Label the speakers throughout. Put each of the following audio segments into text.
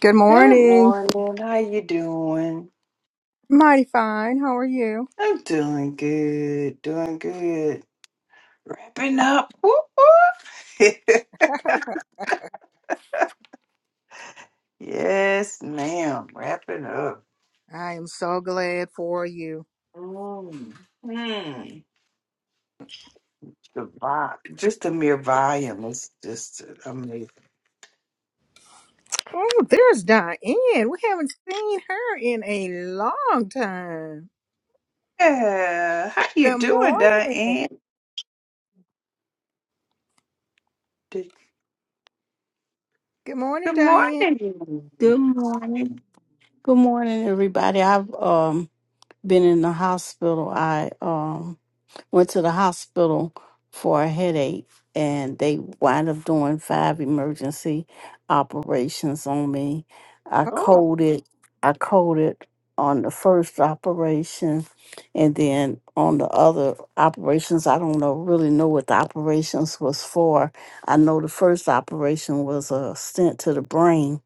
Speaker 1: Good
Speaker 2: Good
Speaker 1: morning.
Speaker 2: morning. How you doing?
Speaker 1: Mighty fine. How are you?
Speaker 2: I'm doing good. Doing good. Wrapping up. Whoop, whoop. yes, ma'am. Wrapping up.
Speaker 1: I am so glad for you.
Speaker 2: Mm. Mm. The vibe, just the mere volume is just amazing.
Speaker 1: Oh, there's Diane. We haven't seen her in a long time.
Speaker 2: Yeah. How you
Speaker 1: Good
Speaker 2: doing,
Speaker 1: morning.
Speaker 2: Diane? Did-
Speaker 1: Good morning,
Speaker 2: Good
Speaker 1: Diane.
Speaker 2: morning.
Speaker 3: Good morning. Good morning, everybody. I've um been in the hospital. I um went to the hospital for a headache, and they wind up doing five emergency operations on me. I
Speaker 1: Oh,
Speaker 2: Oh,
Speaker 3: coded. I coded on the first operation, and then on the other operations, I don't know really know what the operations was for. I know the first operation was a stent to the brain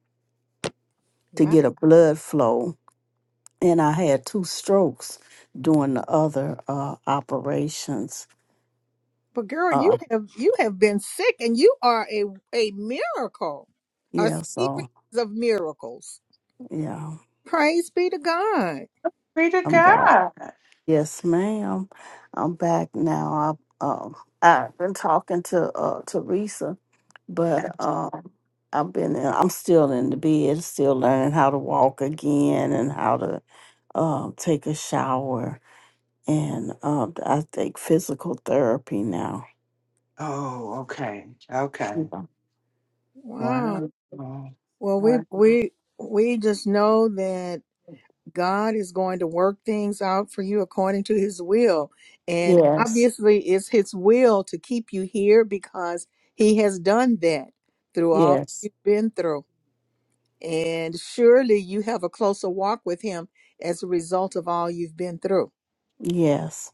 Speaker 3: to
Speaker 1: my,
Speaker 3: get a blood flow, and I had two strokes during the other uh, operations.
Speaker 1: but girl, you
Speaker 3: Uh,
Speaker 1: have you have been sick, and you are a a miracle, a
Speaker 3: yeah, so
Speaker 1: series of miracles.
Speaker 3: yeah,
Speaker 1: Praise be to God.
Speaker 2: pray to
Speaker 3: I'm back.
Speaker 2: God.
Speaker 3: Yes, ma'am, I'm back now. I um, I've been talking to uh, Teresa, but um, I've been in, I'm still in the bed, still learning how to walk again and how to um, take a shower, and um, I take physical therapy now.
Speaker 2: Oh, okay. Okay.
Speaker 3: Yeah.
Speaker 1: Wow.
Speaker 2: Wow.
Speaker 1: Well, we
Speaker 2: Wow.
Speaker 1: we we just know that. God is going to work things out for you according to his will. And
Speaker 3: Yes.
Speaker 1: obviously, it's his will to keep you here because he has done that through all
Speaker 3: Yes.
Speaker 1: you've been through. And surely you have a closer walk with him as a result of all you've been through.
Speaker 3: Yes.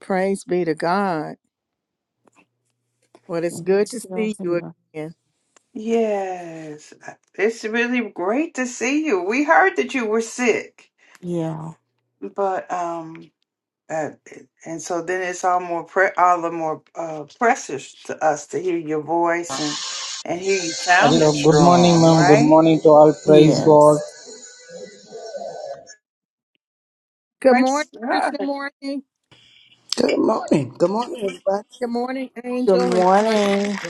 Speaker 1: Praise be to God. Well, it's
Speaker 3: I'm
Speaker 1: good to
Speaker 3: still
Speaker 1: see you
Speaker 3: here.
Speaker 1: again.
Speaker 2: Yes, uh, it's really great to see you. We heard that you were sick,
Speaker 3: Yeah.
Speaker 2: but um, uh, and so then it's all more pre all the more uh, precious to us to hear your voice and and hear you
Speaker 4: Hello,
Speaker 2: sounding
Speaker 4: good morning,
Speaker 2: strong,
Speaker 4: ma'am. Good
Speaker 2: right?
Speaker 4: morning to all. Praise God.
Speaker 3: Yes.
Speaker 1: Good morning,
Speaker 2: Praise God.
Speaker 1: Morning.
Speaker 5: Good morning. Good morning, everybody.
Speaker 1: Good morning,
Speaker 3: Good
Speaker 1: Angel and Claudia.
Speaker 3: morning.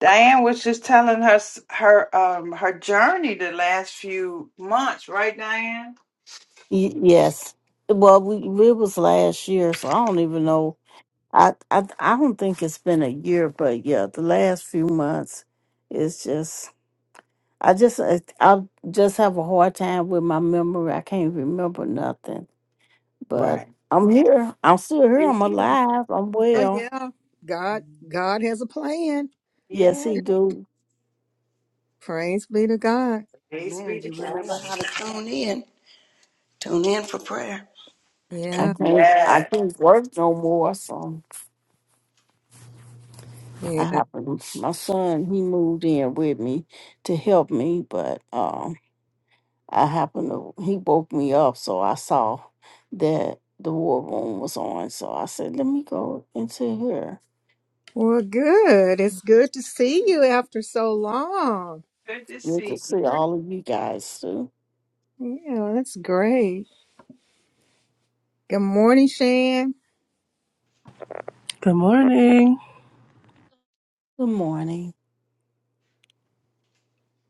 Speaker 2: Diane was just telling her s- her um her journey the last few months, right, Diane?
Speaker 3: Y- yes. Well, we it was last year, so I don't even know. I, I I don't think it's been a year, but yeah, the last few months, it's just I just I, I just have a hard time with my memory. I can't remember nothing. But
Speaker 2: Right.
Speaker 3: I'm here. I'm still here.
Speaker 2: You
Speaker 3: I'm
Speaker 2: did.
Speaker 3: alive. I'm
Speaker 1: Oh
Speaker 3: well.
Speaker 1: yeah. God God has a plan.
Speaker 3: Yes,
Speaker 2: Yeah.
Speaker 3: he do.
Speaker 1: Praise be to God.
Speaker 2: Praise be
Speaker 5: Amen. You
Speaker 2: to
Speaker 5: remember
Speaker 2: God.
Speaker 5: how to tune in. Tune in for prayer.
Speaker 1: Yeah.
Speaker 3: I can't I
Speaker 2: Yes.
Speaker 3: can't work no more. So. I
Speaker 1: Yeah.
Speaker 3: happened my son he moved in with me to help me, but um I happened to he woke me up so I saw that the war room was on. So I said, Let me go into here.
Speaker 1: Well, good. It's good to see you after so long.
Speaker 2: Good to
Speaker 3: Good to
Speaker 2: see
Speaker 3: see
Speaker 1: Great.
Speaker 2: you.
Speaker 3: all of you guys too.
Speaker 1: Yeah, that's great. Good morning, Shan.
Speaker 6: Good morning.
Speaker 3: Good morning.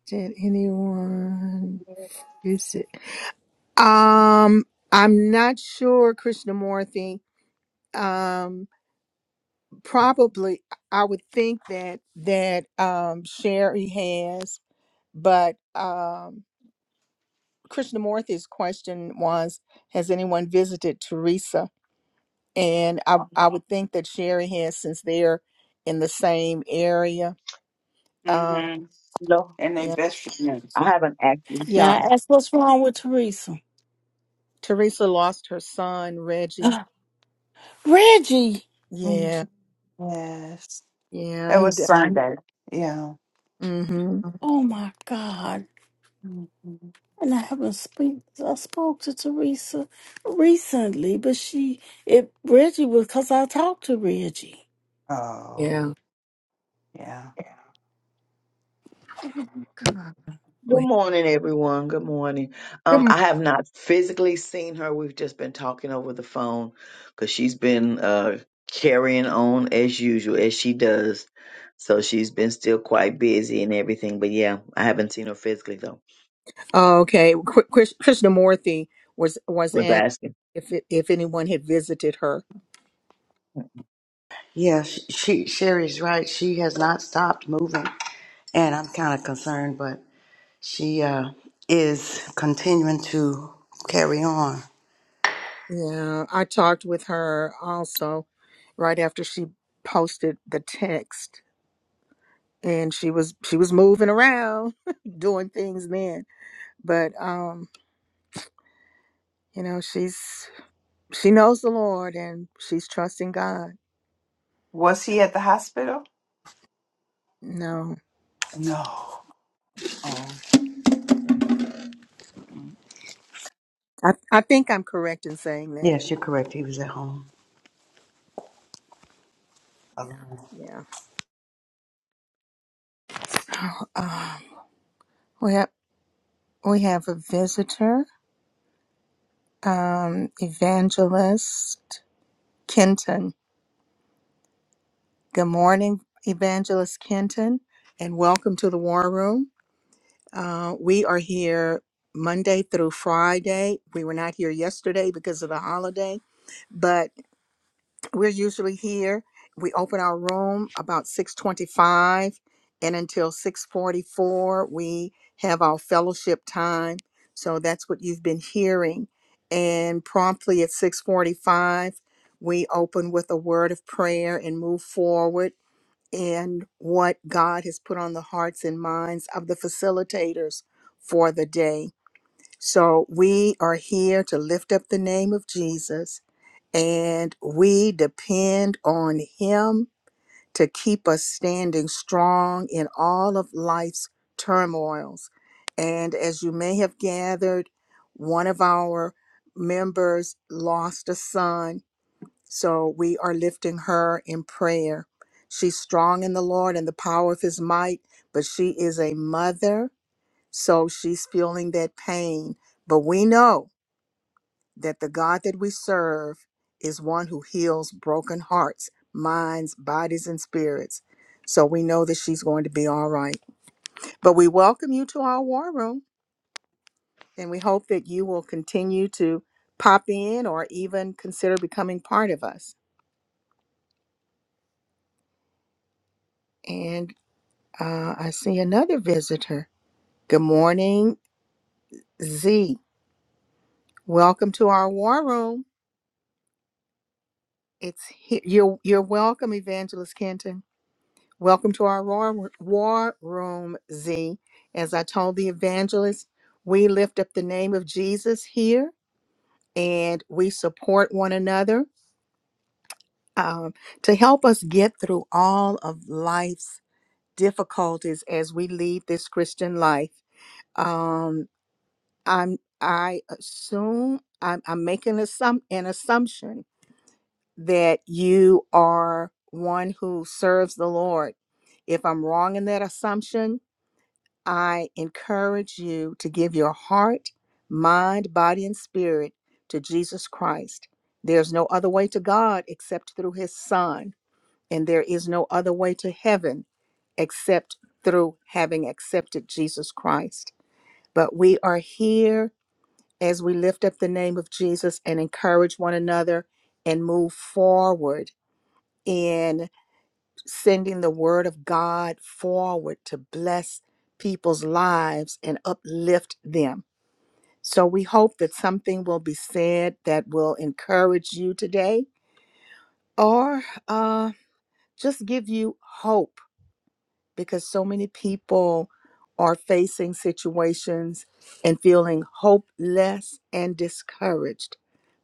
Speaker 1: Did anyone visit? Um, I'm not sure, Krishnamurthy. Um, probably I would think that that um Sherry has, but um Krishnamurthy's question was, has anyone visited Teresa? and I I would think that Sherry has since they're in the same area. Uh,
Speaker 2: Mm-hmm.
Speaker 7: No,
Speaker 2: And they
Speaker 1: yeah,
Speaker 2: best friends.
Speaker 7: I haven't actually.
Speaker 3: May
Speaker 1: yeah.
Speaker 3: I ask what's wrong with Teresa?
Speaker 1: Teresa lost her son Reggie.
Speaker 3: Reggie!
Speaker 2: Mm,
Speaker 1: Yeah,
Speaker 2: Yes.
Speaker 1: yeah.
Speaker 2: It
Speaker 1: He
Speaker 2: was
Speaker 1: did.
Speaker 2: Sunday. Yeah.
Speaker 1: Mm-hmm.
Speaker 3: Oh my god.
Speaker 2: Mhm.
Speaker 3: And I haven't speak I spoke to Teresa recently, but she it Reggie was because I talked to Reggie.
Speaker 1: Yeah.
Speaker 2: Oh. Yeah.
Speaker 3: God.
Speaker 7: Good
Speaker 1: Wait.
Speaker 7: morning, everyone. Good morning.
Speaker 1: Good
Speaker 7: Um,
Speaker 1: mo-
Speaker 7: I have not physically seen her. We've just been talking over the phone because she's been uh carrying on as usual as she does. So she's been still quite busy and everything. But yeah, I haven't seen her physically though.
Speaker 1: Oh, Okay. Kr- Krish- Krishnamurthy was was
Speaker 7: Was
Speaker 1: asked
Speaker 7: asking.
Speaker 1: if it, if anyone had visited her.
Speaker 5: Yeah, she, she Sherry's right. She has not stopped moving, and I'm kind of concerned, but she uh, is continuing to carry on.
Speaker 1: Yeah, I talked with her also right after she posted the text, and she was she was moving around, doing things then but um you know she's she knows the lord and she's trusting god
Speaker 2: Was he at the hospital?
Speaker 1: no
Speaker 2: No. Oh.
Speaker 1: i, I think i'm correct in saying that
Speaker 5: Yes, you're correct. He was at home.
Speaker 1: yeah uh, we have we have a visitor um evangelist kenton good morning evangelist kenton and welcome to the war room uh we are here monday through friday we were not here yesterday because of the holiday but we're usually here we open our room about 6.25 and until 6.44 we have our fellowship time so that's what you've been hearing and promptly at 6.45 we open with a word of prayer and move forward in what god has put on the hearts and minds of the facilitators for the day so we are here to lift up the name of jesus and we depend on Him to keep us standing strong in all of life's turmoils. And as you may have gathered, one of our members lost a son, so we are lifting her in prayer. She's strong in the Lord and the power of His might, but she is a mother, so she's feeling that pain. But we know that the God that we serve is one who heals broken hearts, minds, bodies, and spirits. So we know that she's going to be all right. But we welcome you to our war room, and we hope that you will continue to pop in or even consider becoming part of us. And uh, I see another visitor. Good morning, Z. Welcome to our war room. It's he- you're you're welcome, Evangelist Kenton. Welcome to our war, war room, Z. As I told the evangelist, we lift up the name of Jesus here and we support one another um, to help us get through all of life's difficulties as we lead this Christian life. Um, I'm, I assume, I'm, I'm making assum- an assumption that you are one who serves the Lord. If I'm wrong in that assumption, I encourage you to give your heart, mind, body, and spirit to Jesus Christ. There's no other way to God except through his Son, and there is no other way to heaven except through having accepted Jesus Christ. But we are here as we lift up the name of Jesus and encourage one another and move forward in sending the word of God forward to bless people's lives and uplift them. So we hope that something will be said that will encourage you today or uh, just give you hope because so many people are facing situations and feeling hopeless and discouraged.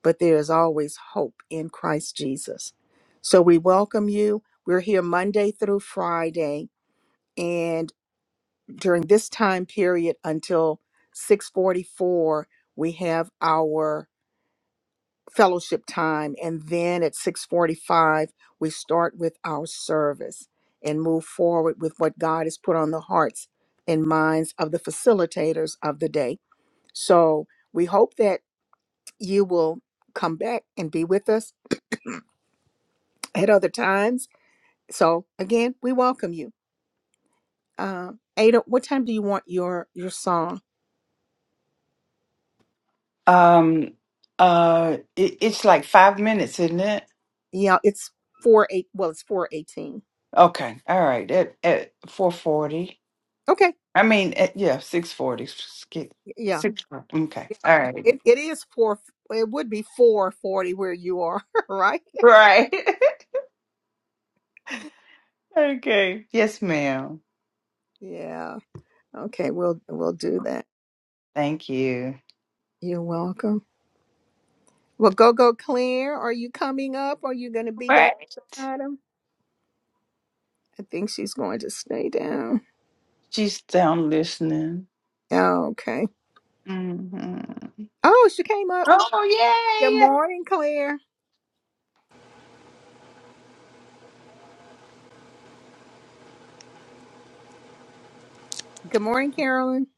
Speaker 1: But there is always hope in Christ Jesus. So we welcome you. We're here Monday through Friday. and during this time period until 6:44 we have our fellowship time and then at 6:45 we start with our service and move forward with what God has put on the hearts and minds of the facilitators of the day. So we hope that you will come back and be with us at other times. So again, we welcome you. Uh, Ada, what time do you want your your song?
Speaker 2: Um. Uh. It, it's like five minutes, isn't it?
Speaker 1: Yeah, it's four eight. Well, it's four eighteen.
Speaker 2: Okay. All right. At at four forty.
Speaker 1: Okay.
Speaker 2: I mean, at, yeah, six forty. Skip.
Speaker 1: Yeah,
Speaker 2: Six. Okay. All right.
Speaker 1: it it is four. It would be four forty where you are, right?
Speaker 2: Right. okay. Yes, ma'am.
Speaker 1: Yeah. Okay. We'll we'll do that.
Speaker 2: Thank you.
Speaker 1: You're welcome. Well, go go Claire. Are you coming up? Are you going to be
Speaker 2: Right.
Speaker 1: down at the bottom? I think she's going to stay down.
Speaker 2: She's down listening.
Speaker 1: Okay.
Speaker 2: hmm
Speaker 1: Oh, she came up. Good
Speaker 2: Oh,
Speaker 1: morning, Claire. Good morning, Carolyn.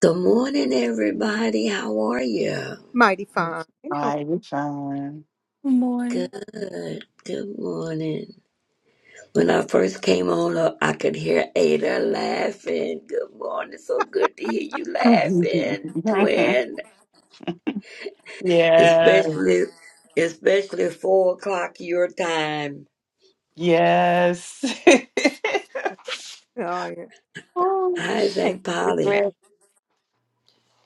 Speaker 8: Good morning, everybody. How are you?
Speaker 1: Mighty
Speaker 2: yay!
Speaker 1: fine. How
Speaker 2: Mighty fine.
Speaker 3: Good morning.
Speaker 8: Good. Good morning. When I first came on, uh, I could hear Ada laughing. Good morning. So good to hear you laughing,
Speaker 2: It's fine.
Speaker 8: twin.
Speaker 2: yeah,
Speaker 8: Especially, especially four o'clock your time.
Speaker 2: yes.
Speaker 1: are you? Oh, yeah.
Speaker 2: Ooh,
Speaker 8: How's
Speaker 1: Hey,
Speaker 8: Aunt
Speaker 2: yeah.
Speaker 8: Polly?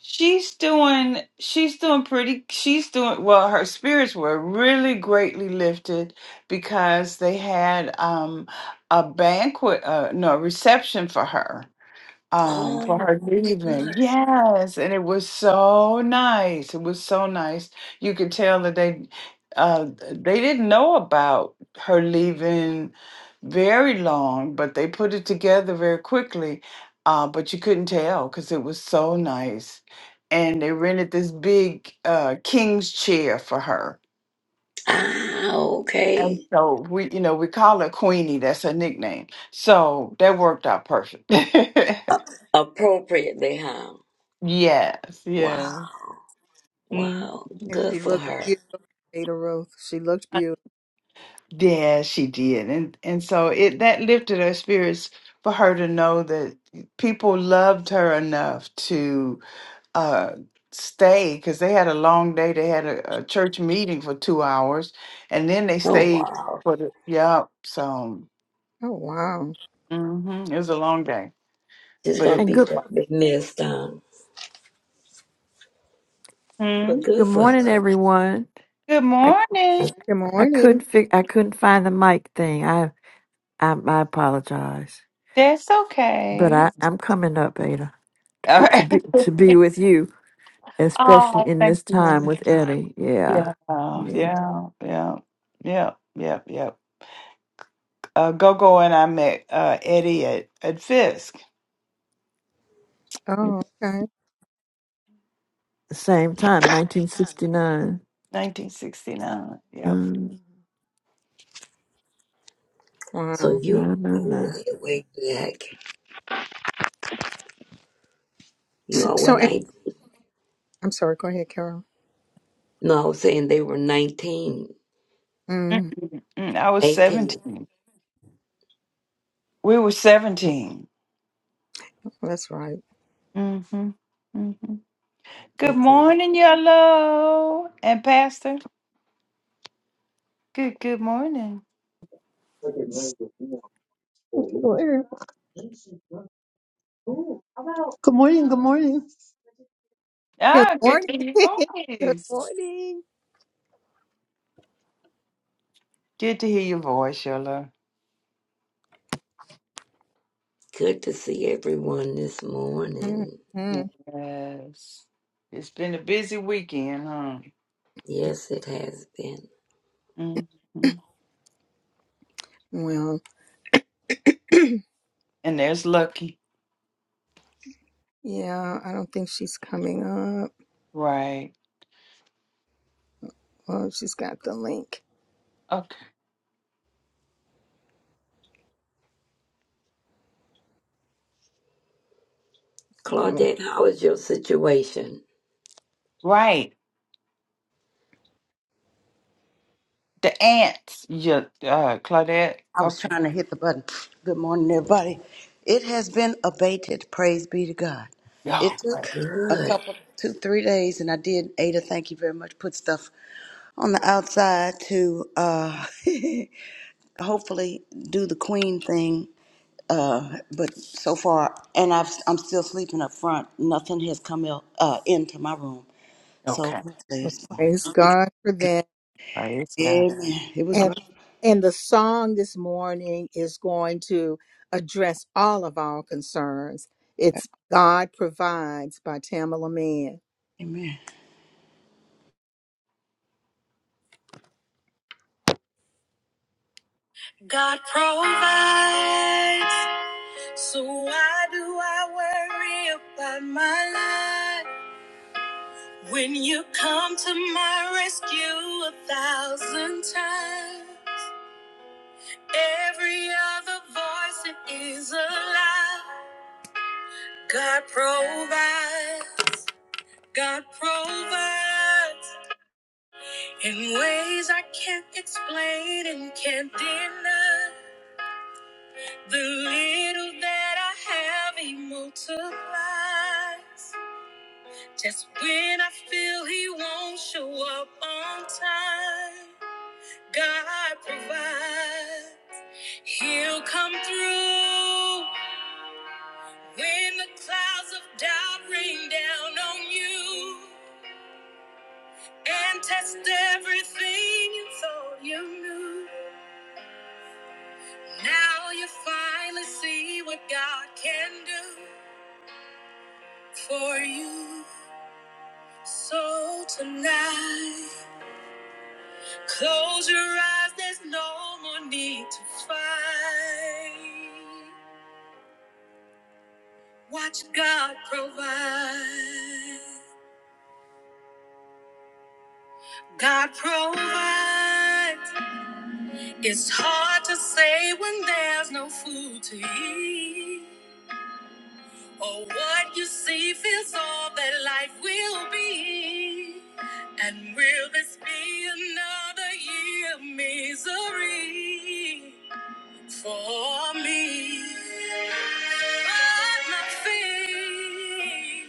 Speaker 2: she's doing, she's doing pretty, she's doing, well, her spirits were really greatly lifted because they had um a banquet, uh, no, reception for her. um
Speaker 8: Oh,
Speaker 2: for her leaving.
Speaker 8: good.
Speaker 2: Yes, and it was so nice. It was so nice. You could tell that they uh they didn't know about her leaving very long, but they put it together very quickly. Uh, but you couldn't tell because it was so nice. And they rented this big uh, king's chair for her.
Speaker 8: Ah,
Speaker 2: And
Speaker 8: okay.
Speaker 2: so we, you know, we call her Queenie. That's her nickname. So that worked out perfect.
Speaker 8: Appropriately, huh?
Speaker 2: yes, yes.
Speaker 8: Wow.
Speaker 2: Mm.
Speaker 8: Wow.
Speaker 1: And
Speaker 8: Good
Speaker 1: she
Speaker 8: for
Speaker 1: looked
Speaker 8: her.
Speaker 1: beautiful, Ada Ruth. She looked beautiful.
Speaker 2: Yeah, she did. And and so it that lifted her spirits for her to know that people loved her enough to uh stay because they had a long day. They had a, a church meeting for two hours and then they
Speaker 8: Oh,
Speaker 2: stayed
Speaker 8: wow.
Speaker 2: for the yeah. So
Speaker 1: Oh, wow.
Speaker 2: mhm, it was a long day.
Speaker 8: She's
Speaker 2: But
Speaker 8: gonna
Speaker 2: it
Speaker 9: And
Speaker 8: be
Speaker 9: good
Speaker 8: greatly missed down. But
Speaker 2: Hmm.
Speaker 8: good
Speaker 9: good
Speaker 8: for
Speaker 9: morning,
Speaker 8: her.
Speaker 9: everyone.
Speaker 2: Good
Speaker 9: I
Speaker 2: morning.
Speaker 1: Good
Speaker 9: I
Speaker 1: morning.
Speaker 9: couldn't fig- I couldn't find the mic thing. I I, I apologize,
Speaker 2: That's
Speaker 9: but
Speaker 2: okay.
Speaker 9: I I'm coming up, Ada, to
Speaker 2: All
Speaker 9: be, to
Speaker 2: right.
Speaker 9: be to be with you, especially
Speaker 2: Oh,
Speaker 9: in this
Speaker 2: thank
Speaker 9: time
Speaker 2: you.
Speaker 9: with Eddie.
Speaker 2: Yeah,
Speaker 9: Yeah, yeah.
Speaker 2: yeah, yeah, yeah, yeah, yeah. Uh, Gogo and I met uh, Eddie at, at Fisk,
Speaker 1: Oh, okay.
Speaker 9: The same time, 1969.
Speaker 2: 1969. Yep.
Speaker 9: Um,
Speaker 8: So
Speaker 1: Wow.
Speaker 8: you
Speaker 9: no, no,
Speaker 8: go
Speaker 9: no.
Speaker 8: way, way back. You
Speaker 1: So,
Speaker 8: all were
Speaker 1: so eh,
Speaker 8: nine.
Speaker 1: I'm sorry. Go ahead, Carol.
Speaker 8: No, I was saying they were nineteen,
Speaker 1: Mm,
Speaker 2: Mm-mm, I was
Speaker 8: eighteen.
Speaker 2: 17. We were 17.
Speaker 1: that's right.
Speaker 2: Mm-hmm. Mm-hmm. Good
Speaker 8: Okay.
Speaker 2: morning, Yellow and Pastor. Good, good morning.
Speaker 10: Where? Good morning. Good morning.
Speaker 1: Good
Speaker 2: Ah, good
Speaker 1: morning.
Speaker 2: to hear your
Speaker 1: Good
Speaker 2: voice.
Speaker 1: morning.
Speaker 2: Good to hear your voice, Yellow.
Speaker 8: Good to see everyone this morning.
Speaker 1: Mhm.
Speaker 2: Yes. It's been a busy weekend, huh?
Speaker 8: Yes, it has been.
Speaker 2: Mm-hmm.
Speaker 1: Well,
Speaker 2: And there's Lucky.
Speaker 1: yeah, I don't think she's coming up.
Speaker 2: Right.
Speaker 1: Well, she's got the link.
Speaker 2: Okay.
Speaker 1: So
Speaker 8: Claudette, how is your situation?
Speaker 2: Right. The ants. Yeah. Uh, Claudette.
Speaker 5: I was
Speaker 2: Okay.
Speaker 5: trying to hit the button. Good morning, everybody. It has been abated. Praise be to God. It
Speaker 2: Oh, right.
Speaker 5: took a
Speaker 8: Good.
Speaker 5: couple, two, three days, and I did, Ada, thank you very much, put stuff on the outside to uh, hopefully do the queen thing. Uh, but so far, and I've, I'm still sleeping up front. Nothing has come out, uh, into my room. So
Speaker 2: Okay.
Speaker 5: hopefully it's fine.
Speaker 1: praise
Speaker 5: Amen.
Speaker 1: God for that.
Speaker 2: Praise God.
Speaker 5: It was
Speaker 1: And
Speaker 5: rough.
Speaker 1: and the song this morning is going to address all of our concerns. It's God Provides by Tamala Mann.
Speaker 5: Amen.
Speaker 1: God provides, so why do I worry about my life? When you come to my rescue a thousand times, every other voice is a lie. God provides, God provides in ways I can't explain and can't deny. The little that I have, he multiplies. Just when I feel he won't show up on time, God provides. He'll come through when the clouds of doubt rain down on you and test everything you thought you knew. Now you finally see what God can do for you. So tonight, close your eyes, there's no more need to fight. Watch God provide. God provides. It's hard to say when there's no food to eat. Or what you see feels all that life will be. And will this be another year of misery? for me. But nothing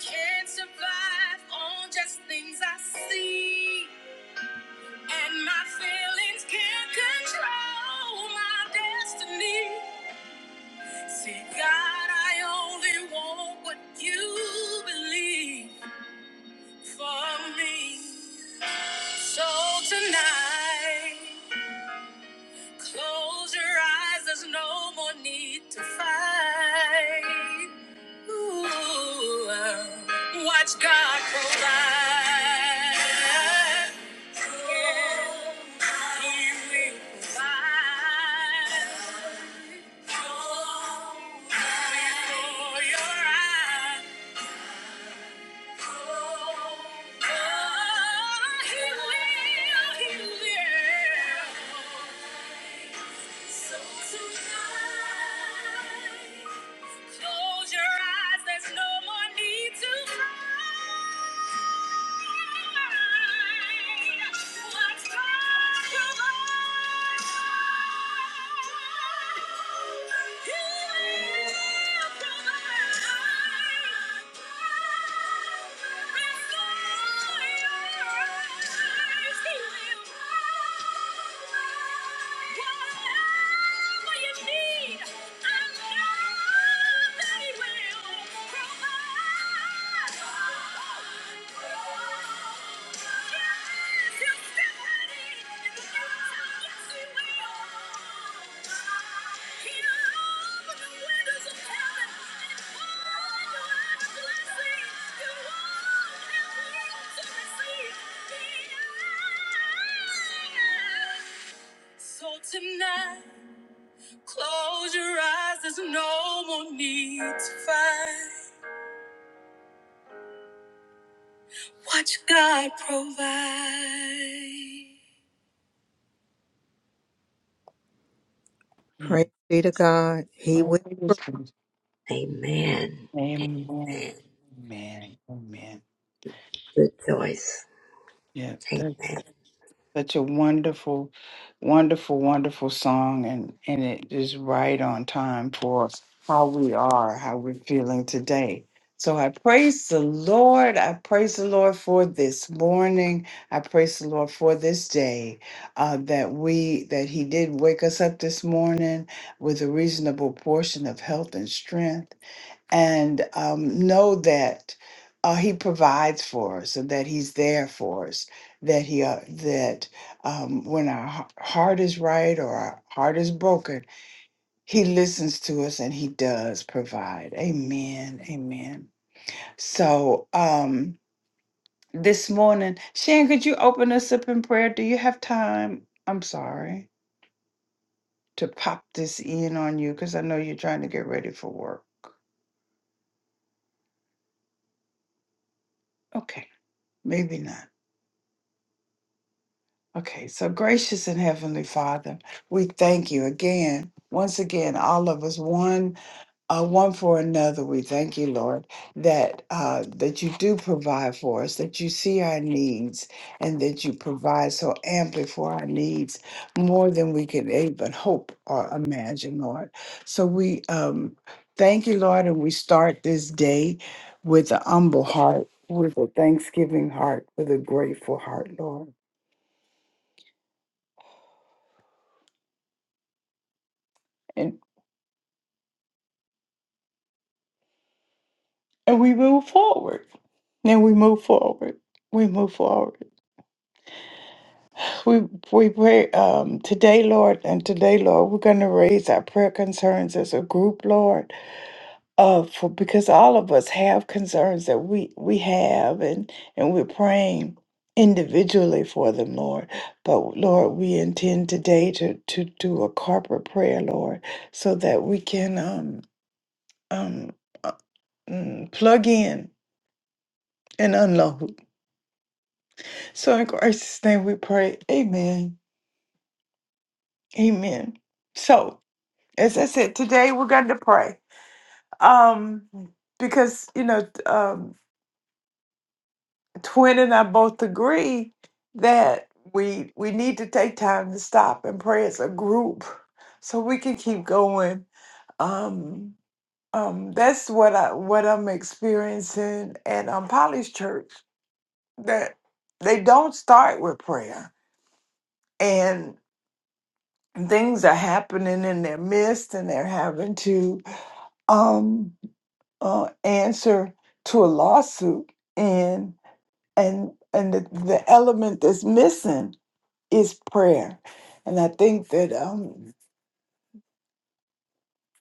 Speaker 1: can survive on just things I see, and my feelings can't control my destiny. See, God, I only want what you believe for me. So tonight. Close your eyes, there's no more need to fight. Ooh, watch God provide. Yeah, He will provide. Before your eyes. Oh, oh, He will, He will. So tonight, close your eyes. There's no more need to hide. Whatever you need, I'm not. So Tonight Close your eyes, there's no more need to fight. Watch God provide. Praise
Speaker 2: Hmm.
Speaker 1: be to God. He will. pro-
Speaker 2: Praise God.
Speaker 8: Amen.
Speaker 2: Amen.
Speaker 8: Man,
Speaker 2: Amen. Amen.
Speaker 8: good choice.
Speaker 2: Yeah.
Speaker 8: Amen.
Speaker 2: Such a wonderful, wonderful, wonderful song, and and it is right on time for how we are, how we're feeling today. So I praise the Lord. I praise the Lord for this morning. I praise the Lord for this day uh, that we that He did wake us up this morning with a reasonable portion of health and strength and um, know that uh, He provides for us and that He's there for us. That He uh, that um, when our h- heart is right or our heart is broken, He listens to us and He does provide. Amen. Amen. So um, this morning, Shan, could you open us up in prayer? Do you have time? I'm sorry to pop this in on you because I know you're trying to get ready for work. Okay, maybe not. Okay, so gracious and heavenly Father, we thank you again, once again, all of us, one, uh, one for another. We thank you, Lord, that uh, that you do provide for us, that you see our needs, and that you provide so amply for our needs, more than we could even hope or imagine, Lord. So we um, thank you, Lord, and we start this day with a humble heart, with a thanksgiving heart, with a grateful heart, Lord. and we move forward. And we move forward. We move forward. We we pray um, today, Lord, and today, Lord, we're going to raise our prayer concerns as a group, Lord, uh, for because all of us have concerns that we we have, and and we're praying individually for them, Lord. But Lord, we intend today to to do a corporate prayer, Lord, so that we can um um uh, mm, plug in and unload So in Christ's name we pray. Amen. Amen. So as I said, today we're going to pray. Um, because you know, um, Twin and I both agree that we we need to take time to stop and pray as a group so we can keep going. Um um, that's what I what I'm experiencing at um Polly's church that they don't start with prayer. and things are happening in their midst and they're having to um uh, answer to a lawsuit and and and the, the element that's missing is prayer and i think that um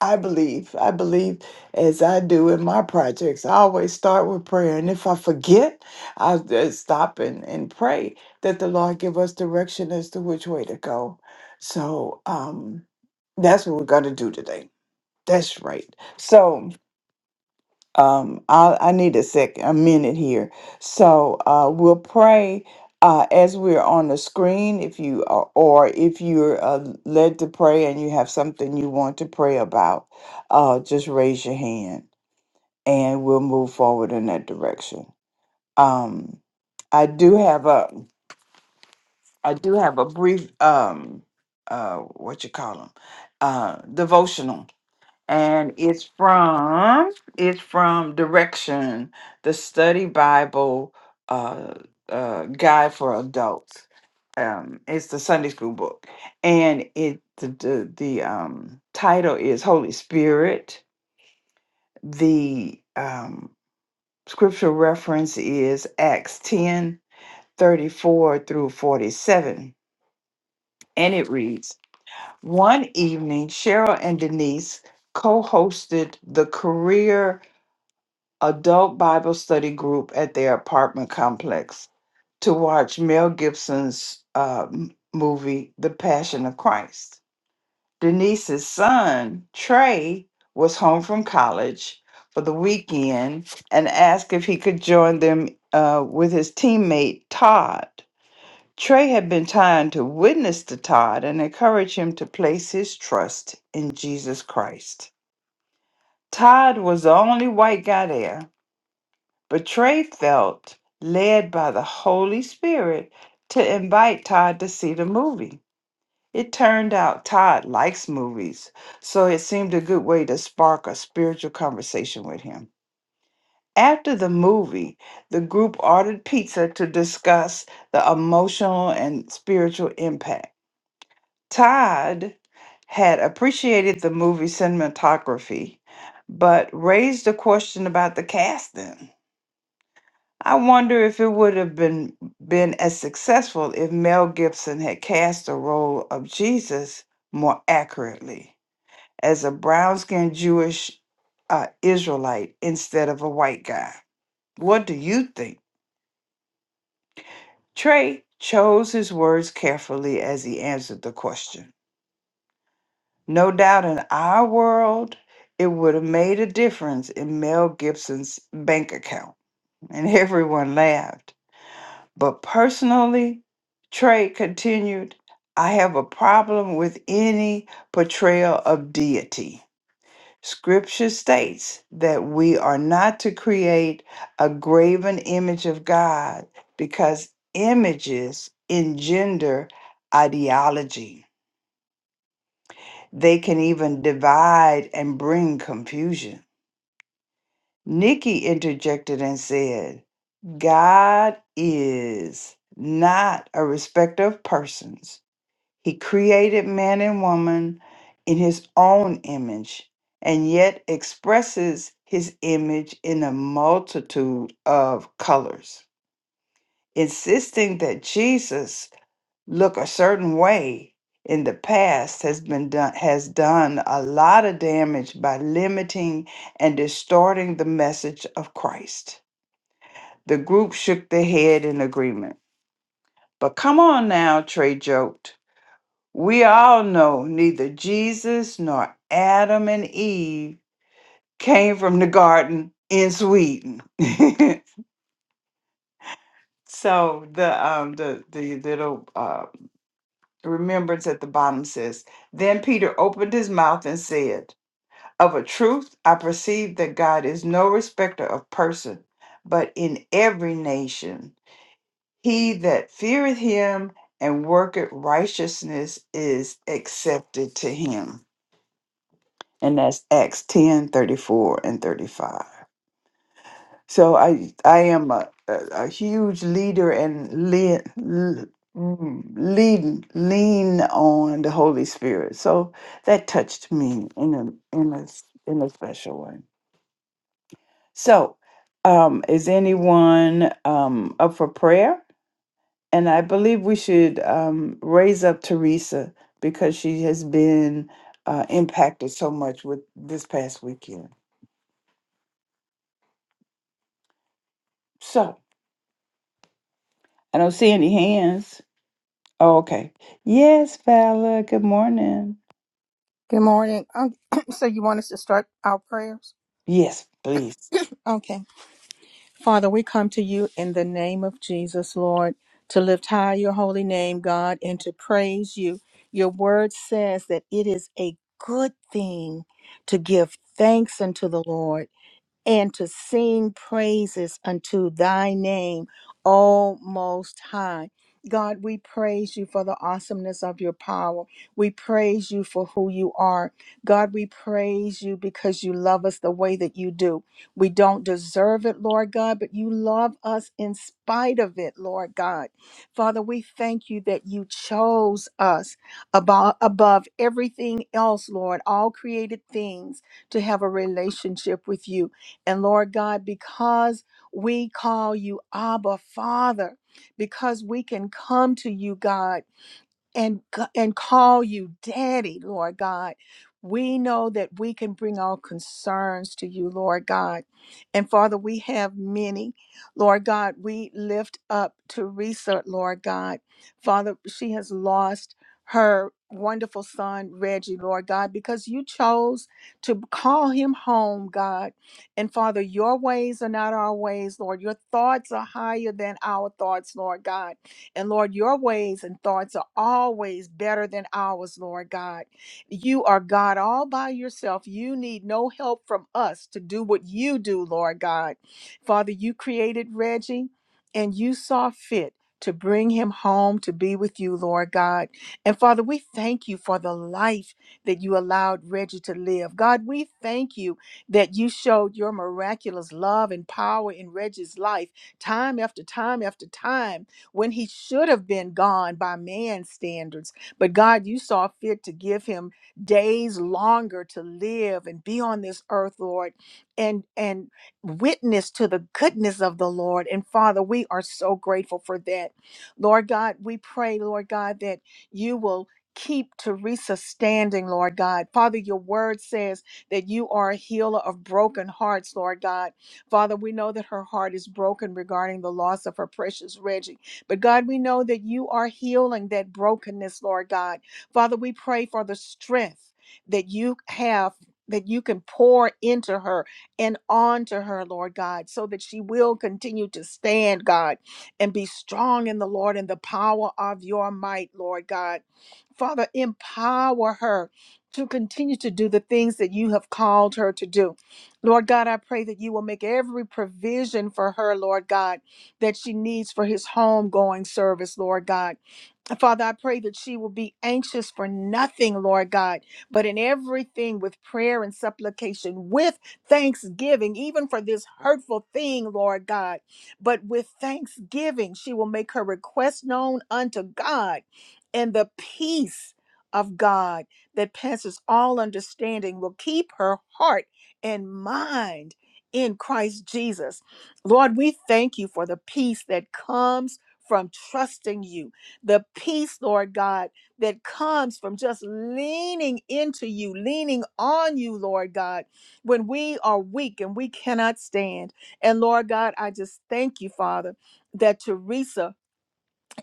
Speaker 2: i believe i believe as i do in my projects i always start with prayer and if i forget i'll just stop and, and pray that the lord give us direction as to which way to go so um that's what we're going to do today That's right. So um, I, I need a sec, a minute here. So uh, we'll pray uh, as we're on the screen. If you are, or if you're uh, led to pray and you have something you want to pray about, uh, just raise your hand and we'll move forward in that direction. Um, I do have a, I do have a brief, um, uh, what you call them, uh, devotional and it's from it's from direction the study bible uh, uh guide for adults um it's the sunday school book and it the the, the um title is holy spirit the um scripture reference is acts 10 34 through 47 and it reads one evening cheryl and denise co-hosted the career adult Bible study group at their apartment complex to watch Mel Gibson's uh, m- movie, The Passion of Christ. Denise's son, Trey, was home from college for the weekend and asked if he could join them uh, with his teammate, Todd. Trey had been trying to witness to Todd and encourage him to place his trust in Jesus Christ. Todd was the only white guy there, Betray felt led by the Holy Spirit to invite Todd to see the movie. It turned out Todd likes movies, so it seemed a good way to spark a spiritual conversation with him. After the movie, the group ordered pizza to discuss the emotional and spiritual impact. Todd had appreciated the movie cinematography, but raised a question about the casting. I wonder if it would have been been as successful if Mel Gibson had cast the role of Jesus more accurately as a brown-skinned Jewish uh, Israelite instead of a white guy. What do you think? Trey chose his words carefully as he answered the question. No doubt in our world, it would have made a difference in Mel Gibson's bank account. And everyone laughed. But personally, Trey continued, I have a problem with any portrayal of deity. Scripture states that we are not to create a graven image of God because images engender ideology. They can even divide and bring confusion. Nikki interjected and said, God is not a respecter of persons He created man and woman in his own image and yet expresses his image in a multitude of colors. Insisting that Jesus look a certain way in the past has been done has done a lot of damage by limiting and distorting the message of Christ. The group shook their head in agreement. But come on now, Trey joked. We all know neither Jesus nor Adam and Eve came from the garden in Sweden. so the um the the little uh remembrance at the bottom says, Then Peter opened his mouth and said, Of a truth I perceive that God is no respecter of person, but in every nation he that feareth him and worketh righteousness is accepted to him. and that's Acts 10 34 and 35. So I I am a, a, a huge leader and lead, lead, lean on the Holy Spirit. So that touched me in a in a s- in a special way. So um, is anyone um, up for prayer? And I believe we should um, raise up Teresa because she has been uh, impacted so much with this past weekend. So I don't see any hands. Oh, okay. Yes, Vala. Good morning.
Speaker 1: Good morning. Um, so, you want us to start our prayers?
Speaker 2: Yes, please.
Speaker 1: Okay. Father, we come to you in the name of Jesus, Lord, to lift high your holy name, God, and to praise you. Your word says that it is a good thing to give thanks unto the Lord and to sing praises unto thy name, O Most High. God, we praise you for the awesomeness of your power. We praise you for who you are. God, we praise you because you love us the way that you do. We don't deserve it, Lord God, but you love us in spite of it, Lord God. Father, we thank you that you chose us above, above everything else, Lord, all created things, to have a relationship with you. And Lord God, because we call you Abba Father, because we can come to you, God and c- and call you daddy lord god we know that we can bring our concerns to you lord god and father we have many lord god we lift up teresa lord god father she has lost her wonderful son reggie lord god because you chose to call him home god and father your ways are not our ways lord your thoughts are higher than our thoughts lord god and Lord, your ways and thoughts are always better than ours, Lord God. You are God all by yourself. You need no help from us to do what you do, Lord God. Father, you created Reggie and you saw fit. To bring him home to be with you, Lord God. And Father, we thank you for the life that you allowed Reggie to live. God, we thank you that you showed your miraculous love and power in Reggie's life time after time after time when he should have been gone by man's standards. But God, you saw fit to give him days longer to live and be on this earth, Lord, and and witness to the goodness of the Lord. And Father, we are so grateful for that. Lord God, we pray, Lord God, that you will keep Teresa standing, Lord God. Father, your word says that you are a healer of broken hearts, Lord God. Father, we know that her heart is broken regarding the loss of her precious Reggie. But God, we know that you are healing that brokenness, Lord God. Father, we pray for the strength that you have. That you can pour into her and onto her, Lord God, so that she will continue to stand, God, and be strong in the Lord and the power of your might, Lord God. Father, empower her to continue to do the things that you have called her to do. Lord God, I pray that you will make every provision for her, Lord God that she needs for his homegoing service, Lord God. Father, I pray that she will be anxious for nothing, Lord God, but in everything with prayer and supplication, with thanksgiving, even for this hurtful thing, Lord God. But with thanksgiving, she will make her request known unto God and the peace of God that passes all understanding will keep her heart and mind in Christ Jesus. Lord, we thank you for the peace that comes from trusting you, the peace, Lord God, that comes from just leaning into you, leaning on you, Lord God, when we are weak and we cannot stand. And Lord God, I just thank you, Father, that Teresa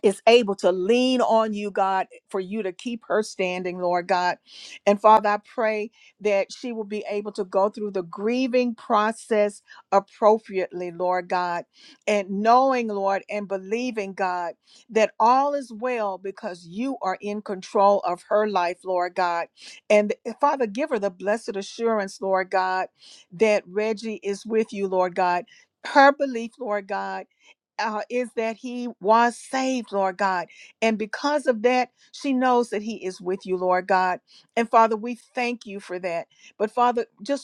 Speaker 1: is able to lean on you, God, for you to keep her standing, Lord God. And Father, I pray that she will be able to go through the grieving process appropriately, Lord God, and knowing, Lord, and believing, God, that all is well because you are in control of her life, Lord God. And eh, Father, give her the blessed assurance, Lord God, that Reggie is with you, Lord God. Her belief, Lord God uh, is that he was saved, Lord God. And because of that, she knows that he is with you, Lord God. And Father, we thank you for that. But Father, just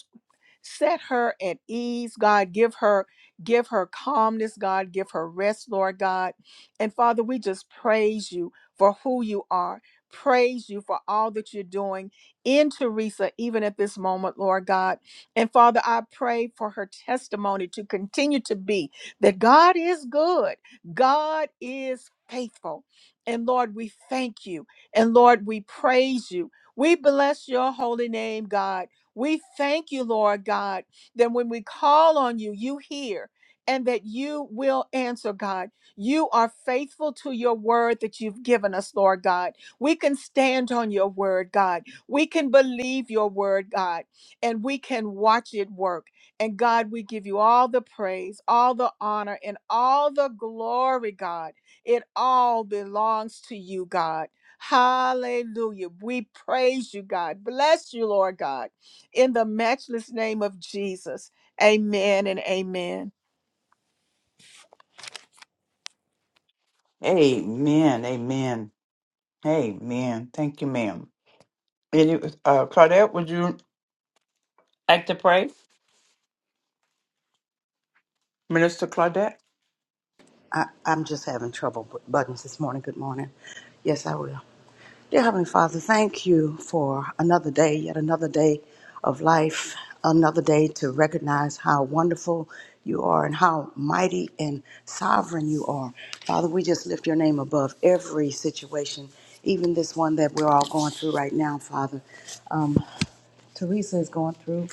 Speaker 1: set her at ease god give her give her calmness god give her rest lord god and father we just praise you for who you are praise you for all that you're doing in teresa even at this moment lord god and father i pray for her testimony to continue to be that god is good god is faithful and lord we thank you and lord we praise you we bless your holy name god we thank you, Lord God, that when we call on you, you hear and that you will answer, God. You are faithful to your word that you've given us, Lord God. We can stand on your word, God. We can believe your word, God, and we can watch it work. And God, we give you all the praise, all the honor, and all the glory, God. It all belongs to you, God. Hallelujah. We praise you, God. Bless you, Lord God in the matchless name of Jesus. Amen and amen.
Speaker 2: Amen. Amen. Amen. Thank you, ma'am. And it was, uh, Claudette, would you like to pray? Minister Claudette?
Speaker 5: I, I'm just having trouble with buttons this morning. Good morning. Yes, I will. Dear Heavenly Father, thank you for another day, yet another day of life, another day to recognize how wonderful you are and how mighty and sovereign you are. Father, we just lift your name above every situation, even this one that we're all going through right now, Father. Um, Teresa is going through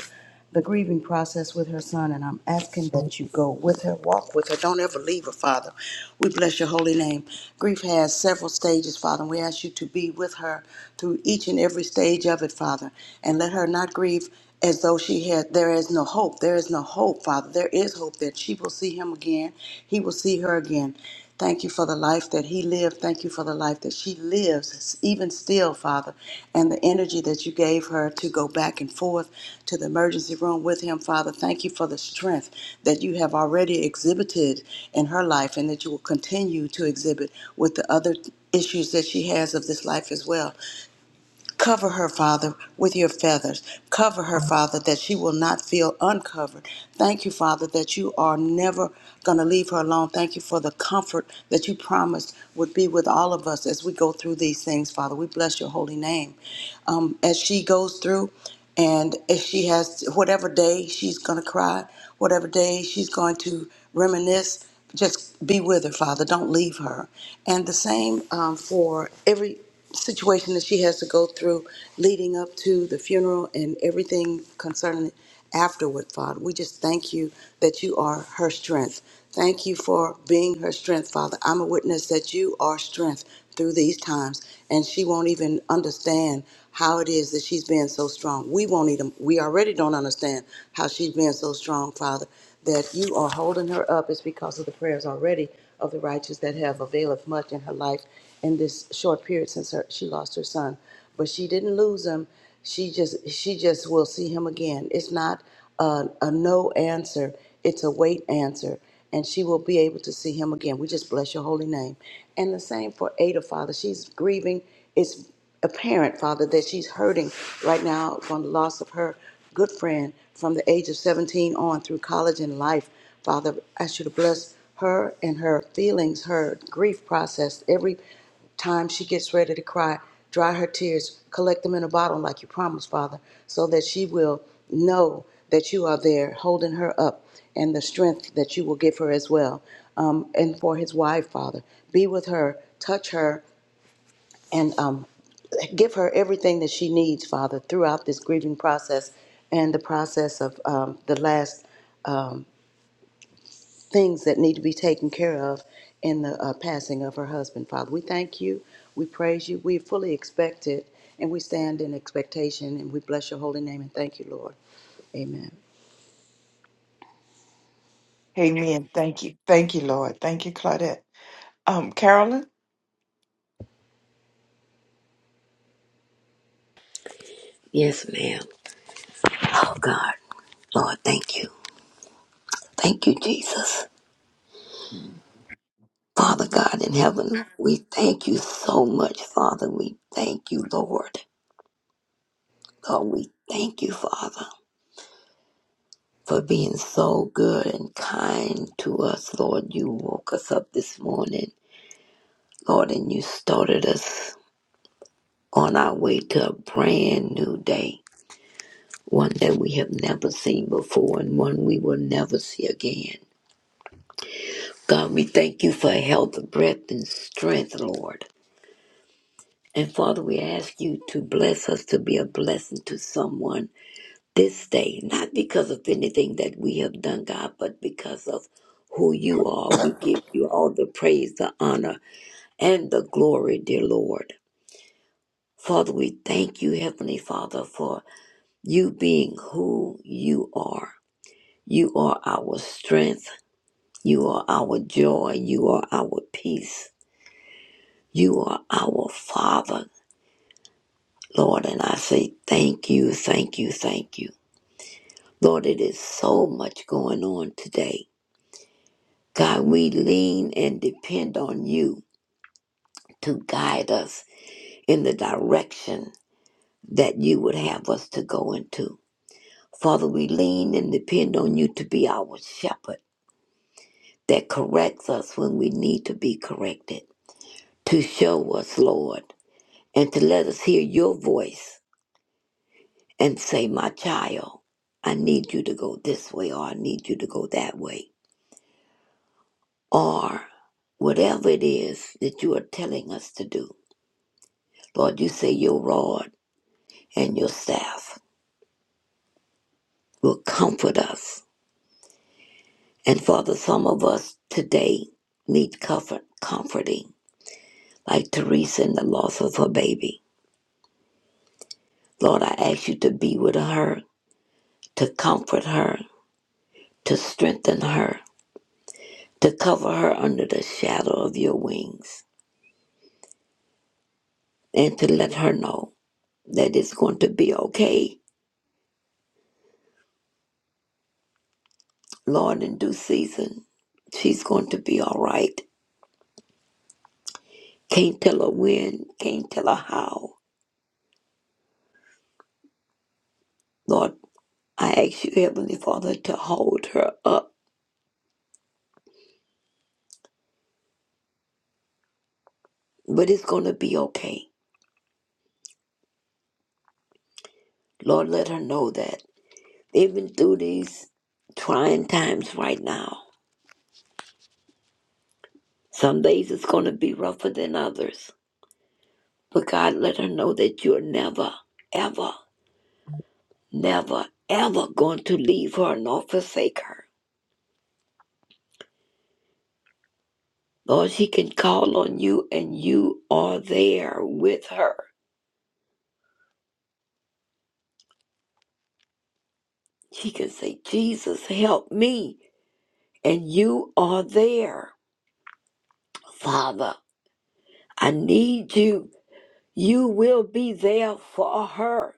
Speaker 5: the grieving process with her son, and I'm asking that you go with her, walk with her. Don't ever leave her, Father. We bless your holy name. Grief has several stages, Father, and we ask you to be with her through each and every stage of it, Father, and let her not grieve as though she had there is no hope there is no hope father there is hope that she will see him again he will see her again Thank you for the life that he lived. Thank you for the life that she lives, even still, Father, and the energy that you gave her to go back and forth to the emergency room with him, Father. Thank you for the strength that you have already exhibited in her life and that you will continue to exhibit with the other issues that she has of this life as well. Cover her, Father, with your feathers. Cover her, Father, that she will not feel uncovered. Thank you, Father, that you are never going to leave her alone. Thank you for the comfort that you promised would be with all of us as we go through these things, Father. We bless your holy name um, as she goes through. And if she has whatever day she's going to cry, whatever day she's going to reminisce, just be with her, Father. Don't leave her. And the same um, for every situation that she has to go through leading up to the funeral and everything concerning it afterward, Father. We just thank you that you are her strength. Thank you for being her strength, Father. I'm a witness that you are strength through these times and she won't even understand how it is that she's being so strong. We won't even, we already don't understand how she's being so strong, Father, that you are holding her up is because of the prayers already of the righteous that have availeth much in her life in this short period since her, she lost her son. But she didn't lose him. She just, she just will see him again. It's not a, a no answer, it's a wait answer, and she will be able to see him again. We just bless your holy name. And the same for Ada, Father. She's grieving. It's apparent, Father, that she's hurting right now from the loss of her good friend from the age of 17 on through college and life. Father, I should bless her and her feelings, her grief process, every time she gets ready to cry, dry her tears, collect them in a bottle like you promised, Father, so that she will know that you are there holding her up and the strength that you will give her as well. Um, and for his wife, Father, be with her, touch her, and um, give her everything that she needs, Father, throughout this grieving process and the process of um, the last things that need to be taken care of in the uh, passing of her husband, Father. We thank you. We praise you. We fully expect it, and we stand in expectation, and we bless your holy name and thank you, Lord. Amen.
Speaker 2: Amen. Thank you. Thank you, Lord. Thank you, Claudette. Um, Carolyn?
Speaker 8: Yes, ma'am. Oh, God. Lord, thank you. Thank you, Jesus. Father
Speaker 2: Mm.
Speaker 8: God in heaven, we thank you so much, Father. We thank you, Lord. Lord, we thank you, Father, for being so good and kind to us, Lord. You woke us up this morning, Lord, and you started us on our way to a brand new day, one that we have never seen before and one we will never see again. God, we thank you for health, breath, and strength, Lord. And Father, we ask you to bless us to be a blessing to someone this day, not because of anything that we have done, God, but because of who you are. We give you all the praise, the honor, and the glory, dear Lord. Father, we thank you, Heavenly Father, for you being who you are. You are our strength. You are our joy. You are our peace. You are our Father, Lord. And I say thank you, thank you, thank you. Lord, it is so much going on today God, we lean and depend on you to guide us in the direction that you would have us to go into. Father, we lean and depend on you to be our shepherd that corrects us when we need to be corrected, to show us, Lord, and to let us hear your voice and say, My child, I need you to go this way, or I need you to go that way, or whatever it is that you are telling us to do. Lord, you say your rod and your staff will comfort us. And Father, some of us today need comfort, comforting, like Teresa in the loss of her baby. Lord, I ask you to be with her, to comfort her, to strengthen her, to cover her under the shadow of your wings, and to let her know that it's going to be okay, Lord, in due season. She's going to be all right. Can't tell her when, can't tell her how. Lord, I ask you, Heavenly Father, to hold her up, but it's going to be okay. Lord, let her know that. Even through these trying times right now, some days it's going to be rougher than others. But God, let her know that you're never, ever, never, ever going to leave her nor forsake her. Lord, she can call on you and you are there with her. She can say, Jesus, help me, and you are there. Father, I need you. You will be there for her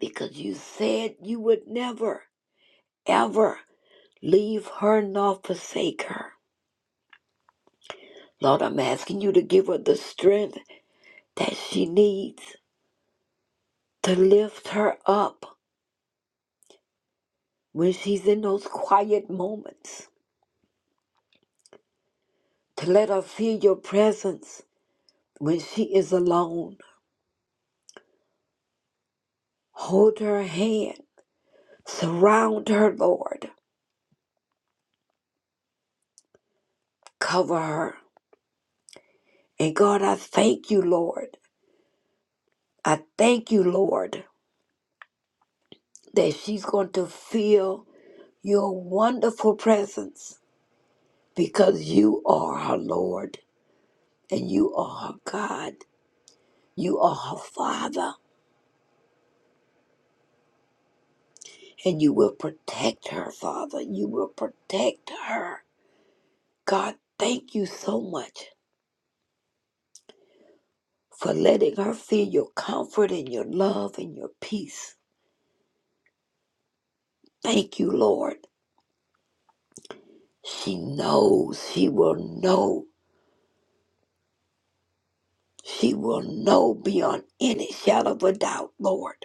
Speaker 8: because you said you would never, ever leave her nor forsake her. Lord, I'm asking you to give her the strength that she needs to lift her up when she's in those quiet moments, to let her feel your presence when she is alone. Hold her hand, surround her, Lord, cover her. And God, I thank you, Lord I thank you, Lord, that she's going to feel your wonderful presence because you are her Lord and you are her God. You are her Father and you will protect her, Father. You will protect her. God, thank you so much for letting her feel your comfort and your love and your peace. Thank you, Lord. She knows, she will know, she will know beyond any shadow of a doubt, Lord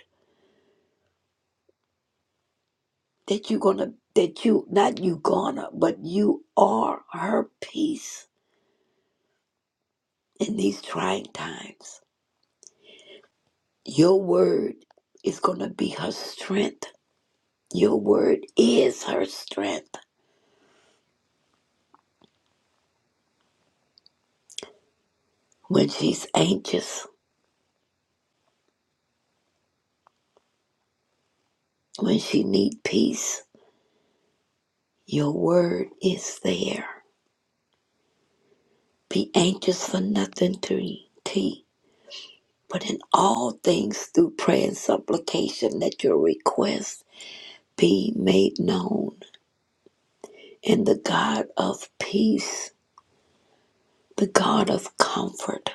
Speaker 8: that you're gonna that you not you gonna but you are her peace in these trying times your word is gonna be her strength your word is her strength when she's anxious when she need peace your word is there be anxious for nothing to t but in all things through prayer and supplication let your request be made known and the god of peace The God of comfort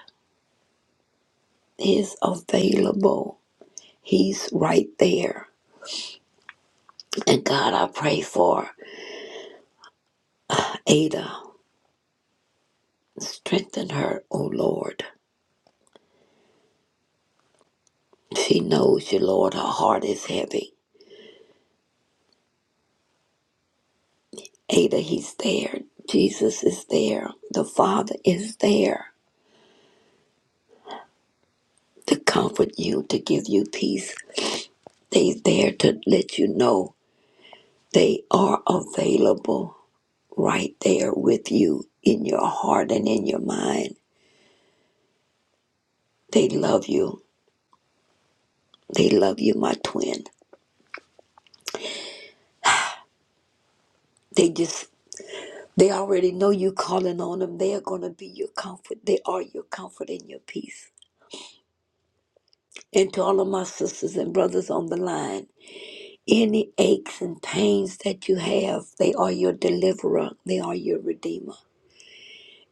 Speaker 8: is available. He's right there. And God, I pray for Ada. Strengthen her, O Lord. She knows you, Lord. Her heart is heavy. Ada, He's there. Jesus is there. The Father is there to comfort you, to give you peace. They're there to let you know they are available right there with you in your heart and in your mind. They love you. They love you, my twin. They just they already know you calling on them. They are gonna be your comfort. They are your comfort and your peace. And to all of my sisters and brothers on the line, any aches and pains that you have, they are your deliverer. They are your redeemer.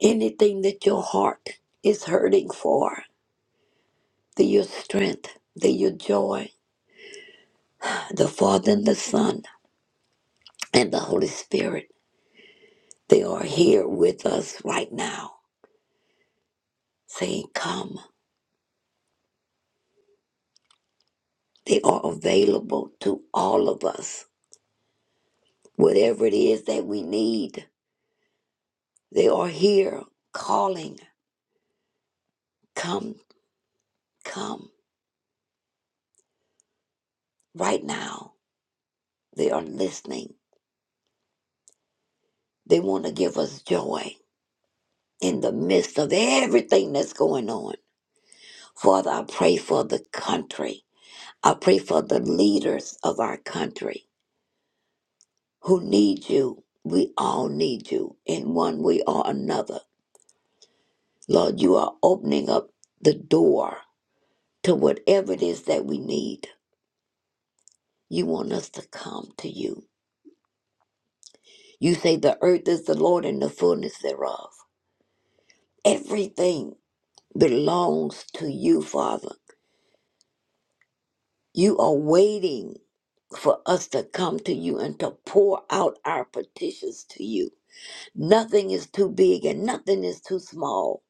Speaker 8: Anything that your heart is hurting for, they're your strength, they're your joy. The Father and the Son and the Holy Spirit, they are here with us right now, saying, Come. They are available to all of us. Whatever it is that we need, they are here calling, Come, come, right now. They are listening. They want to give us joy in the midst of everything that's going on. Father, I pray for the country. I pray for the leaders of our country who need you. We all need you in one way or another. Lord, you are opening up the door to whatever it is that we need. You want us to come to you. You say the earth is the Lord and the fullness thereof. Everything belongs to you, Father. You are waiting for us to come to you and to pour out our petitions to you. Nothing is too big and nothing is too small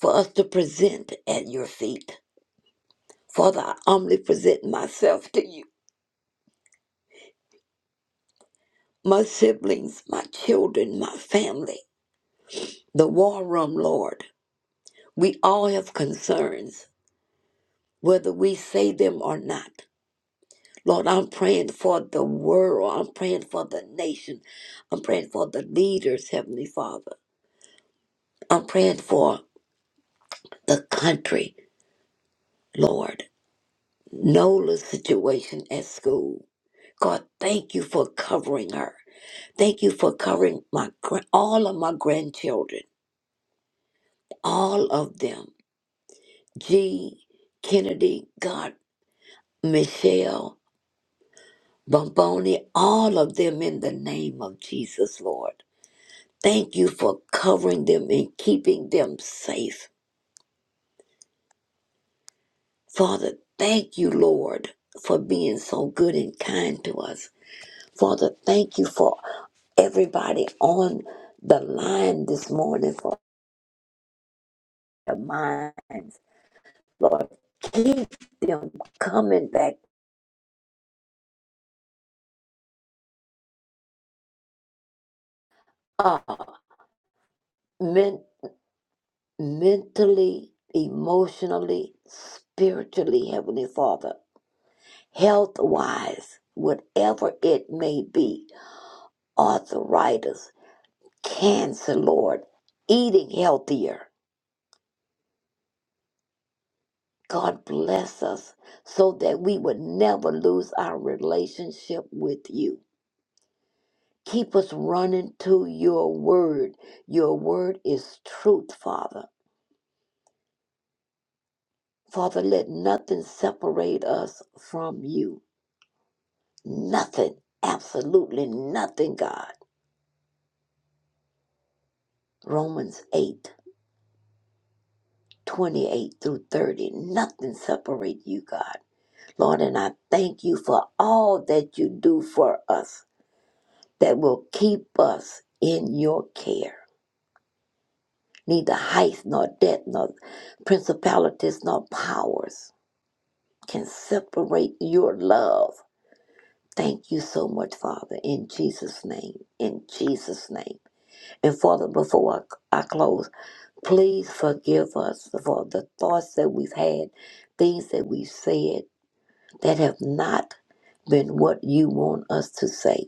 Speaker 8: for us to present at your feet. Father, I humbly present myself to you, my siblings, my children, my family, the war room, Lord. We all have concerns, whether we say them or not. Lord, I'm praying for the world. I'm praying for the nation. I'm praying for the leaders, Heavenly Father. I'm praying for the country, Lord. Nola's situation at school. God, thank you for covering her. Thank you for covering my gra- all of my grandchildren, all of them. G, Kennedy, God, Michelle, Bomboni, all of them in the name of Jesus, Lord. Thank you for covering them and keeping them safe. Father, thank you, Lord, for being so good and kind to us. Father, thank you for everybody on the line this morning for their minds. Lord, keep them coming back up men- mentally, emotionally, spiritually, Heavenly Father. health wise, whatever it may be, arthritis, cancer, Lord, eating healthier. God bless us so that we would never lose our relationship with you. Keep us running to your word. Your word is truth, Father. Father, let nothing separate us from you. Nothing, absolutely nothing, God. Romans 8 28 through 30. Nothing separates you, God. Lord, and I thank you for all that you do for us that will keep us in your care. Neither height nor depth nor principalities nor powers can separate your love. Thank you so much, Father, in Jesus' name. In Jesus' name. And Father, before I, I close, please forgive us for the thoughts that we've had, things that we've said that have not been what you want us to say,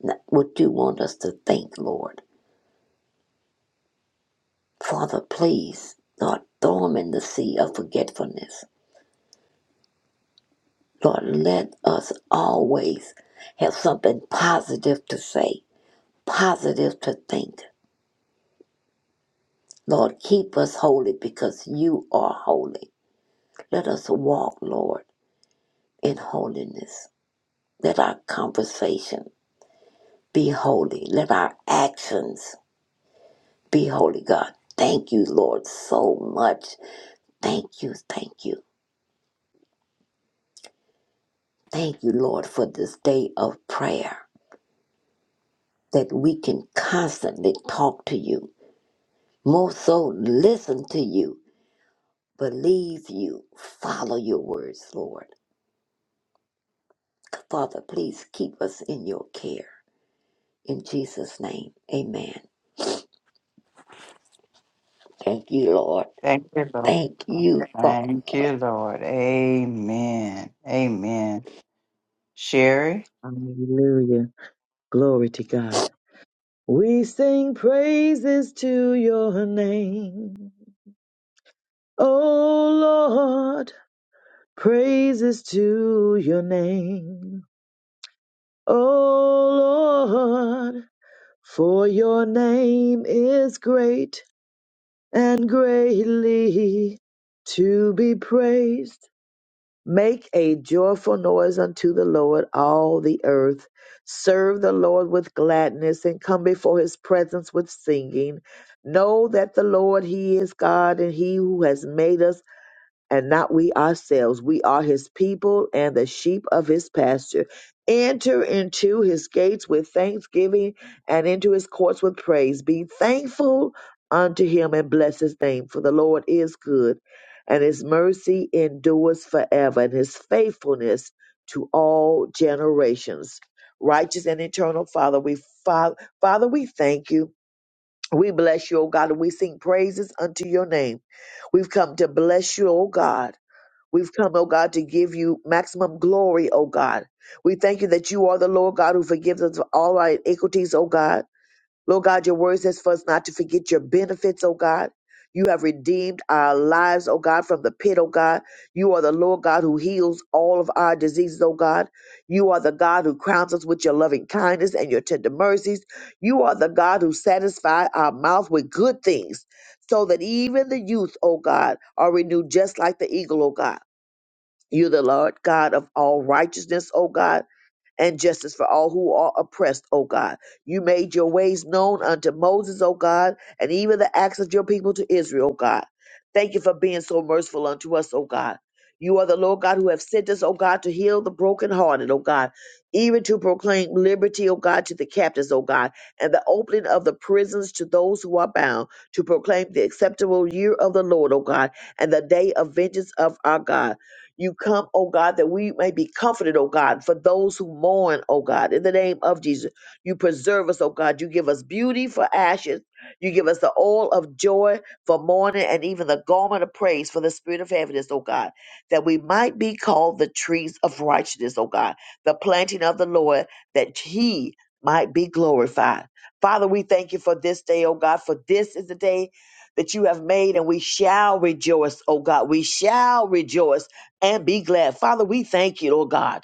Speaker 8: not what you want us to think, Lord. Father, please, Lord, throw them in the sea of forgetfulness. Lord, let us always have something positive to say, positive to think. Lord, keep us holy because you are holy. Let us walk, Lord, in holiness. Let our conversation be holy. Let our actions be, Holy God. Thank you, Lord, so much. Thank you, thank you, thank you, Lord, for this day of prayer that we can constantly talk to you, more so listen to you, believe you, follow your words, Lord. Father, please keep us in your care. In Jesus' name, amen. Thank you, Lord.
Speaker 2: Thank you, Lord.
Speaker 8: Thank you,
Speaker 2: Thank
Speaker 8: Father.
Speaker 2: you, Lord. Amen. Amen. Sherry?
Speaker 7: Hallelujah. Glory to God. We sing praises to your name. Oh Praises to your name, O Lord, for your name is great and greatly to be praised. Make a joyful noise unto the Lord, all the earth. Serve the Lord with gladness and come before his presence with singing. Know that the Lord, he is God, and he who has made us and not we ourselves. We are his people and the sheep of his pasture. Enter into his gates with thanksgiving and into his courts with praise. Be thankful unto him and bless his name, for the Lord is good, and his mercy endures forever, and his faithfulness to all generations. Righteous and eternal Father, we Father, Father, we thank you. We bless you, O God, and we sing praises unto your name. We've come to bless you, O God. We've come, oh God, to give you maximum glory, oh God. We thank you that you are the Lord God who forgives us of all our iniquities, oh God. Lord God, your word says for us not to forget your benefits, oh God. You have redeemed our lives, oh God, from the pit, oh God. You are the Lord God who heals all of our diseases, oh God. You are the God who crowns us with your loving kindness and your tender mercies. You are the God who satisfies our mouth with good things so that even the youth, oh God, are renewed just like the eagle, oh God. You're the Lord God of all righteousness, O God, and justice for all who are oppressed, O God. You made your ways known unto Moses, O God, and even the acts of your people to Israel, O God. Thank you for being so merciful unto us, O God. You are the Lord God who have sent us, O God, to heal the brokenhearted, O God, even to proclaim liberty, O God, to the captives, O God, and the opening of the prisons to those who are bound, to proclaim the acceptable year of the Lord, O God, and the day of vengeance of our God you come, oh God, that we may be comforted, oh God, for those who mourn, oh God, in the name of Jesus. You preserve us, oh God. You give us beauty for ashes. You give us the oil of joy for mourning and even the garment of praise for the spirit of heaviness, oh God, that we might be called the trees of righteousness, oh God, the planting of the Lord, that he might be glorified. Father, we thank you for this day, oh God, for this is the day that you have made, and we shall rejoice, oh God. We shall rejoice and be glad. Father, we thank you, oh God.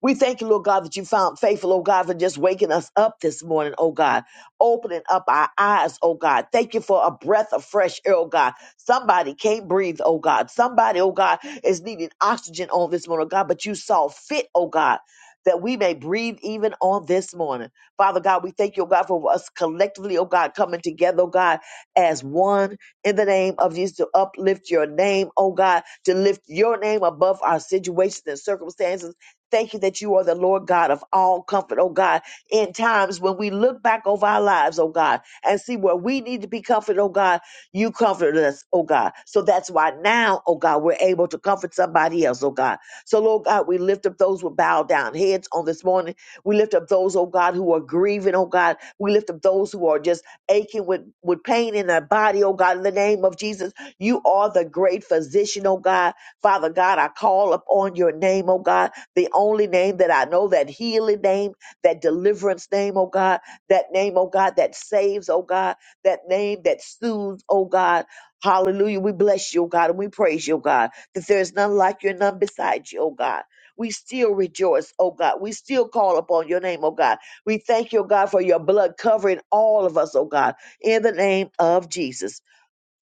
Speaker 7: We thank you, Lord God, that you found faithful, oh God, for just waking us up this morning, oh God, opening up our eyes, oh God. Thank you for a breath of fresh air, oh God. Somebody can't breathe, oh God. Somebody, oh God, is needing oxygen on this morning, oh God, but you saw fit, oh God. That we may breathe even on this morning. Father God, we thank you, oh God, for us collectively, oh God, coming together, oh God, as one in the name of Jesus to uplift your name, oh God, to lift your name above our situations and circumstances Thank you that you are the Lord God of all comfort, oh God, in times when we look back over our lives, oh God, and see where we need to be comforted, oh God, you comforted us, oh God. So that's why now, oh God, we're able to comfort somebody else, oh God. So, Lord God, we lift up those with bowed down heads on this morning. We lift up those, oh God, who are grieving, oh God. We lift up those who are just aching with, with pain in their body, oh God, in the name of Jesus. You are the great physician, oh God. Father God, I call upon your name, oh God. The only name that I know, that healing name, that deliverance name, oh God, that name, oh God, that saves, oh God, that name that soothes, oh God. Hallelujah. We bless you, oh God, and we praise you, oh God, that there is none like you and none beside you, oh God. We still rejoice, oh God. We still call upon your name, oh God. We thank you, oh God, for your blood covering all of us, oh God, in the name of Jesus.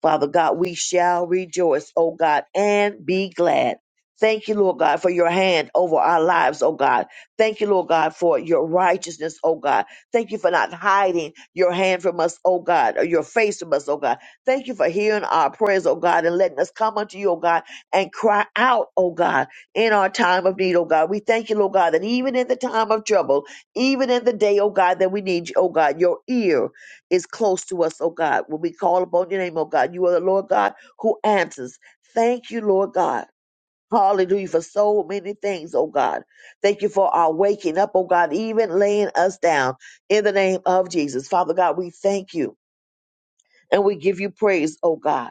Speaker 7: Father God, we shall rejoice, O God, and be glad. Thank you, Lord God, for your hand over our lives, O God. Thank you, Lord God, for your righteousness, O God. Thank you for not hiding your hand from us, O God, or your face from us, O God. Thank you for hearing our prayers, O God, and letting us come unto you, O God, and cry out, O God, in our time of need, O God. We thank you, Lord God, that even in the time of trouble, even in the day, O God, that we need you, O God, your ear is close to us, oh God. When we call upon your name, oh God, you are the Lord God who answers. Thank you, Lord God. Hallelujah for so many things, oh God. Thank you for our waking up, oh God, even laying us down in the name of Jesus. Father God, we thank you and we give you praise, oh God.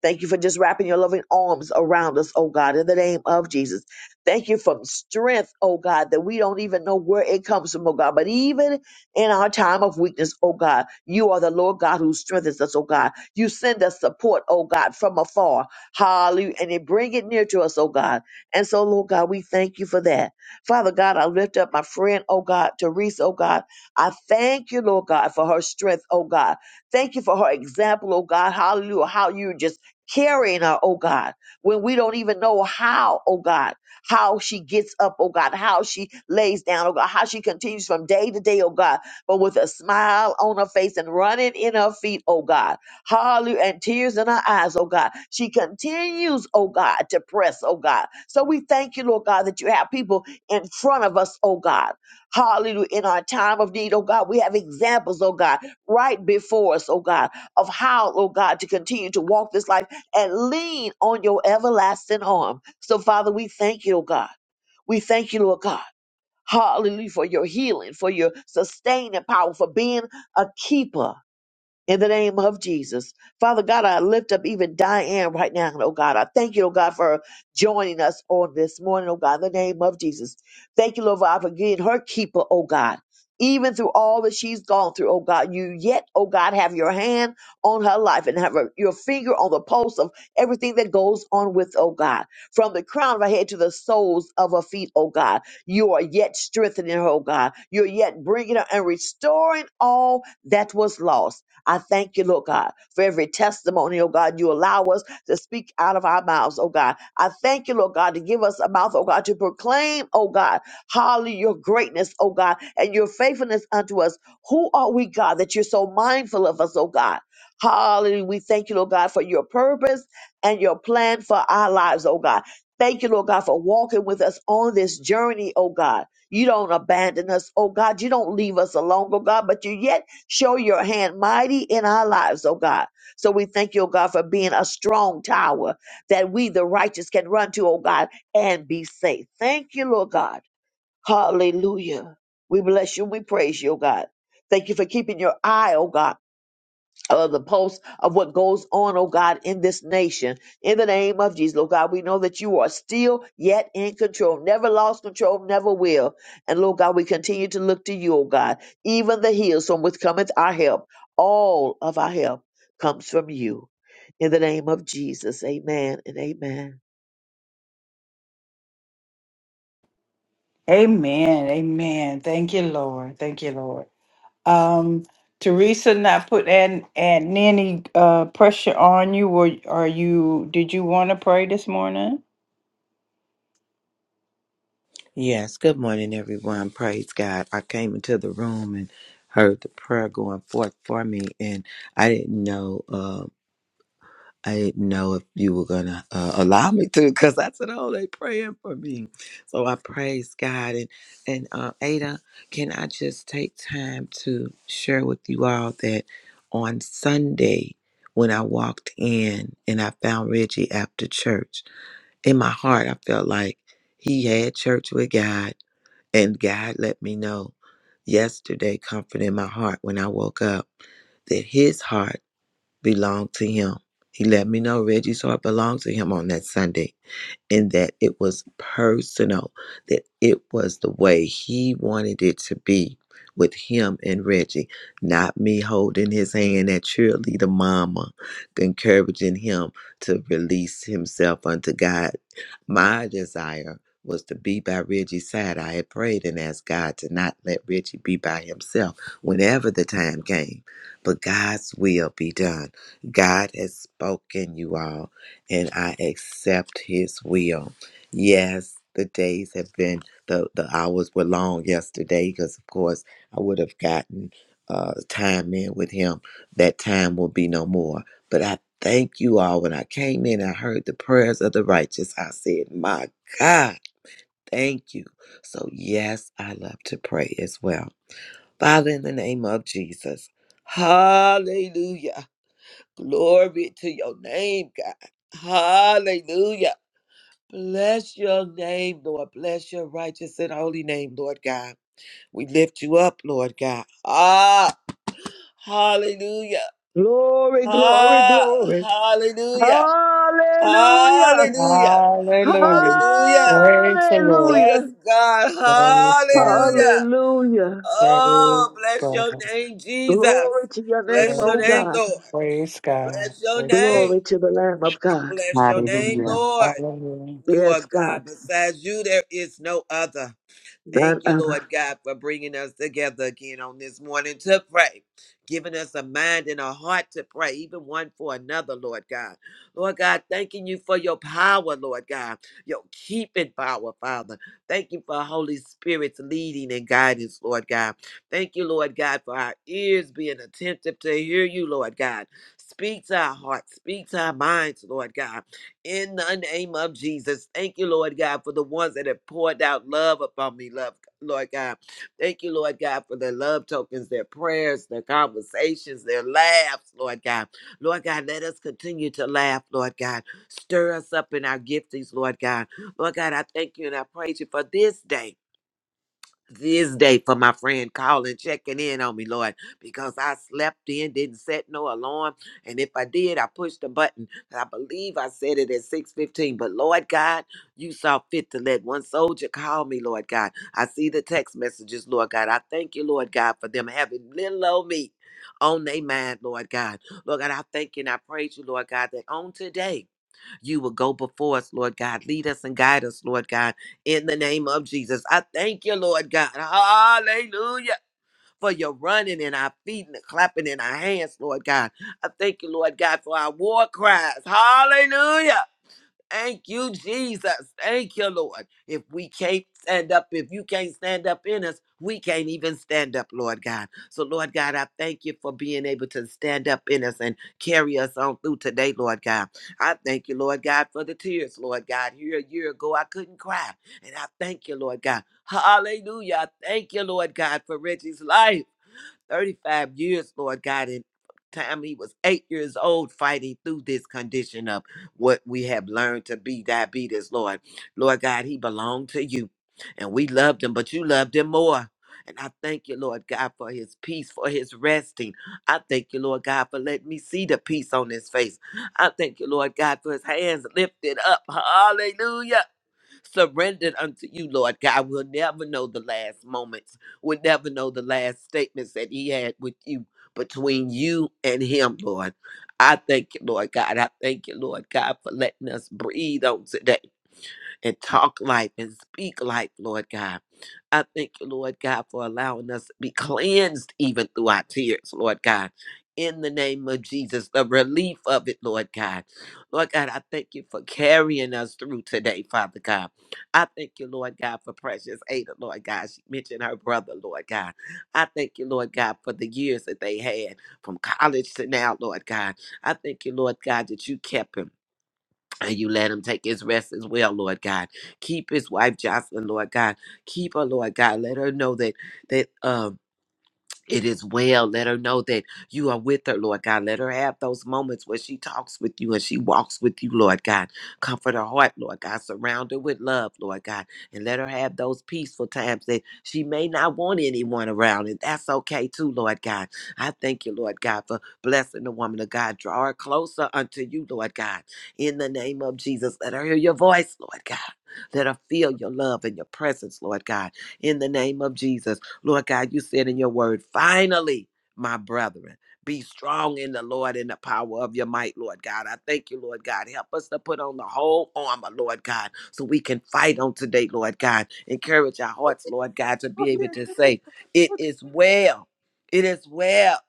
Speaker 7: Thank you for just wrapping your loving arms around us, oh God, in the name of Jesus. Thank you for strength, oh God, that we don't even know where it comes from, oh God. But even in our time of weakness, oh God, you are the Lord God who strengthens us, oh God. You send us support, oh God, from afar. Hallelujah. And you bring it near to us, oh God. And so, Lord God, we thank you for that. Father God, I lift up my friend, oh God, Teresa, oh God. I thank you, Lord God, for her strength, oh God. Thank you for her example, oh God. Hallelujah. How you just carrying her, oh God, when we don't even know how, oh God, how she gets up, oh God, how she lays down, oh God, how she continues from day to day, oh God, but with a smile on her face and running in her feet, oh God, hallelujah, and tears in her eyes, oh God. She continues, oh God, to press, oh God. So we thank you, Lord God, that you have people in front of us, oh God. Hallelujah. In our time of need, oh God, we have examples, oh God, right before us, oh God, of how, oh God, to continue to walk this life and lean on your everlasting arm. So, Father, we thank you, oh God. We thank you, Lord God. Hallelujah for your healing, for your sustaining power, for being a keeper in the name of Jesus. Father God, I lift up even Diane right now, oh God. I thank you, oh God, for joining us on this morning, oh God, in the name of Jesus. Thank you, Lord, God, for being her keeper, oh God. Even through all that she's gone through, oh God, you yet, oh God, have your hand on her life and have her, your finger on the pulse of everything that goes on with, oh God, from the crown of her head to the soles of her feet, oh God. You are yet strengthening her, oh God. You're yet bringing her and restoring all that was lost. I thank you, Lord God, for every testimony, oh God, you allow us to speak out of our mouths, oh God. I thank you, Lord God, to give us a mouth, oh God, to proclaim, oh God, hallelujah, your greatness, oh God, and your faithfulness unto us. Who are we, God, that you're so mindful of us, oh God? Hallelujah. We thank you, Lord God, for your purpose and your plan for our lives, oh God. Thank you, Lord God, for walking with us on this journey, oh God. You don't abandon us, oh God. You don't leave us alone, oh God, but you yet Show your hand mighty in our lives, oh God. So we thank you, oh God, for being a strong tower that we, the righteous, can run to, oh God, and be safe. Thank you, Lord God. Hallelujah. We bless you and we praise you, oh God. Thank you for keeping your eye, oh God. Of the pulse of what goes on, oh God, in this nation. In the name of Jesus, Lord God, we know that you are still yet in control, never lost control, never will. And Lord God, we continue to look to you, oh God, even the hills from which cometh our help. All of our help comes from you. In the name of Jesus, amen and amen.
Speaker 2: Amen. Amen. Thank you, Lord. Thank you, Lord. Um, Teresa, not put an, an any uh, pressure on you. Were are you? Did you want to pray this morning?
Speaker 11: Yes, good morning, everyone. Praise God. I came into the room and heard the prayer going forth for me, and I didn't know. Uh, I didn't know if you were gonna uh, allow me to, because I said, "Oh, they praying for me." So I praise God, and and uh, Ada, can I just take time to share with you all that on Sunday when I walked in and I found Reggie after church, in my heart I felt like he had church with God and God let me know yesterday, comfort in my heart when I woke up, that his heart belonged to him. He let me know Reggie's heart belonged to him on that Sunday and that it was personal, that it was the way he wanted it to be with him and Reggie, not me holding his hand at cheerleader mama, encouraging him to release himself unto God. My desire was to be by Reggie's side. I had prayed and asked God to not let Reggie be by himself whenever the time came. But God's will be done. God has spoken, you all and I accept his will. Yes, the days have been the the hours were long yesterday because of course I would have gotten uh time in with him. That time will be no more. But I thank you all when I came in I heard the prayers of the righteous. I said, "My God, thank you." So yes, I love to pray as well. Father in the name of Jesus. Hallelujah. Glory to your name, God. Hallelujah. Bless your name, Lord. Bless your righteous and holy name, Lord God. We lift you up, Lord God. Ah, hallelujah.
Speaker 7: Glory, glory,
Speaker 11: Ah,
Speaker 7: glory.
Speaker 11: hallelujah.
Speaker 7: Hallelujah.
Speaker 11: Hallelujah.
Speaker 2: Hallelujah.
Speaker 11: Hallelujah.
Speaker 2: Praise the Lord.
Speaker 11: Yes,
Speaker 7: Hallelujah.
Speaker 11: God.
Speaker 2: Praise God.
Speaker 11: Hallelujah.
Speaker 7: Hallelujah.
Speaker 2: Praise
Speaker 11: Oh, bless your
Speaker 2: God.
Speaker 11: name, Jesus.
Speaker 7: Glory to your name,
Speaker 11: Bless
Speaker 2: Yeah.
Speaker 11: your
Speaker 7: O
Speaker 11: name,
Speaker 7: God.
Speaker 11: Lord.
Speaker 2: Praise God.
Speaker 11: Bless your
Speaker 2: Praise God.
Speaker 11: name.
Speaker 7: Glory to the Lamb of God.
Speaker 11: Bless your name,
Speaker 12: Hallelujah.
Speaker 11: Lord.
Speaker 2: Hallelujah.
Speaker 11: You are
Speaker 7: Yes, God.
Speaker 11: God. Besides you, there is no other.
Speaker 7: None
Speaker 11: Thank you,
Speaker 7: other.
Speaker 11: Lord God, for bringing us together again on this morning to pray, giving us a mind and a heart to pray, even one for another, Lord God. Lord God, thanking you for your power, Lord God, your keeping power, Father. Thank you for Holy Spirit's leading and guidance, Lord God. Thank you, Lord God, for our ears being attentive to hear you, Lord God. Speak to our hearts, speak to our minds, Lord God in the name of Jesus. Thank you, Lord God, for the ones that have poured out love upon me, love, Lord God. Thank you, Lord God, for their love tokens, their prayers, their conversations, their laughs, Lord God. Lord God, let us continue to laugh, Lord God. Stir us up in our giftings, Lord God. Lord God, I thank you and I praise you for this day this day for my friend calling, checking in on me, Lord, because I slept in, didn't set no alarm. And if I did, I pushed the button. And I believe I said it at 6.15. But Lord God, you saw fit to let one soldier call me, Lord God. I see the text messages, Lord God. I thank you, Lord God, for them having little old me on their mind, Lord God. Lord God, I thank you and I praise you, Lord God, that on today, you will go before us, Lord God. Lead us and guide us, Lord God, in the name of Jesus. I thank you, Lord God. Hallelujah. For your running in our feet and the clapping in our hands, Lord God. I thank you, Lord God, for our war cries. Hallelujah. Thank you, Jesus. Thank you, Lord. If we can't stand up, if you can't stand up in us, we can't even stand up, Lord God. So, Lord God, I thank you for being able to stand up in us and carry us on through today, Lord God. I thank you, Lord God, for the tears, Lord God. Here a year ago, I couldn't cry. And I thank you, Lord God. Hallelujah. I Thank you, Lord God, for Reggie's life. 35 years, Lord God, in time he was eight years old fighting through this condition of what we have learned to be diabetes, Lord. Lord God, he belonged to you. And we loved him, but you loved him more. And I thank you, Lord God, for his peace, for his resting. I thank you, Lord God, for letting me see the peace on his face. I thank you, Lord God, for his hands lifted up. Hallelujah surrendered unto you, Lord God. We'll never know the last moments. We'll never know the last statements that he had with you between you and him, Lord. I thank you, Lord God. I thank you, Lord God, for letting us breathe on today and talk life and speak life, Lord God. I thank you, Lord God, for allowing us to be cleansed even through our tears, Lord God. In the name of Jesus, the relief of it, Lord God. Lord God, I thank you for carrying us through today, Father God. I thank you, Lord God, for precious Ada, Lord God. She mentioned her brother, Lord God. I thank you, Lord God, for the years that they had from college to now, Lord God. I thank you, Lord God, that you kept him. And you let him take his rest as well, Lord God. Keep his wife Jocelyn, Lord God. Keep her, Lord God. Let her know that that um it is well. Let her know that you are with her, Lord God. Let her have those moments where she talks with you and she walks with you, Lord God. Comfort her heart, Lord God. Surround her with love, Lord God. And let her have those peaceful times that she may not want anyone around. And that's okay too, Lord God. I thank you, Lord God, for blessing the woman of God. Draw her closer unto you, Lord God. In the name of Jesus, let her hear your voice, Lord God. Let her feel your love and your presence, Lord God. In the name of Jesus. Lord God, you said in your word, finally, my brethren, be strong in the Lord and the power of your might, Lord God. I thank you, Lord God. Help us to put on the whole armor, Lord God, so we can fight on today, Lord God. Encourage our hearts, Lord God, to be able to say, It is well. It is well.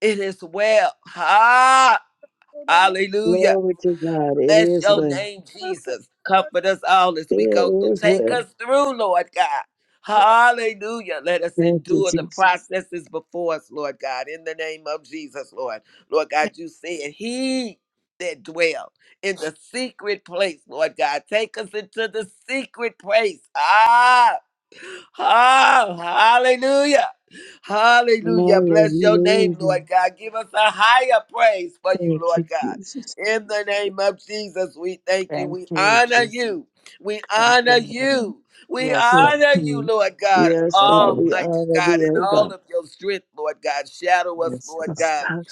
Speaker 11: It is well. Ha! Hallelujah.
Speaker 7: Glory to God. It
Speaker 11: Bless
Speaker 7: is
Speaker 11: your
Speaker 7: well.
Speaker 11: name,
Speaker 1: Praise
Speaker 11: Jesus. Comfort us all as we go
Speaker 7: It
Speaker 11: through.
Speaker 7: is
Speaker 11: Take
Speaker 7: well.
Speaker 11: us through, Lord God.
Speaker 1: God.
Speaker 11: Hallelujah. Let us
Speaker 7: Thank you,
Speaker 11: endure the
Speaker 7: Jesus.
Speaker 11: processes before us, Lord God, in the name of Jesus, Lord. Lord God, you said, He that dwell in the secret place, Lord God, take us into the secret place. Ah, oh, hallelujah. Hallelujah. Bless your name,
Speaker 7: Hallelujah.
Speaker 11: Lord God. Give us a higher praise for you,
Speaker 7: Thank
Speaker 11: Lord
Speaker 7: you,
Speaker 11: God.
Speaker 7: Jesus.
Speaker 11: In the name of Jesus, we thank you.
Speaker 2: Thank
Speaker 11: We
Speaker 2: you,
Speaker 11: honor
Speaker 2: Jesus.
Speaker 11: you. We
Speaker 2: Thank
Speaker 11: honor
Speaker 2: you, Lord.
Speaker 11: you. We
Speaker 2: Yes, Lord.
Speaker 7: Yes,
Speaker 11: honor you,
Speaker 7: Lord.
Speaker 11: Lord God,
Speaker 7: Yes,
Speaker 2: Yes,
Speaker 7: God.
Speaker 2: Lord.
Speaker 7: We
Speaker 11: Almighty
Speaker 7: honor
Speaker 11: God,
Speaker 7: thee,
Speaker 11: in
Speaker 7: O
Speaker 11: all
Speaker 7: God.
Speaker 11: of your strength, Lord God. Shadow us,
Speaker 2: Yes,
Speaker 11: Lord
Speaker 2: Lord.
Speaker 7: Yes,
Speaker 11: God.
Speaker 7: God.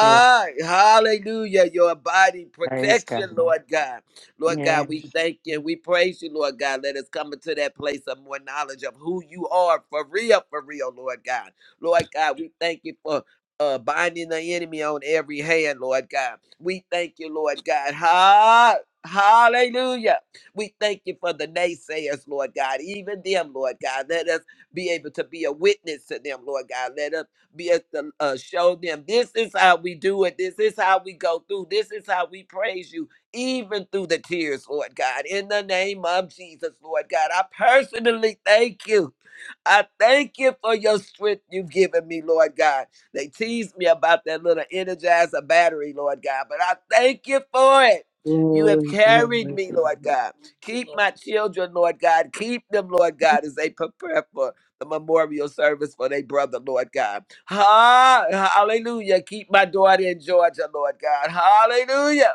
Speaker 2: Yeah,
Speaker 11: hallelujah. Your abiding
Speaker 2: praise
Speaker 11: protection,
Speaker 2: God.
Speaker 11: Lord God. Lord God,
Speaker 2: Yeah.
Speaker 11: we thank you. We praise you, Lord God. Let us come into that place of more knowledge of who you are for real, for real, Lord God. Lord God, we thank you for uh, binding the enemy on every hand, Lord God. We thank you, Lord God. Ha- Hallelujah. We thank you for the naysayers, Lord God. Even them, Lord God. Let us be able to be a witness to them, Lord God. Let us be able to uh, show them this is how we do it. This is how we go through. This is how we praise you, even through the tears, Lord God. In the name of Jesus, Lord God, I personally thank you. I thank you for your strength you've given me, Lord God. They teased me about that little energizer battery, Lord God, but I thank you for it. You have
Speaker 7: Glory,
Speaker 11: carried
Speaker 7: glory,
Speaker 11: me,
Speaker 7: glory.
Speaker 11: Lord God. Keep my children, Lord God. Keep them, Lord God, as they prepare for the memorial service for their brother, Lord God. Ha- hallelujah. Keep my daughter in Georgia, Lord God. Hallelujah.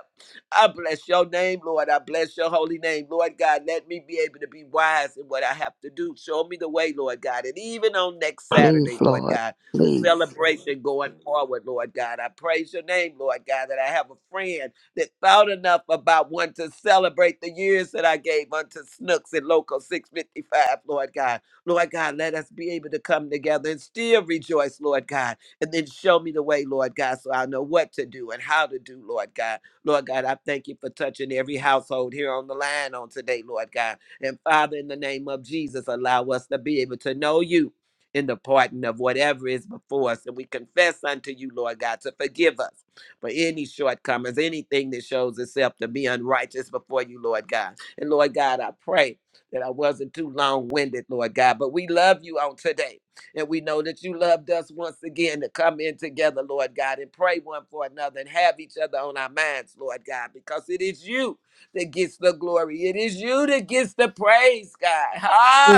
Speaker 11: I bless your name, Lord. I bless your holy name, Lord God. Let me be able to be wise in what I have to do. Show me the way, Lord God. And even on next Saturday,
Speaker 8: Please,
Speaker 11: Lord
Speaker 8: Lord,
Speaker 11: God the
Speaker 8: please.
Speaker 11: celebration going forward, Lord God. I praise your name, Lord God, that I have a friend that thought enough about one to celebrate the years that I gave unto Snooks and Local 655, Lord God. Lord God, let us be able to come together and still rejoice, Lord God, and then show me the way, Lord God, so I know what to do and how to do, Lord God. Lord God, I thank you for touching every household here on the line on today, Lord God. And Father, in the name of Jesus, allow us to be able to know you in the pardon of whatever is before us. And we confess unto you, Lord God, to forgive us for any shortcomings, anything that shows itself to be unrighteous before you, Lord God. And Lord God, I pray that I wasn't too long winded, Lord God, but we love you on today. And we know that you loved us once again to come in together, Lord God, and pray one for another and have each other on our minds, Lord God, because it is you that gets the glory. It is you that gets the praise, God. Ah,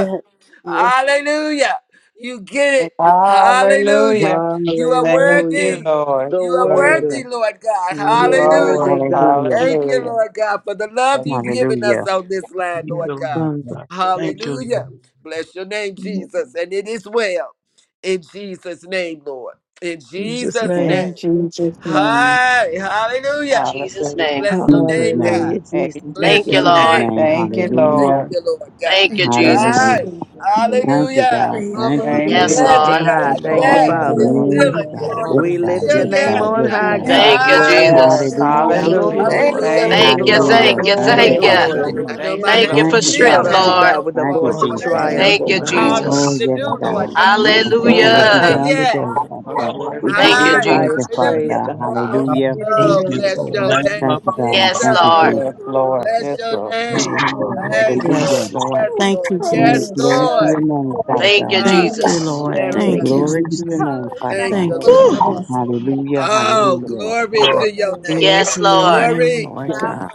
Speaker 11: Hallelujah. You get it. Hallelujah.
Speaker 2: Hallelujah.
Speaker 11: You are
Speaker 2: Thank you,
Speaker 7: Hallelujah.
Speaker 11: worthy.
Speaker 2: Lord.
Speaker 7: The
Speaker 11: You are
Speaker 7: worthy.
Speaker 11: worthy,
Speaker 2: Lord,
Speaker 11: Lord God.
Speaker 2: You
Speaker 7: You're
Speaker 2: are
Speaker 7: worthy,
Speaker 11: Hallelujah.
Speaker 2: worthy.
Speaker 7: God.
Speaker 12: Hallelujah.
Speaker 11: Thank you,
Speaker 2: Hallelujah.
Speaker 11: Lord God, for the love you've given us
Speaker 12: Hallelujah.
Speaker 11: on this land,
Speaker 13: Thank you,
Speaker 7: Yes,
Speaker 11: Lord God.
Speaker 13: Lord
Speaker 7: Father.
Speaker 13: Thank you.
Speaker 11: Hallelujah. Bless your name,
Speaker 7: In
Speaker 11: Jesus. And it is well. In Jesus' name, Lord. In
Speaker 7: Jesus'
Speaker 11: Jesus'
Speaker 7: name.
Speaker 2: In
Speaker 11: name.
Speaker 2: Jesus' name.
Speaker 11: Hi. Hallelujah.
Speaker 14: Jesus'
Speaker 2: Hallelujah.
Speaker 14: name.
Speaker 11: Bless your
Speaker 15: Hallelujah.
Speaker 12: Jesus
Speaker 11: name, God.
Speaker 7: Hallelujah,
Speaker 12: name.
Speaker 7: Jesus. Thank
Speaker 11: Bless
Speaker 14: Thank
Speaker 7: you,
Speaker 14: you,
Speaker 11: your
Speaker 2: Amen.
Speaker 12: Jesus
Speaker 7: Father.
Speaker 14: Lord.
Speaker 11: name.
Speaker 12: name.
Speaker 2: Thank you,
Speaker 11: Thank
Speaker 15: Hallelujah.
Speaker 12: Hallelujah.
Speaker 2: Lord.
Speaker 11: you, Lord
Speaker 14: Thank
Speaker 11: God.
Speaker 14: you,
Speaker 11: All
Speaker 5: Bless
Speaker 2: Thank
Speaker 5: the
Speaker 12: Hallelujah.
Speaker 14: Jesus.
Speaker 11: right.
Speaker 2: you,
Speaker 15: Hallelujah.
Speaker 12: Thank you,
Speaker 11: Hallelujah.
Speaker 12: God.
Speaker 2: Lord.
Speaker 12: Thank you,
Speaker 2: Thank
Speaker 7: We
Speaker 2: you,
Speaker 14: Yes,
Speaker 12: Jesus.
Speaker 11: Yes,
Speaker 15: Hallelujah.
Speaker 7: lift
Speaker 2: Lord.
Speaker 7: him
Speaker 14: Lord.
Speaker 8: Thank
Speaker 7: high.
Speaker 8: you,
Speaker 11: God.
Speaker 7: Thank you,
Speaker 8: Lord.
Speaker 2: Thank
Speaker 11: Yes.
Speaker 2: you,
Speaker 7: Father.
Speaker 11: It's
Speaker 2: Lord.
Speaker 11: still
Speaker 12: Yes,
Speaker 11: a
Speaker 15: Hallelujah.
Speaker 12: God.
Speaker 11: yes.
Speaker 12: Yes,
Speaker 8: Father,
Speaker 11: It's
Speaker 7: We
Speaker 8: we
Speaker 12: God.
Speaker 7: lift
Speaker 11: still
Speaker 7: your
Speaker 12: Yes,
Speaker 8: need
Speaker 7: name
Speaker 11: yes,
Speaker 12: God.
Speaker 8: you,
Speaker 7: on
Speaker 12: Yes,
Speaker 7: high,
Speaker 11: God.
Speaker 8: Master.
Speaker 12: God.
Speaker 15: Hallelujah.
Speaker 1: Thank
Speaker 2: Yeah,
Speaker 14: Thank
Speaker 7: God.
Speaker 14: you,
Speaker 2: yes,
Speaker 11: Hallelujah.
Speaker 14: Jesus.
Speaker 12: Hallelujah.
Speaker 8: Thank you,
Speaker 2: hallelujah.
Speaker 7: Glory,
Speaker 1: thank
Speaker 15: Hallelujah!
Speaker 8: Lord.
Speaker 11: Hallelujah,
Speaker 2: Thank
Speaker 7: glory,
Speaker 8: Thank
Speaker 11: Lord.
Speaker 2: you,
Speaker 14: Thank
Speaker 11: You
Speaker 8: you,
Speaker 14: you,
Speaker 7: glory,
Speaker 15: This
Speaker 2: Lord.
Speaker 11: bless
Speaker 12: Hallelujah.
Speaker 14: thank you,
Speaker 11: me,
Speaker 8: Father.
Speaker 12: Thank
Speaker 7: glory,
Speaker 11: Lord
Speaker 12: you,
Speaker 14: thank
Speaker 8: Thank
Speaker 14: you.
Speaker 8: you
Speaker 12: Father.
Speaker 11: God.
Speaker 2: Thank
Speaker 8: so
Speaker 7: glory.
Speaker 1: you.
Speaker 15: is
Speaker 2: you,
Speaker 11: I
Speaker 8: much,
Speaker 11: know
Speaker 2: thank
Speaker 11: my
Speaker 15: spirit
Speaker 2: you,
Speaker 14: Thank
Speaker 15: of
Speaker 14: you
Speaker 11: hands
Speaker 12: Thank
Speaker 14: for
Speaker 12: you,
Speaker 2: Lord.
Speaker 11: still
Speaker 7: Shout
Speaker 14: strength,
Speaker 12: Father
Speaker 7: unto
Speaker 11: have to
Speaker 15: Sabbatabaya.
Speaker 12: God.
Speaker 14: Lord.
Speaker 7: God
Speaker 11: go
Speaker 7: with a
Speaker 12: Thank you,
Speaker 11: forward,
Speaker 7: voice of
Speaker 11: Lord
Speaker 8: Father.
Speaker 11: God.
Speaker 12: Jesus.
Speaker 11: and
Speaker 2: Thank
Speaker 8: Thank
Speaker 7: triumph,
Speaker 15: Ishtabaya.
Speaker 11: What
Speaker 14: Thank
Speaker 11: you
Speaker 7: oh
Speaker 14: you,
Speaker 8: you,
Speaker 2: you, Lord.
Speaker 7: God.
Speaker 11: called
Speaker 8: Lord.
Speaker 11: me
Speaker 12: Oh,
Speaker 14: Jesus.
Speaker 11: to
Speaker 12: yes,
Speaker 11: do,
Speaker 15: That's the
Speaker 11: Lord
Speaker 12: God.
Speaker 13: Lord.
Speaker 8: Thank
Speaker 11: God.
Speaker 15: thunder
Speaker 8: you,
Speaker 12: Thank
Speaker 15: spirit
Speaker 12: you
Speaker 1: Thank you,
Speaker 2: God,
Speaker 12: for
Speaker 15: of the
Speaker 12: what
Speaker 11: I
Speaker 8: Lord.
Speaker 12: you
Speaker 11: say
Speaker 14: Hallelujah.
Speaker 15: Bible.
Speaker 12: done
Speaker 11: yes.
Speaker 12: today, Father
Speaker 2: most
Speaker 12: God.
Speaker 15: That's
Speaker 7: We
Speaker 2: worthy
Speaker 15: the
Speaker 2: to
Speaker 1: Lord
Speaker 7: give
Speaker 14: Thank
Speaker 13: Hallelujah.
Speaker 7: you
Speaker 14: you,
Speaker 2: be.
Speaker 7: the
Speaker 15: very
Speaker 11: Hi.
Speaker 12: Thank
Speaker 14: Jesus.
Speaker 15: deal.
Speaker 12: you,
Speaker 7: highest
Speaker 12: Father
Speaker 11: Hallelujah.
Speaker 7: praise,
Speaker 12: God.
Speaker 7: God.
Speaker 1: God.
Speaker 2: done,
Speaker 15: Ish
Speaker 12: Hallelujah.
Speaker 15: the
Speaker 8: Thank
Speaker 11: Oh,
Speaker 13: Hallelujah.
Speaker 8: you,
Speaker 13: In the
Speaker 11: bless
Speaker 8: Lord.
Speaker 15: Bible.
Speaker 11: your name,
Speaker 13: name
Speaker 12: Thank
Speaker 13: of
Speaker 12: you,
Speaker 15: That's
Speaker 13: God.
Speaker 12: God.
Speaker 14: Yes,
Speaker 15: the
Speaker 11: Jesus.
Speaker 12: Thank you,
Speaker 2: Lord.
Speaker 14: Lord.
Speaker 15: Bible.
Speaker 2: Yes,
Speaker 12: Jesus.
Speaker 1: Lord,
Speaker 2: Lord.
Speaker 11: Bless
Speaker 2: Yes,
Speaker 11: your
Speaker 2: Lord.
Speaker 15: Ish
Speaker 13: Thank
Speaker 15: the
Speaker 11: name.
Speaker 12: Yes, God.
Speaker 13: you,
Speaker 15: Bible.
Speaker 8: Thank
Speaker 1: Thank
Speaker 11: Yes,
Speaker 8: you, Father.
Speaker 12: Hallelujah.
Speaker 11: Lord.
Speaker 3: Yes, Lord.
Speaker 11: Yes,
Speaker 15: That's
Speaker 3: Thank
Speaker 11: Lord.
Speaker 3: you,
Speaker 15: the
Speaker 1: you, Lord.
Speaker 12: Oh,
Speaker 11: Yes,
Speaker 3: Jesus.
Speaker 12: glory
Speaker 2: Yes,
Speaker 12: to
Speaker 11: Lord.
Speaker 1: God.
Speaker 15: Bible.
Speaker 12: your name,
Speaker 2: Thank
Speaker 12: Father
Speaker 14: Thank you,
Speaker 12: God.
Speaker 11: God.
Speaker 2: you.
Speaker 15: Nando
Speaker 3: Thank
Speaker 15: is
Speaker 3: you,
Speaker 15: the
Speaker 14: Jesus.
Speaker 3: Lord.
Speaker 11: Yes,
Speaker 2: Thank you,
Speaker 11: God.
Speaker 7: Thank
Speaker 3: Thank
Speaker 7: you,
Speaker 2: Jesus.
Speaker 3: you.
Speaker 12: Glory
Speaker 15: Bible.
Speaker 12: to your
Speaker 7: Jesus.
Speaker 12: name, Father
Speaker 11: Thank
Speaker 12: God.
Speaker 11: you,
Speaker 3: Thank you,
Speaker 8: My
Speaker 2: Yes,
Speaker 11: Lord.
Speaker 14: Whew.
Speaker 3: Lord.
Speaker 15: Baba,
Speaker 2: Lord.
Speaker 8: reason.
Speaker 12: Hallelujah,
Speaker 15: who
Speaker 2: Thank
Speaker 15: is
Speaker 11: Oh,
Speaker 2: you,
Speaker 12: hallelujah.
Speaker 15: the
Speaker 2: Lord.
Speaker 11: glory
Speaker 13: Lord.
Speaker 15: spirit of
Speaker 11: to your
Speaker 15: our
Speaker 11: name,
Speaker 3: Glory
Speaker 11: Lord.
Speaker 14: Yes,
Speaker 3: to your
Speaker 14: Lord.
Speaker 3: name,
Speaker 11: Glory.
Speaker 7: Thank you,
Speaker 3: Lord
Speaker 2: Yes,
Speaker 7: Father.
Speaker 3: God.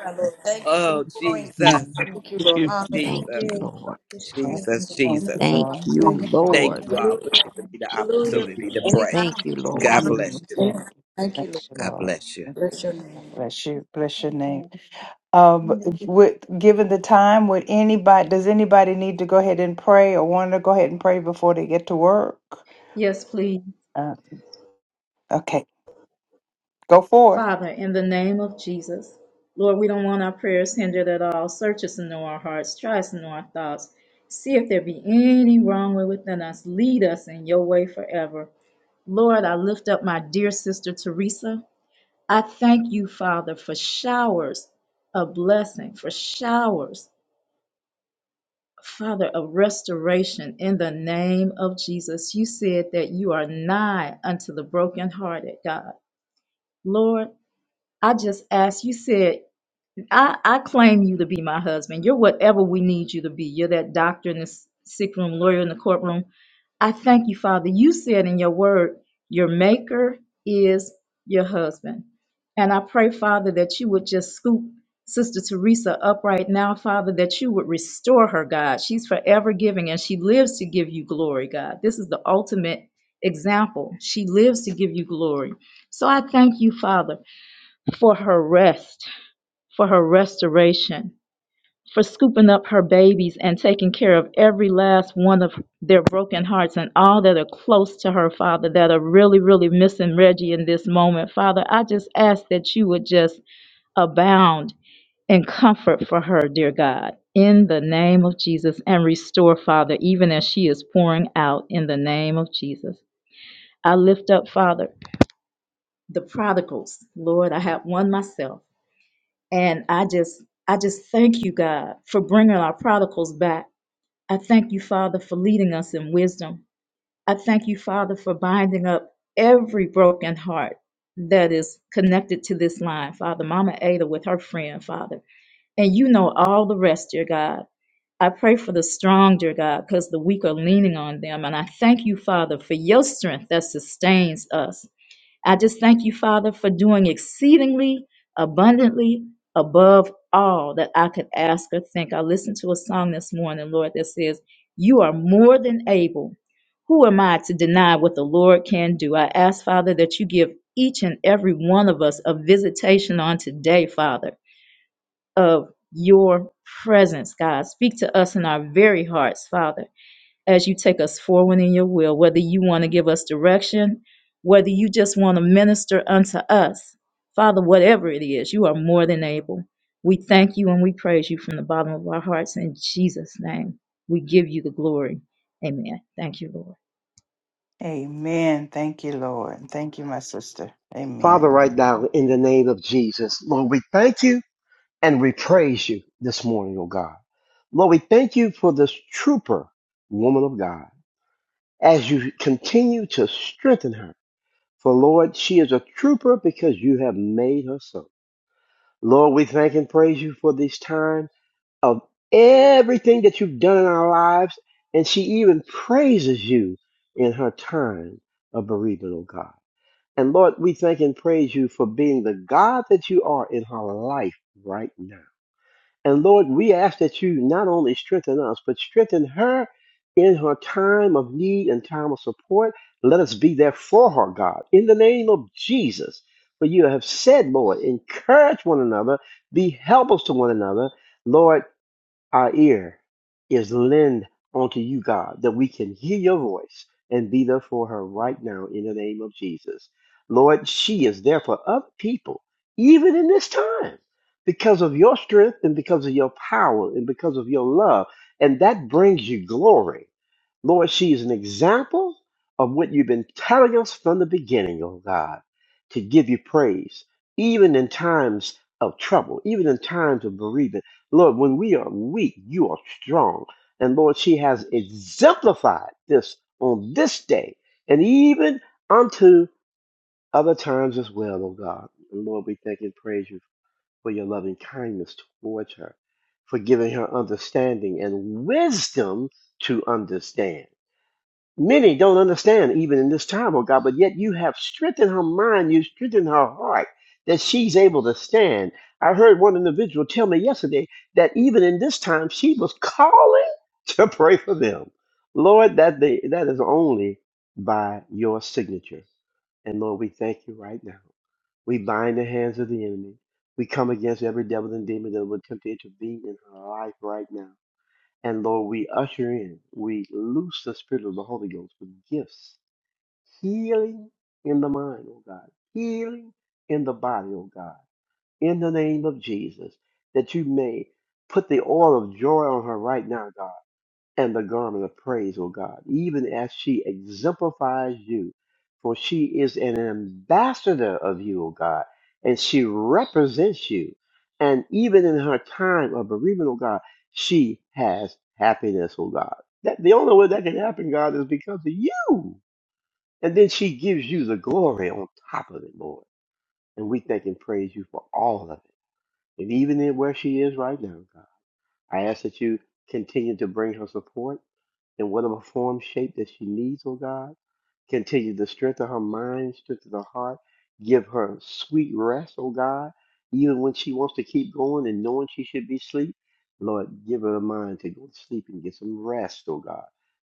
Speaker 11: Oh,
Speaker 15: wisdom?
Speaker 5: Lord.
Speaker 13: Thank
Speaker 2: mm,
Speaker 11: Jesus.
Speaker 5: Thank you, Lord.
Speaker 13: you.
Speaker 5: Hallelujah.
Speaker 8: Thank you,
Speaker 15: Holiday
Speaker 11: Jesus.
Speaker 15: of
Speaker 8: Lord.
Speaker 15: selfish care
Speaker 2: yes.
Speaker 15: and
Speaker 11: Jesus.
Speaker 15: the
Speaker 2: Thank you,
Speaker 11: Jesus.
Speaker 8: Thank
Speaker 2: Lord.
Speaker 8: you,
Speaker 2: Thank you,
Speaker 15: conscious
Speaker 2: Lord.
Speaker 11: Thank
Speaker 8: Lord.
Speaker 15: of
Speaker 11: you all for
Speaker 5: Hallelujah.
Speaker 11: giving
Speaker 15: the
Speaker 11: me the
Speaker 13: Thank
Speaker 5: Hallelujah.
Speaker 13: you.
Speaker 11: opportunity to pray.
Speaker 15: conscious
Speaker 5: Anyhow,
Speaker 8: Thank you, Lord.
Speaker 11: God
Speaker 15: of
Speaker 11: bless
Speaker 2: Mm, yes,
Speaker 11: you.
Speaker 2: Lord.
Speaker 5: hallelujah. Thank you,
Speaker 2: Thank
Speaker 5: Lord.
Speaker 2: you,
Speaker 11: God
Speaker 2: Lord.
Speaker 11: bless you.
Speaker 5: Bless your
Speaker 15: the
Speaker 5: name.
Speaker 2: Bless
Speaker 15: conscious
Speaker 2: you. Bless
Speaker 15: of
Speaker 2: your name. Um,
Speaker 15: the
Speaker 2: would given the time, would anybody does anybody need to go ahead and pray or want to go ahead and pray before they get to work?
Speaker 15: Yes, please.
Speaker 2: Uh, okay, go forth.
Speaker 15: Father, in the name of Jesus, Lord, we don't want our prayers hindered at all. Search us and know our hearts. Try us and know our thoughts. See if there be any wrong way within us. Lead us in your way forever. Lord, I lift up my dear sister Teresa. I thank you, Father, for showers of blessing, for showers, Father, of restoration in the name of Jesus. You said that you are nigh unto the brokenhearted, God. Lord, I just ask, you said I, I claim you to be my husband. You're whatever we need you to be. You're that doctor in the s- sick room, lawyer in the courtroom. I thank you, Father. You said in your word, your maker is your husband. And I pray, Father, that you would just scoop Sister Teresa up right now, Father, that you would restore her, God. She's forever giving and she lives to give you glory, God. This is the ultimate example. She lives to give you glory. So I thank you, Father, for her rest for her restoration, for scooping up her babies and taking care of every last one of their broken hearts and all that are close to her, Father, that are really, really missing Reggie in this moment. Father, I just ask that you would just abound in comfort for her, dear God, in the name of Jesus, and restore, Father, even as she is pouring out in the name of Jesus. I lift up, Father, the prodigals. Lord, I have one myself. And I just, I just thank you, God, for bringing our prodigals back. I thank you, Father, for leading us in wisdom. I thank you, Father, for binding up every broken heart that is connected to this line, Father. Mama Ada with her friend, Father. And you know all the rest, dear God. I pray for the strong, dear God, because the weak are leaning on them. And I thank you, Father, for your strength that sustains us. I just thank you, Father, for doing exceedingly abundantly above all that I could ask or think. I listened to a song this morning, Lord, that says, You are more than able. Who am I to deny what the Lord can do? I ask, Father, that you give each and every one of us a visitation on today, Father, of your presence, God. Speak to us in our very hearts, Father as you take us forward in your will, whether you want to give us direction, whether you just want to minister unto us. Father, whatever it is, you are more than able. We thank you and we praise you from the bottom of our hearts. In Jesus' name, we give you the glory. Amen. Thank you, Lord.
Speaker 2: Amen. Thank you, Lord. And Thank you, my sister. Amen.
Speaker 16: Father, right now, in the name of Jesus, Lord, we thank you and we praise you this morning, oh God. Lord, we thank you for this trooper, woman of God, as you continue to strengthen her. For Lord, she is a trooper because you have made her so. Lord, we thank and praise you for this time of everything that you've done in our lives. And she even praises you in her time of bereavement, oh God. And Lord, we thank and praise you for being the God that you are in her life right now. And Lord, we ask that you not only strengthen us, but strengthen her in her time of need and time of support. Let us be there for her, God, in the name of Jesus. For you have said, Lord, encourage one another, be helpers to one another. Lord, our ear is lend unto you, God, that we can hear your voice and be there for her right now in the name of Jesus. Lord, she is there for other people, even in this time, because of your strength and because of your power and because of your love. And that brings you glory. Lord, she is an example of what you've been telling us from the beginning, oh God, to give you praise, even in times of trouble, even in times of bereavement Lord, when we are weak, you are strong. And Lord, she has exemplified this on this day and even unto other times as well, oh God. And Lord, we thank and praise you for your loving kindness towards her, for giving her understanding and wisdom to understand. Many don't understand even in this time, oh God, but yet you have strengthened her mind, you strengthened her heart that she's able to stand. I heard one individual tell me yesterday that even in this time she was calling to pray for them. Lord, that they, that is only by your signature. And Lord, we thank you right now. We bind the hands of the enemy. We come against every devil and demon that would attempt to intervene in her life right now. And Lord, we usher in, we loose the spirit of the Holy Ghost with gifts, healing in the mind, oh God, healing in the body, oh God, in the name of Jesus, that you may put the oil of joy on her right now, God and the garment of praise, O God, even as she exemplifies you. For she is an ambassador of you, O God, and she represents you. And even in her time of bereavement, O God, she has happiness, O God. That the only way that can happen, God, is because of you. And then she gives you the glory on top of it, Lord. And we thank and praise you for all of it. And even in where she is right now, God, I ask that you continue to bring her support in whatever form, shape that she needs, oh God. Continue to strengthen her mind, strengthen her heart. Give her sweet rest, oh God. Even when she wants to keep going and knowing she should be asleep, Lord, give her the mind to go to sleep and get some rest, oh God,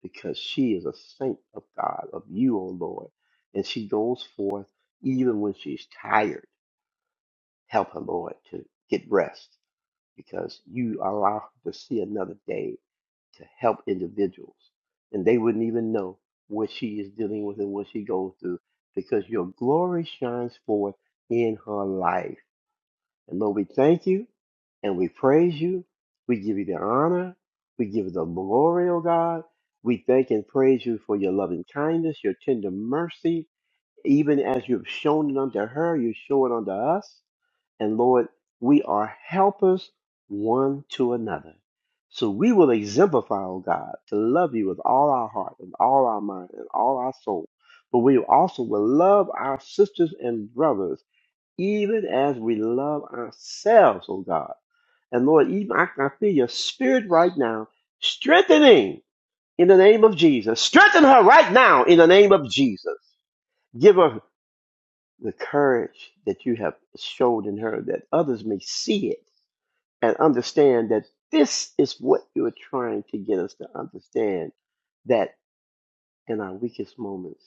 Speaker 16: because she is a saint of God, of you, oh Lord. And she goes forth even when she's tired. Help her, Lord, to get rest because you allow her to see another day to help individuals. And they wouldn't even know what she is dealing with and what she goes through because your glory shines forth in her life. And Lord, we thank you and we praise you. We give you the honor. We give you the glory, O God. We thank and praise you for your loving kindness, your tender mercy. Even as you've shown it unto her, you show it unto us. And Lord, we are helpers one to another. So we will exemplify, oh God, to love you with all our heart and all our mind and all our soul. But we also will love our sisters and brothers even as we love ourselves, oh God. And Lord, even I, I feel your spirit right now strengthening in the name of Jesus. Strengthen her right now in the name of Jesus. Give her the courage that you have showed in her that others may see it and understand that this is what you're trying to get us to understand that in our weakest moments,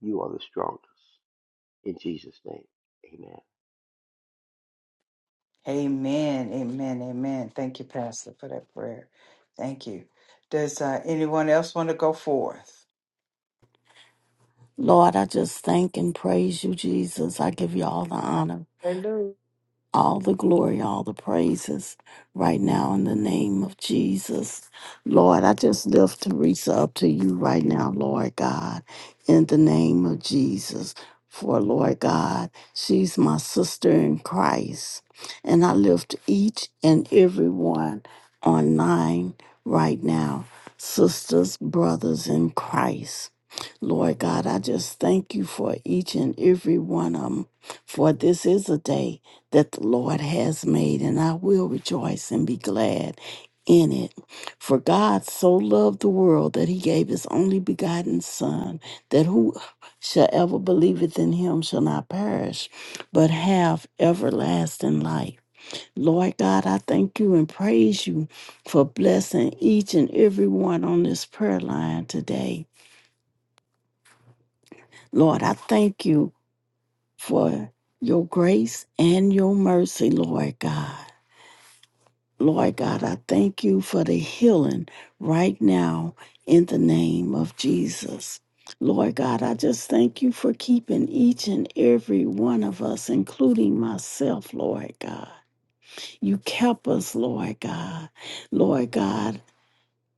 Speaker 16: you are the strongest. In Jesus' name, amen.
Speaker 2: Amen. Amen. Amen. Thank you, Pastor, for that prayer. Thank you. Does uh, anyone else want to go forth?
Speaker 3: Lord, I just thank and praise you, Jesus. I give you all the honor.
Speaker 2: Hallelujah.
Speaker 3: all the glory, all the praises right now in the name of Jesus. Lord, I just lift Teresa up to you right now, Lord God, in the name of Jesus. For Lord God, she's my sister in Christ. And I lift each and every one online right now, sisters, brothers in Christ. Lord God, I just thank you for each and every one of them. For this is a day that the Lord has made, and I will rejoice and be glad in it. For God so loved the world that he gave his only begotten Son, that who shall ever believeth in him shall not perish, but have everlasting life. Lord God, I thank you and praise you for blessing each and every one on this prayer line today. Lord, I thank you for your grace and your mercy, Lord God. Lord God, I thank you for the healing right now in the name of Jesus. Lord God, I just thank you for keeping each and every one of us, including myself, Lord God. You kept us, Lord God. Lord God,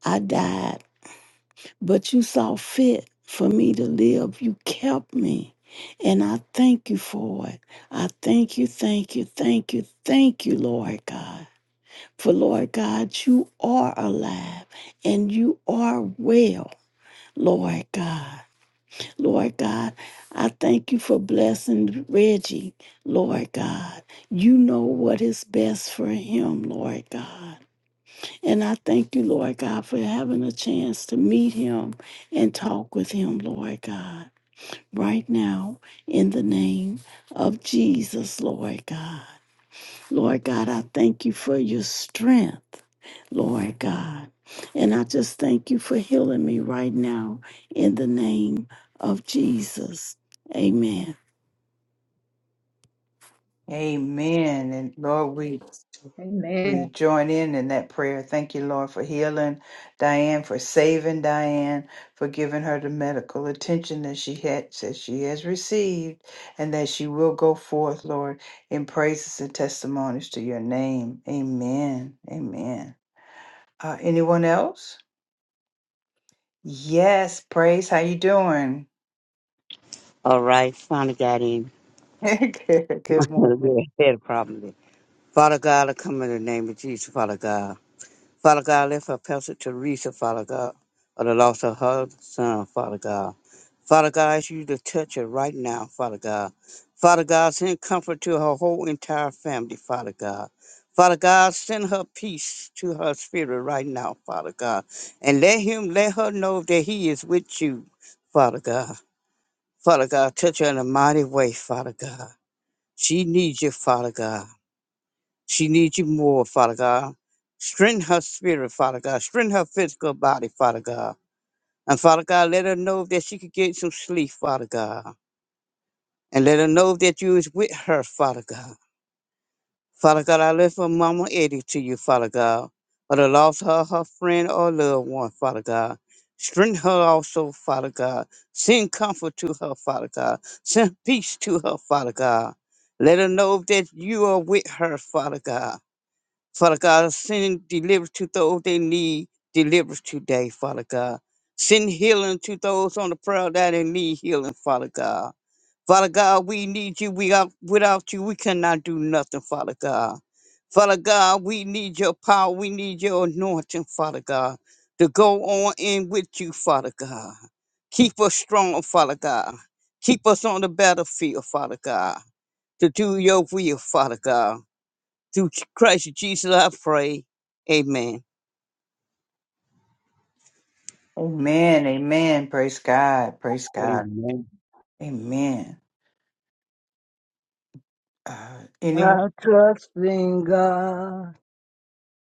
Speaker 3: I died, but you saw fit for me to live. You kept me. And I thank you for it. I thank you, thank you, thank you, thank you, Lord God. For Lord God, you are alive and you are well, Lord God. Lord God, I thank you for blessing Reggie, Lord God. You know what is best for him, Lord God. And I thank you, Lord God, for having a chance to meet him and talk with him, Lord God. Right now, in the name of Jesus, Lord God. Lord God, I thank you for your strength, Lord God. And I just thank you for healing me right now in the name of Jesus. Amen.
Speaker 2: Amen. And Lord, we We
Speaker 15: Amen.
Speaker 2: join in in that prayer. Thank you, Lord, for healing Diane, for saving Diane, for giving her the medical attention that she had, that she has received, and that she will go forth, Lord, in praises and testimonies to your name. Amen. Amen. Uh, anyone else? Yes, praise. How you doing?
Speaker 12: All right, finally got in.
Speaker 2: good, good
Speaker 12: Well,
Speaker 2: morning.
Speaker 12: yeah, had a problem there. Father God, I come in the name of Jesus, Father God. Father God, lift up Pastor Teresa, Father God, of the loss of her son, Father God. Father God, I ask you to touch her right now, Father God. Father God, send comfort to her whole entire family, Father God. Father God, send her peace to her spirit right now, Father God. And let him let her know that he is with you, Father God. Father God, touch her in a mighty way, Father God. She needs you, Father God. She needs you more, Father God. Strengthen her spirit, Father God. Strengthen her physical body, Father God. And Father God, let her know that she could get some sleep, Father God. And let her know that you is with her, Father God. Father God, I lift her mama Eddie to you, Father God. For the loss of her friend or loved one, Father God. Strengthen her also, Father God. Send comfort to her, Father God. Send peace to her, Father God. Let her know that you are with her, Father God Father God, send deliverance to those that need deliverance today, Father God. Send healing to those on the prayer that they need healing, Father God. Father God, we need you. We are, without you, we cannot do nothing, Father God. Father God, we need your power. We need your anointing, Father God, to go on in with you, Father God. Keep us strong, Father God. Keep us on the battlefield, Father God, to do your will, Father God. Through Christ Jesus, I pray. Amen.
Speaker 2: Amen. Amen. Praise God. Praise
Speaker 13: Lord.
Speaker 2: God.
Speaker 13: Amen.
Speaker 2: Amen. Uh, anyone?
Speaker 17: I trust in God,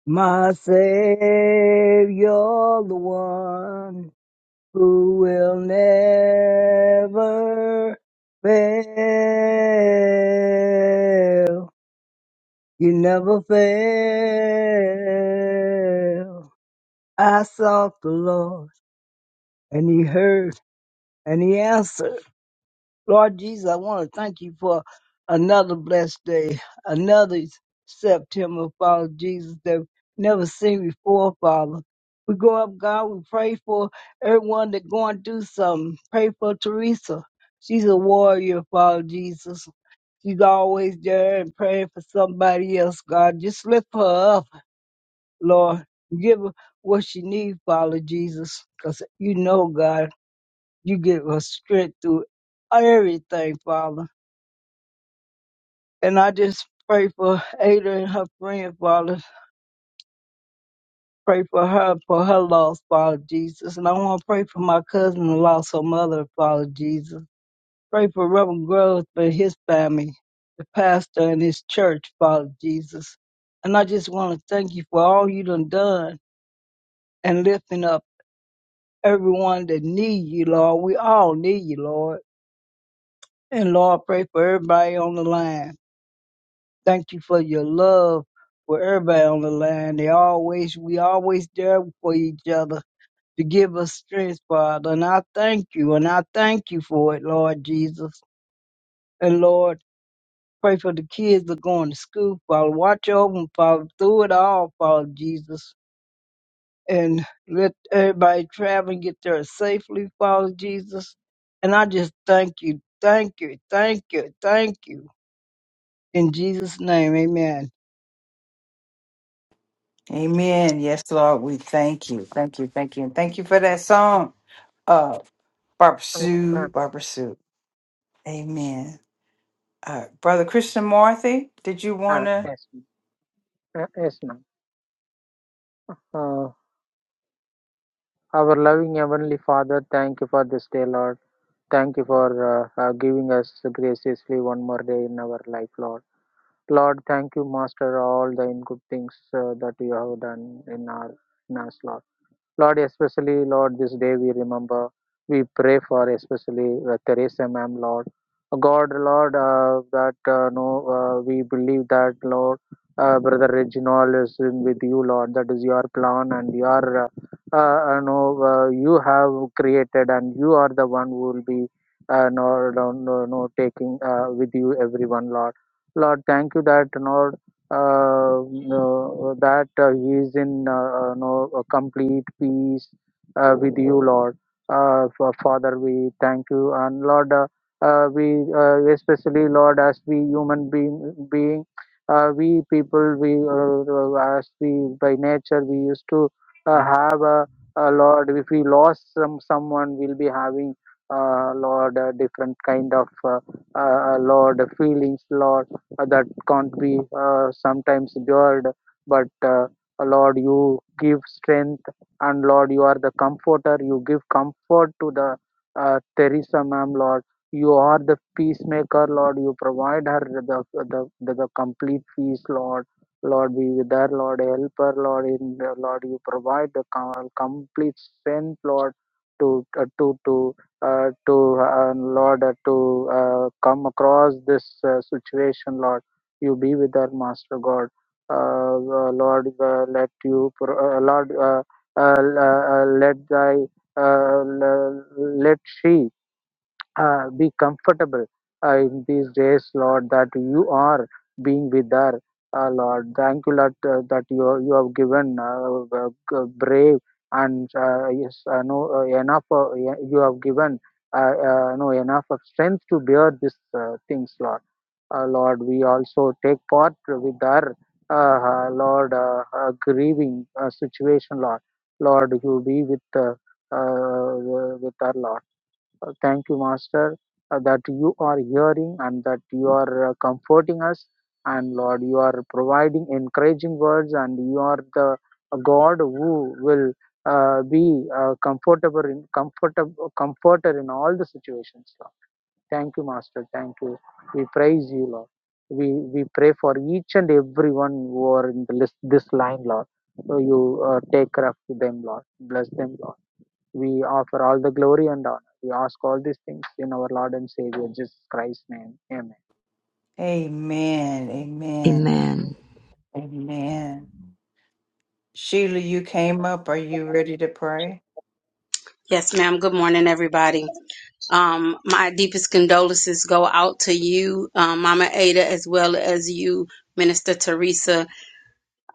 Speaker 17: my Savior, the one who will never fail. You never fail. I sought the Lord and he heard and he answered Lord Jesus, I want to thank you for another blessed day, another September, Father Jesus, that we've never seen before, Father. We go up, God, we pray for everyone that going through something. Pray for Teresa. She's a warrior, Father Jesus. She's always there and praying for somebody else, God. Just lift her up, Lord. Give her what she needs, Father Jesus, because you know, God, you give her strength through everything, Father. And I just pray for Ada and her friend, Father. Pray for her, for her loss, Father Jesus. And I want to pray for my cousin who lost her mother, Father Jesus. Pray for Reverend Groves and his family, the pastor and his church, Father Jesus. And I just want to thank you for all you done done and lifting up everyone that need you, Lord. We all need you, Lord. And Lord, pray for everybody on the line. Thank you for your love for everybody on the line. They always, we always there for each other to give us strength, Father. And I thank you, and I thank you for it, Lord Jesus. And Lord, pray for the kids that are going to school, Father. Watch over them, Father, through it all, Father Jesus. And let everybody travel and get there safely, Father Jesus. And I just thank you, thank you, thank you, thank you. In Jesus' name, amen.
Speaker 2: Amen. Yes, Lord, we thank you. Thank you. Thank you. And thank you for that song, uh, Barbara
Speaker 4: Yes,
Speaker 2: Sue.
Speaker 4: ma'am.
Speaker 2: Barbara Sue. Amen. Uh, Brother Christian Marthy, did you want
Speaker 4: Ah,
Speaker 2: to?
Speaker 4: yes, ma'am. Ah, yes, ma'am. Uh, our loving Heavenly Father, thank you for this day, Lord. Thank you for uh, uh, giving us graciously one more day in our life, Lord. Lord, thank you, Master, all the good things uh, that you have done in our in us, Lord. Lord, especially, Lord, this day we remember, we pray for especially uh, Teresa, ma'am, Lord. Uh, God, Lord, uh, that uh, no, uh, we believe that, Lord, uh, Brother Reginald is in with you, Lord. That is your plan and your, uh, uh, uh, no, uh, you have created and you are the one who will be, uh, no, no, no, no, taking uh, with you everyone, Lord. Lord, thank you that, Lord uh, uh, that uh, he is in uh, uh, no, a complete peace uh, with you, Lord. Uh, Fa- Father, we thank you, and Lord, uh, uh, we uh, especially Lord, as we human being, being uh, we people, we uh, uh, as we by nature we used to uh, have a, a Lord. If we lost some someone, we'll be having uh, Lord uh, different kind of uh, uh, uh, Lord feelings, Lord uh, that can't be uh, sometimes endured but uh, lord you give strength and lord you are the comforter you give comfort to the uh, teresa ma'am lord you are the peacemaker lord you provide her the the, the, the complete peace lord lord be with her lord help her lord in lord you provide the com- complete strength lord to uh, to to uh, to uh, Lord uh, to uh, come across this uh, situation, Lord. You be with our Master God, uh, uh, Lord. Uh, let you, pro- uh, Lord, uh, uh, uh, let thy, uh, let she uh, be comfortable uh, in these days, Lord, that you are being with her. Uh, Lord, thank you, Lord, uh, that you you have given uh, uh, g- brave and uh, yes, uh, no uh, enough. Uh, y- you have given uh, uh, no enough of strength to bear these uh, things, Lord. Uh, Lord, we also take part with her, uh, uh, Lord, uh, uh, grieving uh, situation, Lord. Lord, you be with uh, uh, with her, Lord uh, Thank you, Master, uh, that you are hearing and that you are uh, comforting us. And Lord, you are providing encouraging words, and you are the uh, God who will uh, be uh, comfortable in comfortable comforter in all the situations. Lord. Thank you, Master. Thank you. We praise you, Lord. We we pray for each and everyone who are in the list, this line, Lord. So you uh, take care of them, Lord. Bless them, Lord we offer all the glory and honor. We ask all these things in our Lord and Savior, Jesus Christ's name. Amen.
Speaker 2: Amen. Amen.
Speaker 8: Amen.
Speaker 2: Amen. Sheila, you came up. Are you ready to pray?
Speaker 18: Yes, ma'am. Good morning, everybody. Um, my deepest condolences go out to you, um, Mama Ada, as well as you, Minister Teresa.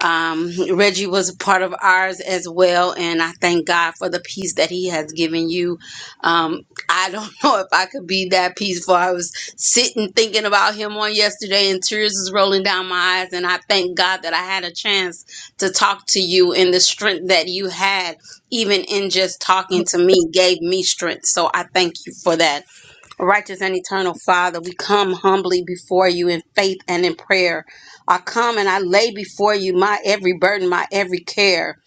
Speaker 18: Um, Reggie was a part of ours as well, and I thank God for the peace that He has given you. Um, I don't know if I could be that peaceful. I was sitting thinking about Him on yesterday, and tears is rolling down my eyes. And I thank God that I had a chance to talk to you, and the strength that you had, even in just talking to me, gave me strength. So I thank you for that Righteous and eternal Father, we come humbly before you in faith and in prayer. I come and I lay before you my every burden, my every care.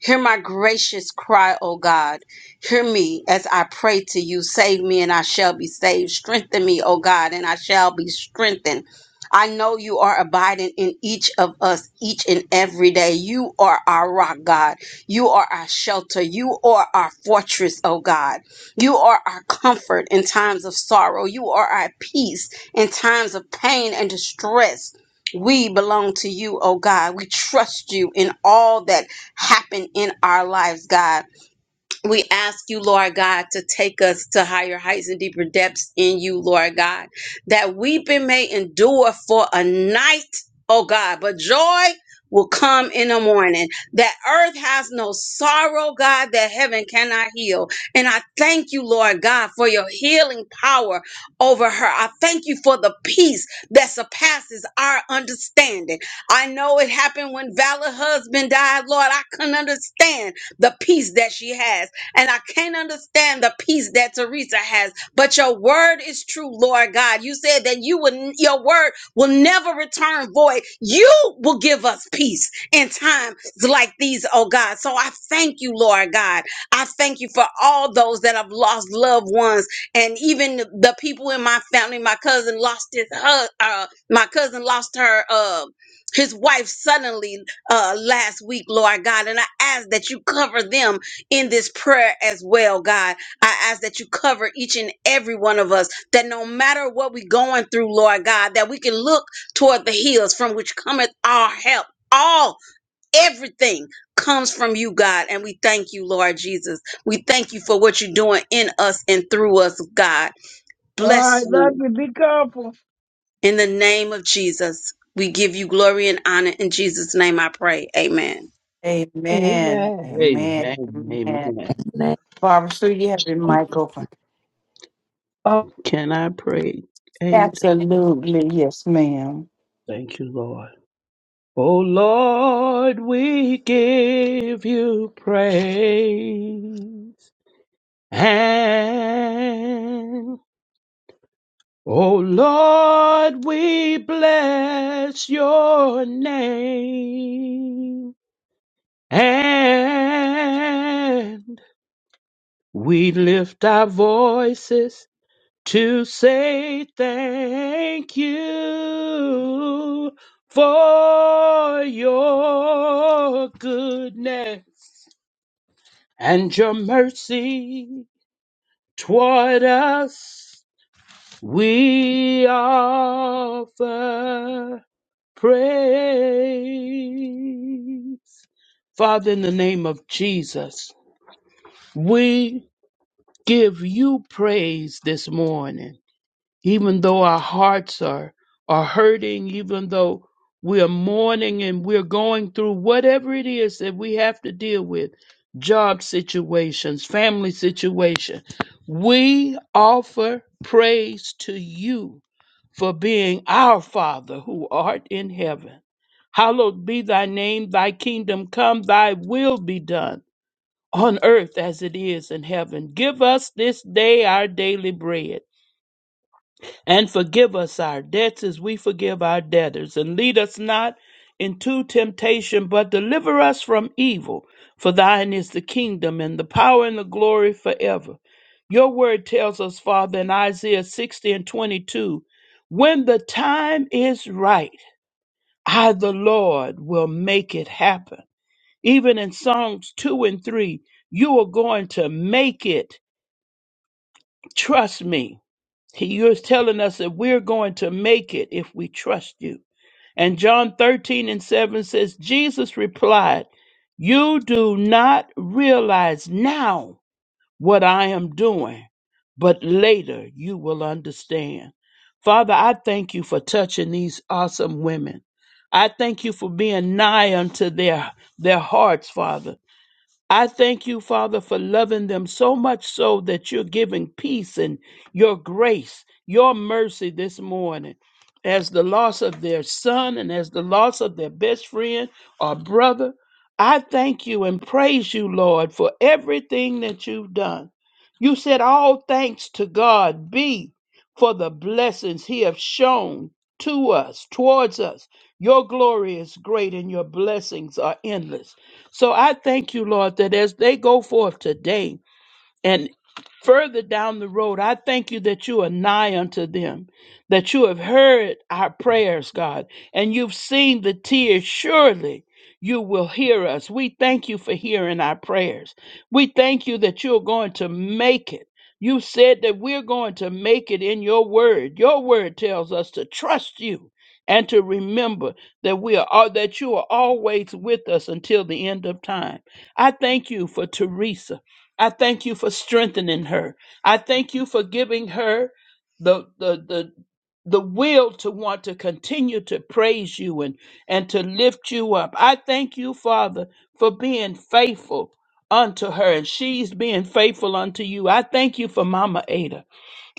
Speaker 18: Hear my gracious cry, O God. Hear me as I pray to you. Save me and I shall be saved. Strengthen me, O God, and I shall be strengthened. I know you are abiding in each of us, each and every day. You are our rock, God. You are our shelter. You are our fortress, O God. You are our comfort in times of sorrow. You are our peace in times of pain and distress. We belong to you, oh God. We trust you in all that happen in our lives, God. We ask you, Lord God, to take us to higher heights and deeper depths in you, Lord God, that weeping may endure for a night, oh God, but joy will come in the morning. That earth has no sorrow, God, that heaven cannot heal. And I thank you, Lord God, for your healing power over her. I thank you for the peace that surpasses our understanding. I know it happened when Valor husband died, Lord. I couldn't understand the peace that she has and I can't understand the peace that Teresa has, but your word is true, Lord God. You said that you would your word will never return void. You will give us peace in times like these, oh God. So I thank you, Lord God. I thank you for all those that have lost loved ones and even the the people in my family. My cousin lost his hu- uh my cousin lost her uh his wife suddenly uh last week, Lord God, and I ask that you cover them in this prayer as well, God. I ask that you cover each and every one of us, that no matter what we're going through, Lord God, that we can look toward the hills from which cometh our help. All, everything comes from you, God. And we thank you, Lord Jesus. We thank you for what you're doing in us and through us, God.
Speaker 17: All
Speaker 18: Bless
Speaker 17: right,
Speaker 18: you.
Speaker 17: love you. Be careful.
Speaker 18: In the name of Jesus, we give you glory and honor. In Jesus' name I pray. Amen.
Speaker 2: Amen.
Speaker 17: Amen.
Speaker 2: Amen.
Speaker 13: Amen.
Speaker 2: Amen.
Speaker 13: Amen.
Speaker 8: Amen.
Speaker 2: Barbara Sue, you have your mic open.
Speaker 17: Oh,
Speaker 13: Can I pray, Ada?
Speaker 2: Absolutely. Yes, ma'am.
Speaker 13: Thank you, Lord. Oh Lord, we give you praise. And oh Lord, we bless your name. And we lift our voices to say thank you for your goodness and your mercy toward us. We offer praise. Father, in the name of Jesus, we give you praise this morning even though our hearts are, are hurting, even though we're mourning and we're going through whatever it is that we have to deal with job situations, family situation. We offer praise to you for being our Father who art in heaven. Hallowed be thy name, thy kingdom come, thy will be done on earth as it is in heaven. Give us this day our daily bread and forgive us our debts as we forgive our debtors. And lead us not into temptation, but deliver us from evil. For thine is the kingdom and the power and the glory forever. Your word tells us, Father, in Isaiah 60 and 22, when the time is right, I, the Lord, will make it happen. Even in Psalms 2 and 3, you are going to make it. Trust me. He, you telling us that we're going to make it if we trust you. And John 13 and 7 says, Jesus replied, You do not realize now what I am doing, but later you will understand. Father, I thank you for touching these awesome women. I thank you for being nigh unto their, their hearts, Father. I thank you, Father, for loving them so much so that you're giving peace and your grace, your mercy this morning. As the loss of their son and as the loss of their best friend or brother, I thank you and praise you, Lord, for everything that you've done. You said, All thanks to God be for the blessings he has shown to us, towards us. Your glory is great and your blessings are endless. So I thank you, Lord, that as they go forth today, and further down the road, I thank you that you are nigh unto them, that you have heard our prayers, God, and you've seen the tears. Surely you will hear us. We thank you for hearing our prayers. We thank you that you're going to make it. You said that we're going to make it in your word. Your word tells us to trust you and to remember that we are all that you are always with us until the end of time. I thank you for Teresa. I thank you for strengthening her. I thank you for giving her the the the the will to want to continue to praise you and and to lift you up. I thank you, Father, for being faithful unto her and she's being faithful unto you. I thank you for Mama Ada.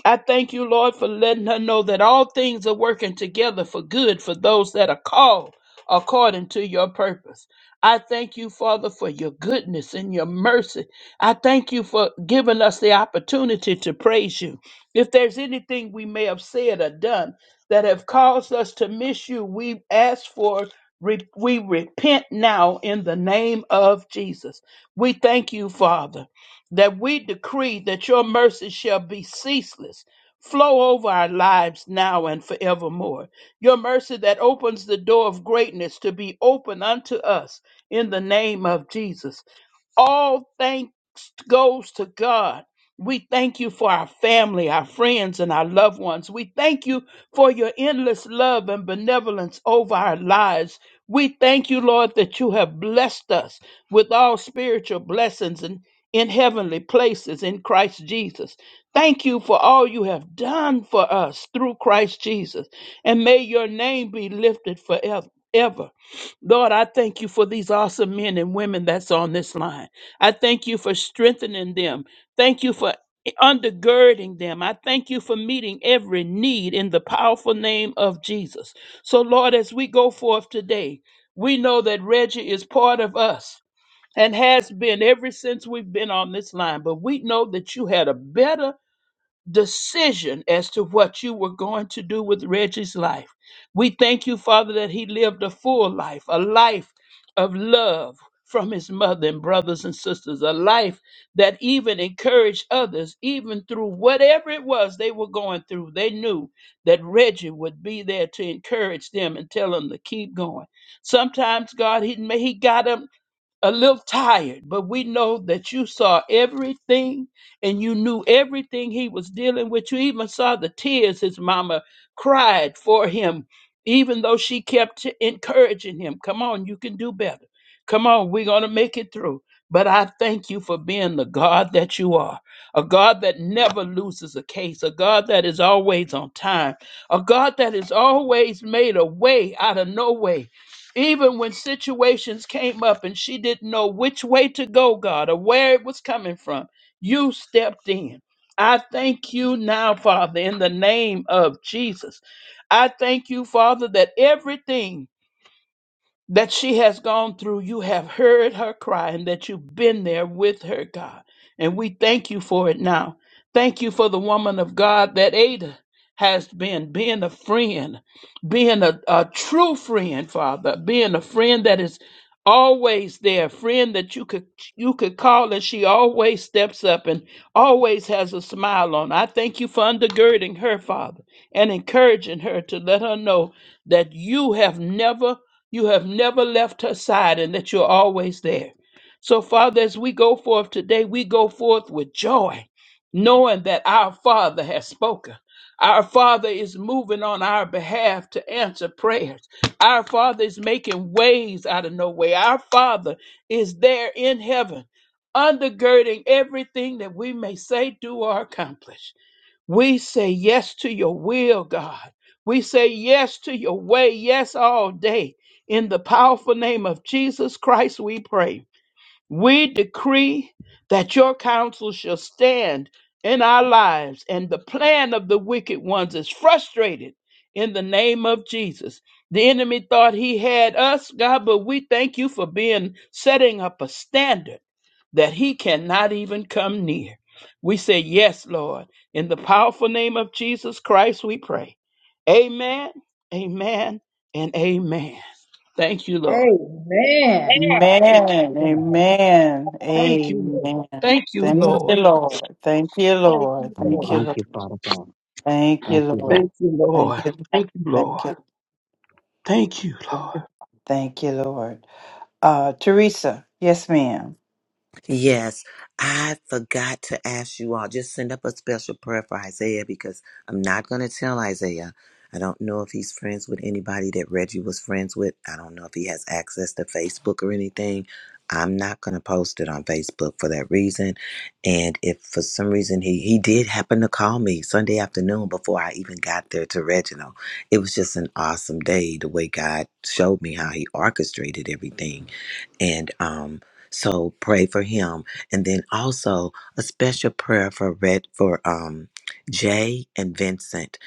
Speaker 13: I thank you, Lord, for letting her know that all things are working together for good for those that are called according to your purpose. I thank you, Father, for your goodness and your mercy. I thank you for giving us the opportunity to praise you. If there's anything we may have said or done that have caused us to miss you, we ask for re- we repent now in the name of Jesus. We thank you, Father that we decree that your mercy shall be ceaseless, flow over our lives now and forevermore. Your mercy that opens the door of greatness to be open unto us in the name of Jesus. All thanks goes to God. We thank you for our family, our friends, and our loved ones. We thank you for your endless love and benevolence over our lives. We thank you, Lord, that you have blessed us with all spiritual blessings and in heavenly places in Christ Jesus. Thank you for all you have done for us through Christ Jesus. And may your name be lifted forever. Lord, I thank you for these awesome men and women that's on this line. I thank you for strengthening them. Thank you for undergirding them. I thank you for meeting every need in the powerful name of Jesus. So, Lord, as we go forth today, we know that Reggie is part of us and has been ever since we've been on this line. But we know that you had a better decision as to what you were going to do with Reggie's life. We thank you, Father, that he lived a full life, a life of love from his mother and brothers and sisters, a life that even encouraged others, even through whatever it was they were going through. They knew that Reggie would be there to encourage them and tell them to keep going. Sometimes, God, he, he got up a little tired, but we know that you saw everything and you knew everything he was dealing with. You even saw the tears his mama cried for him, even though she kept t- encouraging him. Come on, you can do better. Come on, we're going to make it through. But I thank you for being the God that you are, a God that never loses a case, a God that is always on time, a God that has always made a way out of no way even when situations came up and she didn't know which way to go, God, or where it was coming from, you stepped in. I thank you now, Father, in the name of Jesus. I thank you, Father, that everything that she has gone through. You have heard her cry and that you've been there with her, God. And we thank you for it now. Thank you for the woman of God that Ada has been, being a friend, being a, a true friend, Father, being a friend that is always there, a friend that you could you could call and she always steps up and always has a smile on. I thank you for undergirding her, Father, and encouraging her to let her know that you have never you have never left her side and that you're always there. So, Father, as we go forth today, we go forth with joy, knowing that our Father has spoken. Our Father is moving on our behalf to answer prayers. Our Father is making ways out of no way. Our Father is there in heaven, undergirding everything that we may say, do, or accomplish. We say yes to your will, God. We say yes to your way, yes all day. In the powerful name of Jesus Christ, we pray. We decree that your counsel shall stand in our lives, and the plan of the wicked ones is frustrated in the name of Jesus. The enemy thought he had us, God, but we thank you for being setting up a standard that he cannot even come near. We say, Yes, Lord. In the powerful name of Jesus Christ, we pray. Amen, amen, and amen. Thank you, Lord.
Speaker 15: Amen.
Speaker 13: Thank you.
Speaker 2: Amen.
Speaker 13: Lord.
Speaker 2: Amen.
Speaker 13: Thank you, Lord.
Speaker 2: Amen.
Speaker 13: Thank you,
Speaker 2: Thank
Speaker 13: Lord.
Speaker 2: you, Lord. Thank you,
Speaker 13: Thank
Speaker 2: Lord.
Speaker 13: you,
Speaker 2: Thank
Speaker 13: Lord.
Speaker 2: you, Lord. Thank you, Lord.
Speaker 13: Thank you, Lord.
Speaker 2: Thank you.
Speaker 13: Thank you, Lord.
Speaker 2: Thank you.
Speaker 13: Thank you.
Speaker 2: Lord. Thank you, Lord. Uh, Teresa, yes, ma'am.
Speaker 11: Yes, I forgot to ask you all. Just send up a special prayer for Isaiah because I'm not going to tell Isaiah. I don't know if he's friends with anybody that Reggie was friends with. I don't know if he has access to Facebook or anything. I'm not going to post it on Facebook for that reason. And if for some reason he, he did happen to call me Sunday afternoon before I even got there to Reginald, it was just an awesome day the way God showed me how he orchestrated everything and um, so pray for him. And then also a special prayer for Red for um, Jay and Vincent.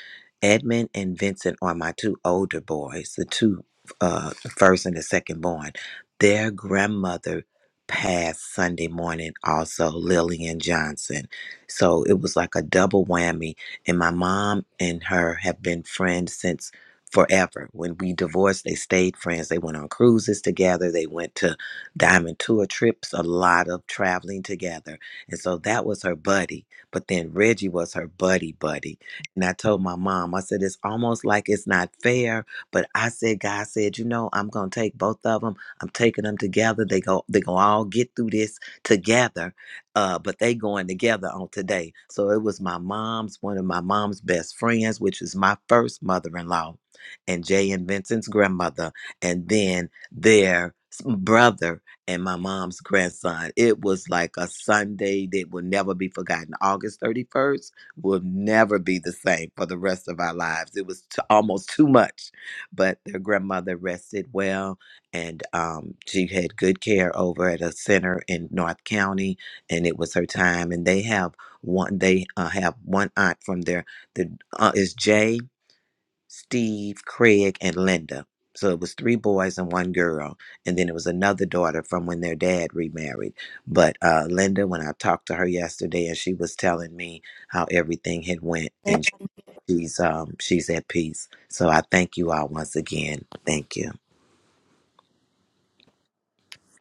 Speaker 11: Edmund and Vincent are my two older boys, the two uh, first and the second born. Their grandmother passed Sunday morning, also Lillian Johnson. So it was like a double whammy. And my mom and her have been friends since forever. When we divorced, they stayed friends. They went on cruises together. They went to Diamond tour trips, a lot of traveling together. And so that was her buddy. But then Reggie was her buddy, buddy. And I told my mom, I said, it's almost like it's not fair. But I said, God said, you know, I'm going to take both of them. I'm taking them together. They go, they going to all get through this together. Uh, but they going together on today. So it was my mom's, one of my mom's best friends, which is my first mother-in-law and Jay and Vincent's grandmother. And then their s- brother and my mom's grandson. It was like a Sunday that will never be forgotten. August 31st will never be the same for the rest of our lives. It was t- almost too much, but their grandmother rested well and um, she had good care over at a center in North County and it was her time. And they have one, they uh, have one aunt from there The uh, is Jay. Steve, Craig, and Linda. So it was three boys and one girl. And then it was another daughter from when their dad remarried. But uh, Linda, when I talked to her yesterday and she was telling me how everything had went and she's um she's at peace. So I thank you all once again. Thank you.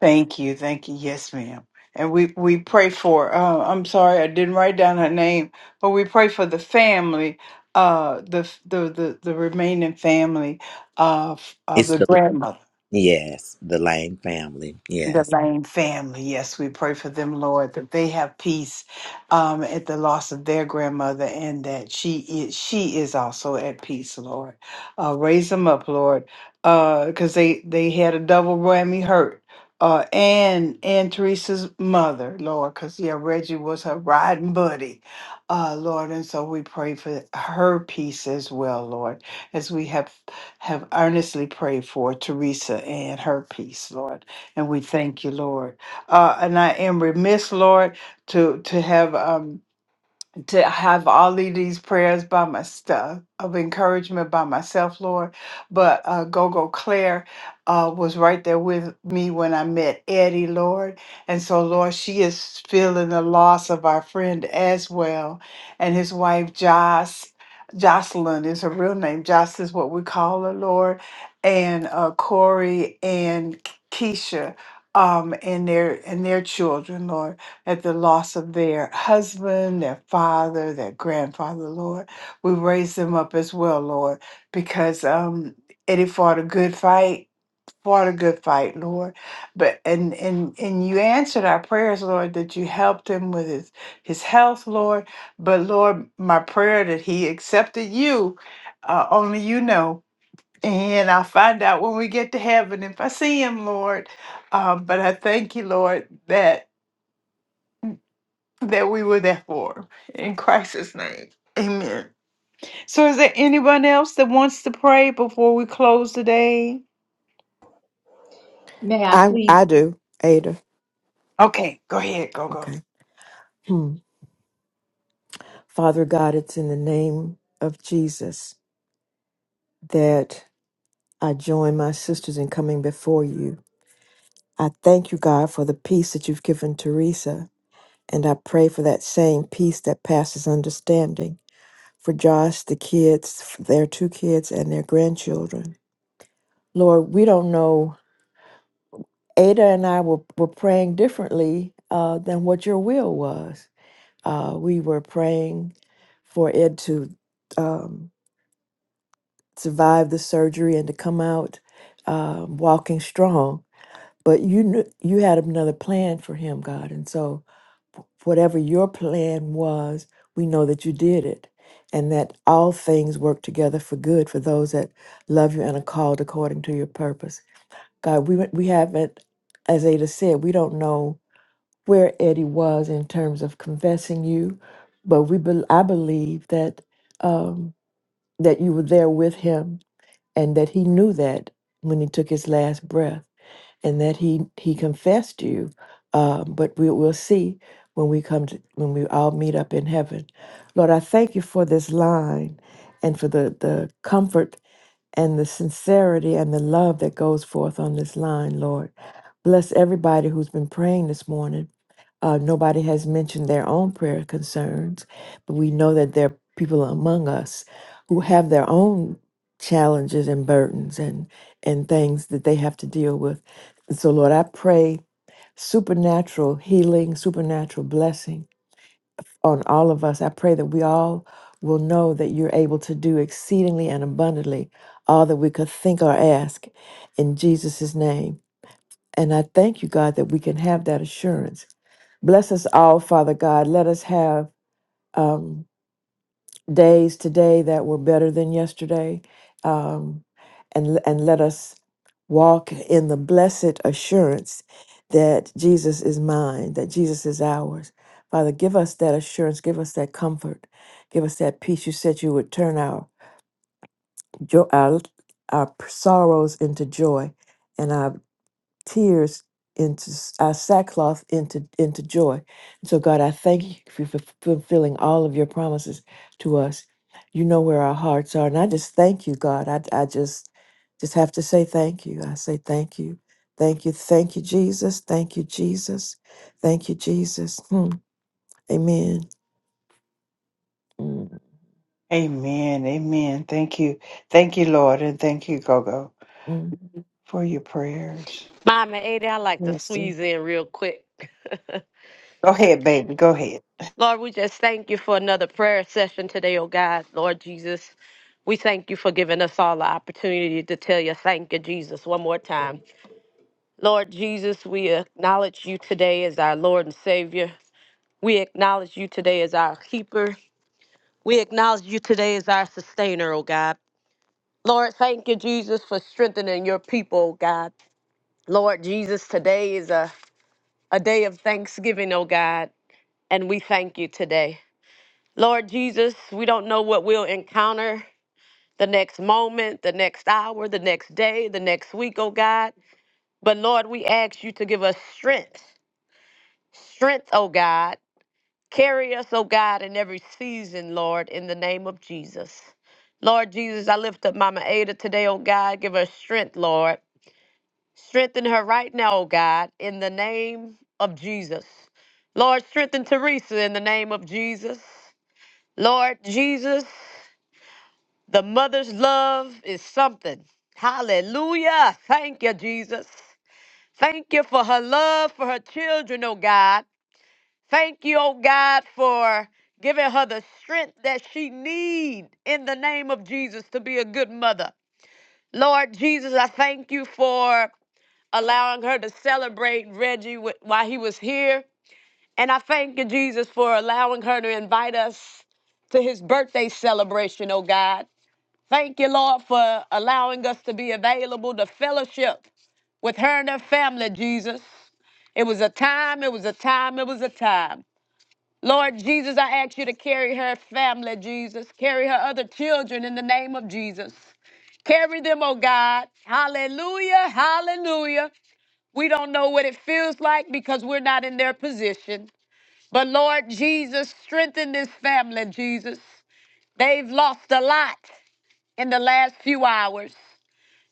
Speaker 2: Thank you. Thank you. Yes, ma'am. And we, we pray for, uh, I'm sorry, I didn't write down her name, but we pray for the family, uh, the, the, the, the remaining family of, of
Speaker 11: It's
Speaker 2: the
Speaker 11: the
Speaker 2: grandmother.
Speaker 11: yes, the Lane family.
Speaker 2: The
Speaker 11: Yes.
Speaker 2: Lane family, yes, we pray for them, Lord, that they have peace um, at the loss of their grandmother, and that she is she is also at peace, Lord. Uh, raise them up, Lord, because they they had a double whammy hurt, uh, and and Teresa's mother, Lord, because yeah, Reggie was her riding buddy, uh, Lord, and so we pray for her peace as well, Lord, as we have have earnestly prayed for Teresa and her peace, Lord and we thank you, Lord. Uh, and I am remiss, Lord, to to have um, to have all of these prayers by my stuff of encouragement by myself, Lord. But uh, Gogo Claire uh, was right there with me when I met Eddie, Lord. And so, Lord, she is feeling the loss of our friend as well, and his wife Joss. Jocelyn is her real name. Joss is what we call her, Lord. And uh, Corey and Keisha, um, and their and their children, Lord at the loss of their husband, their father, their grandfather, Lord. We raise them up as well, Lord, because um, Eddie fought a good fight, fought a good fight, Lord. But and and and you answered our prayers, Lord, that you helped him with his his health, Lord. But Lord, my prayer that he accepted you, uh, only you know. And I'll find out when we get to heaven if I see him, Lord. Um, but I thank you, Lord, that that we were there for. In Christ's name. Amen. So is there anyone else that wants to pray before we close today?
Speaker 15: May I
Speaker 9: I
Speaker 15: please?
Speaker 9: I do, Ada.
Speaker 2: Okay, go ahead. Go, go.
Speaker 9: Okay. Hmm. Father God, it's in the name of Jesus that I join my sisters in coming before you. I thank you, God, for the peace that you've given Teresa. And I pray for that same peace that passes understanding for Josh, the kids, for their two kids, and their grandchildren. Lord, we don't know. Ada and I were, were praying differently uh, than what your will was. Uh, we were praying for Ed to um, survive the surgery and to come out uh, walking strong but you knew you had another plan for him, God. And so, whatever your plan was, we know that you did it, and that all things work together for good for those that love you and are called according to your purpose. God, we we haven't, as Ada said, we don't know where Eddie was in terms of confessing you, but we bel I believe that um, that you were there with him, and that he knew that when he took his last breath and that he he confessed you. Uh, but we will see when we come to, when we all meet up in heaven. Lord, I thank you for this line and for the the comfort and the sincerity and the love that goes forth on this line, Lord. Bless everybody who's been praying this morning. Uh, nobody has mentioned their own prayer concerns, but we know that there are people among us who have their own challenges and burdens and and things that they have to deal with. And so, Lord, I pray supernatural healing, supernatural blessing on all of us. I pray that we all will know that you're able to do exceedingly and abundantly all that we could think or ask in Jesus' name. And I thank you, God, that we can have that assurance. Bless us all, Father God. Let us have um, days today that were better than yesterday. Um, and, and let us walk in the blessed assurance that Jesus is mine, that Jesus is ours. Father, give us that assurance, give us that comfort, give us that peace. You said you would turn our, jo- our, our sorrows into joy and our tears into s- our sackcloth into into joy. And so God, I thank you for f- fulfilling all of your promises to us. You know where our hearts are, and I just thank you, God. I I just just have to say thank you. I say thank you, thank you, thank you, Jesus, thank you, Jesus, thank you, Jesus. Hmm. Amen. Mm,
Speaker 2: Amen. Amen. Thank you. Thank you, Lord. And thank you, Gogo,
Speaker 9: mm.
Speaker 2: for your prayers.
Speaker 14: Mama, and Ada, I like to
Speaker 2: Yes, sir.
Speaker 14: squeeze in real quick.
Speaker 2: Go ahead, baby. Go ahead.
Speaker 14: Lord, we just thank you for another prayer session today, oh God. Lord Jesus, we thank you for giving us all the opportunity to tell you thank you, Jesus, one more time. Lord Jesus, we acknowledge you today as our Lord and Savior. We acknowledge you today as our keeper. We acknowledge you today as our sustainer, oh God. Lord, thank you, Jesus, for strengthening your people, oh God. Lord Jesus, today is a, a day of thanksgiving, oh God, and we thank you today. Lord Jesus, we don't know what we'll encounter the next moment, the next hour, the next day, the next week, oh God. But Lord, we ask you to give us strength, strength, oh God. Carry us, oh God, in every season, Lord, in the name of Jesus. Lord Jesus, I lift up Mama Ada today, oh God. Give her strength, Lord. Strengthen her right now, oh God, in the name of Jesus. Lord, strengthen Teresa in the name of Jesus. Lord Jesus, The mother's love is something. Hallelujah. Thank you, Jesus. Thank you for her love for her children, oh God. Thank you, oh God, for giving her the strength that she need in the name of Jesus to be a good mother. Lord Jesus, I thank you for allowing her to celebrate Reggie wi- while he was here. And I thank you, Jesus, for allowing her to invite us to his birthday celebration, oh God. Thank you, Lord, for allowing us to be available to fellowship with her and her family, Jesus. It was a time, it was a time, it was a time. Lord Jesus, I ask you to carry her family, Jesus. Carry her other children in the name of Jesus. Carry them, oh God. Hallelujah, hallelujah. We don't know what it feels like because we're not in their position. But Lord Jesus, strengthen this family, Jesus. They've lost a lot in the last few hours.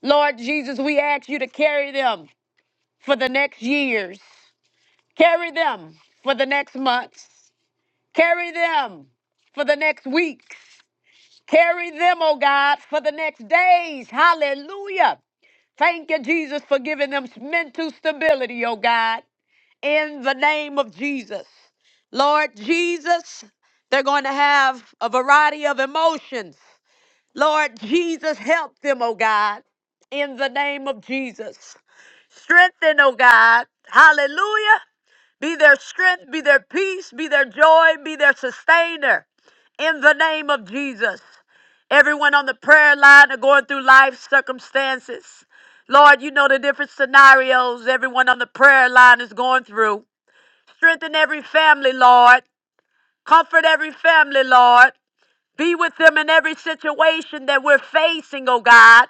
Speaker 14: Lord Jesus, we ask you to carry them for the next years. Carry them for the next months. Carry them for the next weeks. Carry them, oh God, for the next days. Hallelujah. Thank you, Jesus, for giving them mental stability, oh God, in the name of Jesus. Lord Jesus, they're going to have a variety of emotions. Lord Jesus, help them, oh God, in the name of Jesus. Strengthen, oh God. Hallelujah. Be their strength, be their peace, be their joy, be their sustainer. In the name of Jesus. Everyone on the prayer line are going through life circumstances. Lord, you know the different scenarios everyone on the prayer line is going through. Strengthen every family, Lord. Comfort every family, Lord. Be with them in every situation that we're facing, oh God.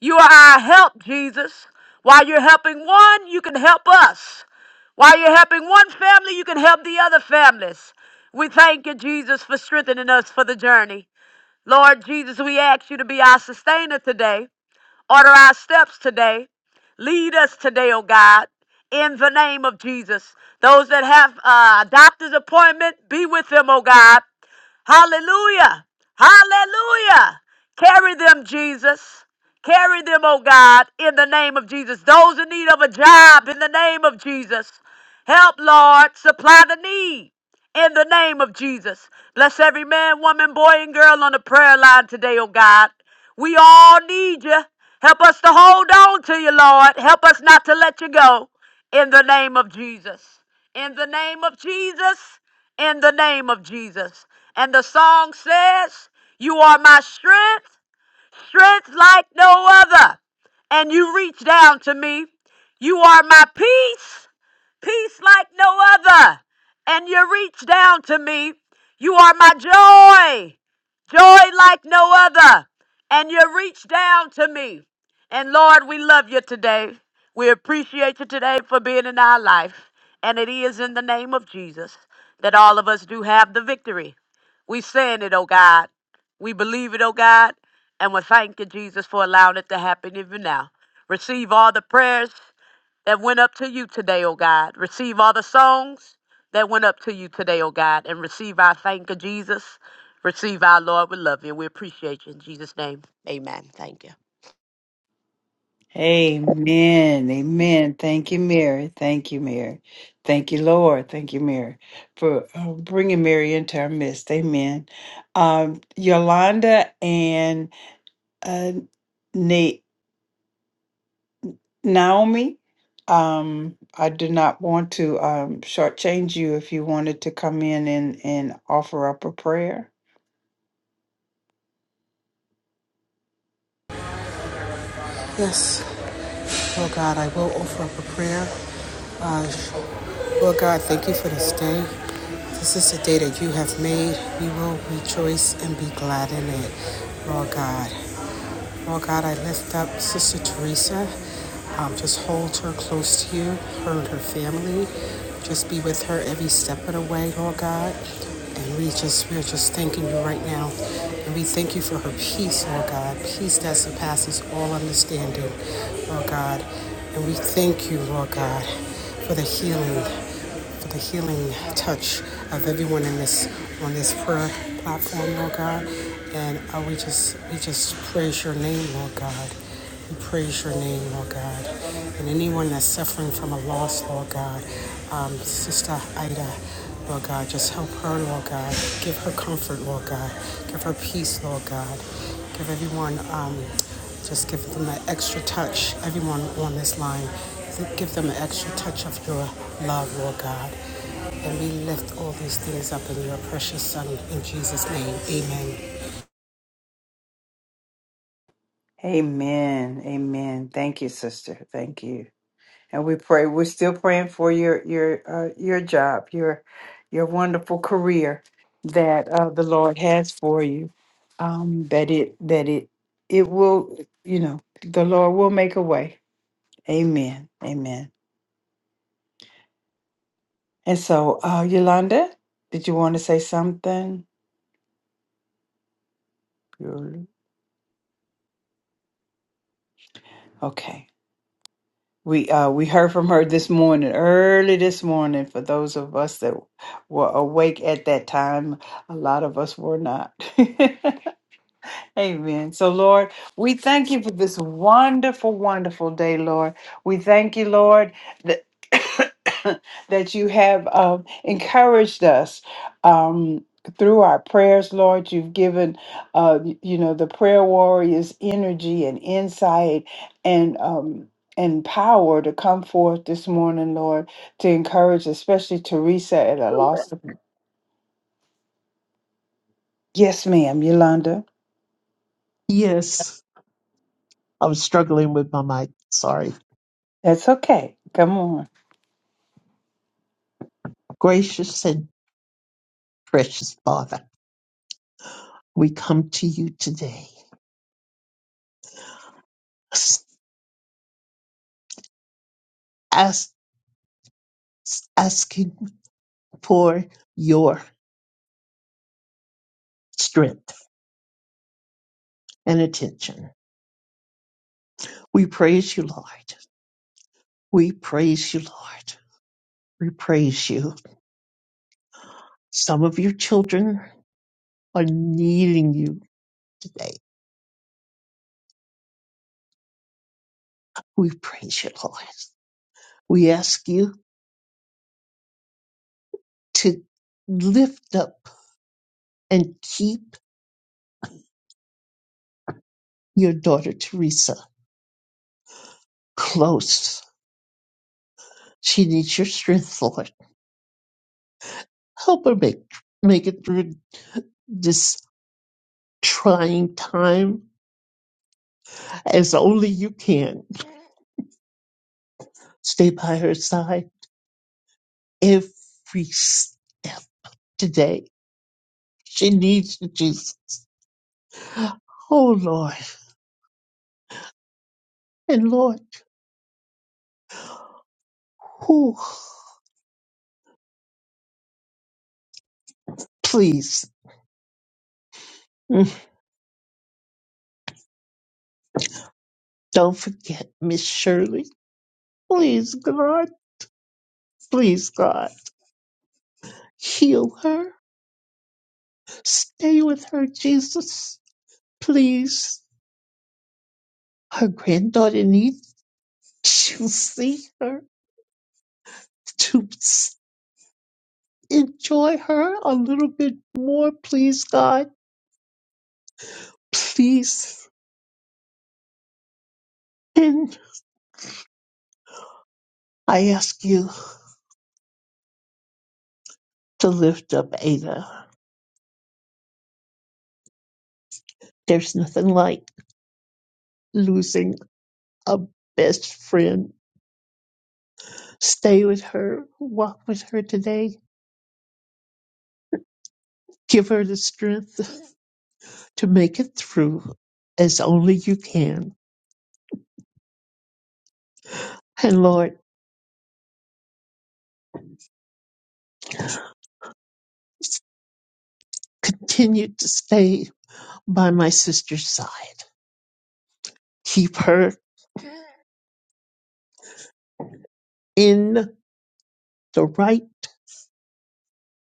Speaker 14: You are our help, Jesus. While you're helping one, you can help us. While you're helping one family, you can help the other families. We thank you, Jesus, for strengthening us for the journey. Lord Jesus, we ask you to be our sustainer today. Order our steps today. Lead us today, oh God, in the name of Jesus. Those that have a doctor's appointment, be with them, oh God. Hallelujah. Hallelujah. Carry them, Jesus. Carry them, oh God, in the name of Jesus. Those in need of a job, in the name of Jesus. Help, Lord, supply the need in the name of Jesus. Bless every man, woman, boy, and girl on the prayer line today, oh God. We all need you. Help us to hold on to you, Lord. Help us not to let you go in the name of Jesus. In the name of Jesus. In the name of Jesus. And the song says, You are my strength, strength like no other. And you reach down to me. You are my peace peace like no other. And you reach down to me. You are my joy, joy like no other. And you reach down to me. And Lord, we love you today. We appreciate you today for being in our life. And it is in the name of Jesus that all of us do have the victory. We saying it, oh God. We believe it, oh God. And we thank you, Jesus, for allowing it to happen even now. Receive all the prayers that went up to you today, oh God. Receive all the songs that went up to you today, oh God, and receive our thank you, Jesus. Receive our Lord. We love you. We appreciate you. In Jesus' name, amen. Thank you.
Speaker 2: Amen. Amen. Thank you, Mary. Thank you, Mary. Thank you, Lord. Thank you, Mary, for uh, bringing Mary into our midst. Amen. Um, Yolanda and uh, Na- Naomi, um, I do not want to um, shortchange you if you wanted to come in and, and offer up a prayer.
Speaker 19: Yes, Lord God, I will offer up a prayer. Uh, Lord God, thank you for this day. This is the day that you have made. We will rejoice and be glad in it, Lord God. Lord God, I lift up Sister Teresa. Um, just hold her close to you, her and her family. Just be with her every step of the way, Lord God. And we just we're just thanking you right now. And we thank you for her peace, Lord God. Peace that surpasses all understanding, Lord God. And we thank you, Lord God, for the healing for the healing touch of everyone in this on this prayer platform, Lord God. And uh, we just we just praise your name, Lord God. We praise your name, Lord God. And anyone that's suffering from a loss, Lord God, um, Sister Ida. Lord God, just help her, Lord God. Give her comfort, Lord God. Give her peace, Lord God. Give everyone, um, just give them an extra touch, everyone on this line. Give them an extra touch of your love, Lord God. And we lift all these things up in your precious Son. In Jesus' name, amen.
Speaker 2: Amen. Amen. Thank you, sister. Thank you. And we pray. We're still praying for your your uh, your job, your your wonderful career that uh, the Lord has for you. Um, that it that it it will you know the Lord will make a way. Amen. Amen. And so, uh, Yolanda, did you want to say something? Yolanda. Okay. We uh, we heard from her this morning, early this morning. For those of us that were awake at that time, a lot of us were not. Amen. So, Lord, we thank you for this wonderful, wonderful day, Lord. We thank you, Lord, that, that you have um, encouraged us um, through our prayers, Lord. You've given, uh, y- you know, the prayer warriors energy and insight and um, and power to come forth this morning, Lord, to encourage, especially Teresa at a loss. Of- yes, ma'am, Yolanda.
Speaker 10: Yes, I was struggling with my mic. Sorry.
Speaker 2: That's okay. Come on.
Speaker 10: Gracious and precious Father, we come to you today s- ask, asking for your strength and attention. We praise you, Lord. We praise you, Lord. We praise you. Some of your children are needing you today. We praise you, Lord. We ask you to lift up and keep your daughter Teresa close. She needs your strength, Lord. Help her make make it through this trying time as only you can. Stay by her side every step today. She needs you, Jesus. Oh Lord. And Lord, who please mm, don't forget Miss Shirley. Please, God, please, God, heal her Stay with her, Jesus, please. Her granddaughter needs to see her, to s- enjoy her a little bit more, please, God. Please. And I ask you to lift up Ada. There's nothing like losing a best friend. Stay with her, walk with her today, give her the strength to make it through as only you can. And Lord, continued to stay by my sister's side. Keep her in the right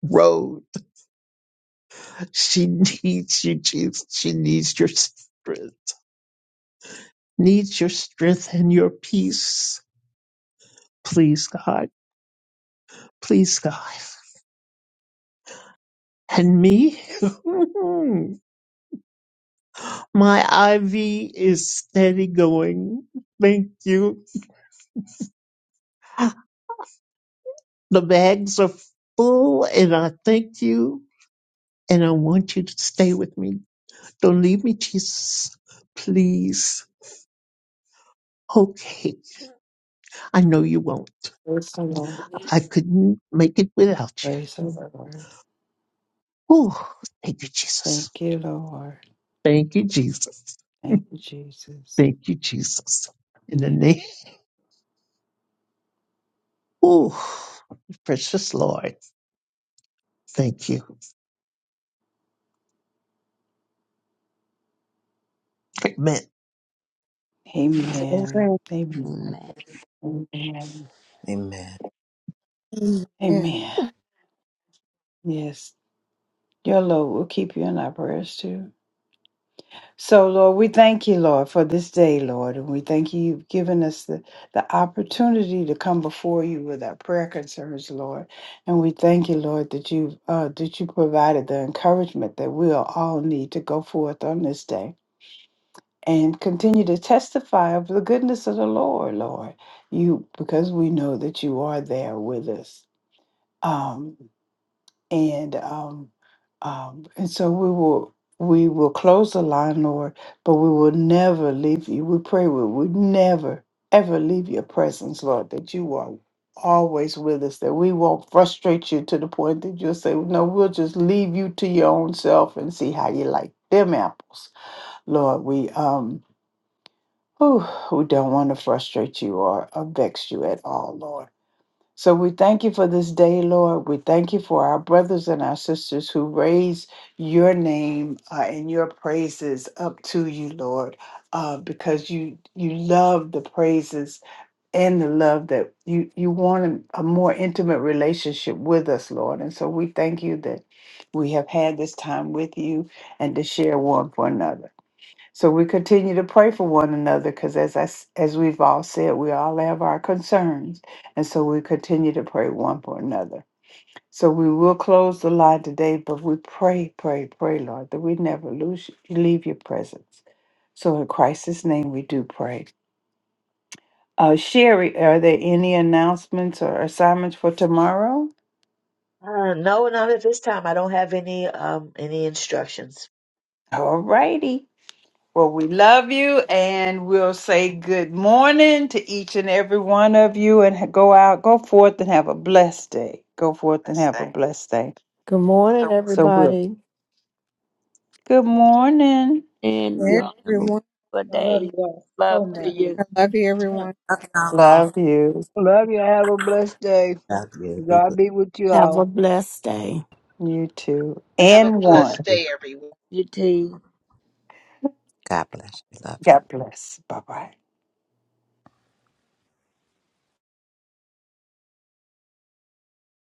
Speaker 10: road. She needs you, Jesus. She needs your strength. Needs your strength and your peace. Please, God. Please, God. And me? my IV is steady going. Thank you. The bags are full and I thank you and I want you to stay with me Don't leave me, Jesus, please. Okay, I know you won't.
Speaker 2: Praise the Lord.
Speaker 10: I couldn't make it without you.
Speaker 2: Praise the Lord.
Speaker 10: Oh, thank you, Jesus.
Speaker 2: Thank you, Lord.
Speaker 10: Thank you, Jesus.
Speaker 2: Thank you, Jesus.
Speaker 10: Thank you, Jesus. In the
Speaker 2: Yeah.
Speaker 10: name, oh, precious Lord, thank you. Amen.
Speaker 2: Amen.
Speaker 17: Amen.
Speaker 2: Amen.
Speaker 8: Amen.
Speaker 2: Amen.
Speaker 11: Amen.
Speaker 1: Hallelujah. Amen.
Speaker 2: Amen. Yes. Your Lord will keep you in our prayers too. So, Lord, we thank you, Lord, for this day, Lord. And we thank you, you've given us the, the opportunity to come before you with our prayer concerns, Lord. And we thank you, Lord, that you uh, that you provided the encouragement that we'll all need to go forth on this day. and continue to testify of the goodness of the Lord, Lord. You because we know that you are there with us. Um and um um and so we will we will close the line, Lord, but we will never leave you. We pray we would never ever leave your presence, Lord, that you are always with us, that we won't frustrate you to the point that you'll say, No, we'll just leave you to your own self and see how you like them apples. Lord, we um who, who don't want to frustrate you or, or vex you at all, Lord. So we thank you for this day, Lord. We thank you for our brothers and our sisters who raise your name uh, and your praises up to you, Lord, uh, because you you love the praises and the love that you you want a, a more intimate relationship with us, Lord. And so we thank you that we have had this time with you and to share one for another. So we continue to pray for one another because, as I, s- as we've all said, we all have our concerns, and so we continue to pray one for another. So we will close the line today, but we pray, pray, pray, Lord, that we never lose leave your presence. So in Christ's name, we do pray. Uh, Sherry, are there any announcements or assignments for tomorrow?
Speaker 7: Uh, no, not at this time. I don't have any um any instructions.
Speaker 2: All righty. Well, we love you and we'll say good morning to each and every one of you and ha- go out, go forth and have a blessed day. Go forth and have a blessed day.
Speaker 9: Good morning,
Speaker 2: So we'll
Speaker 9: everybody.
Speaker 2: good morning.
Speaker 8: And you all have a
Speaker 1: Everyone,
Speaker 8: wonderful
Speaker 15: I love you
Speaker 8: day.
Speaker 15: all
Speaker 8: Love
Speaker 15: so
Speaker 8: to you,
Speaker 15: much.
Speaker 1: everyone.
Speaker 2: Love you.
Speaker 17: love you. Have a blessed day.
Speaker 11: Love you. Be
Speaker 17: God
Speaker 11: blessed.
Speaker 17: be with you
Speaker 3: Have a
Speaker 17: all.
Speaker 3: blessed day.
Speaker 2: You too.
Speaker 19: Have a
Speaker 2: And
Speaker 19: blessed
Speaker 2: one.
Speaker 19: day, everyone.
Speaker 8: your team.
Speaker 11: God bless you. Love you.
Speaker 2: God bless. Bye bye.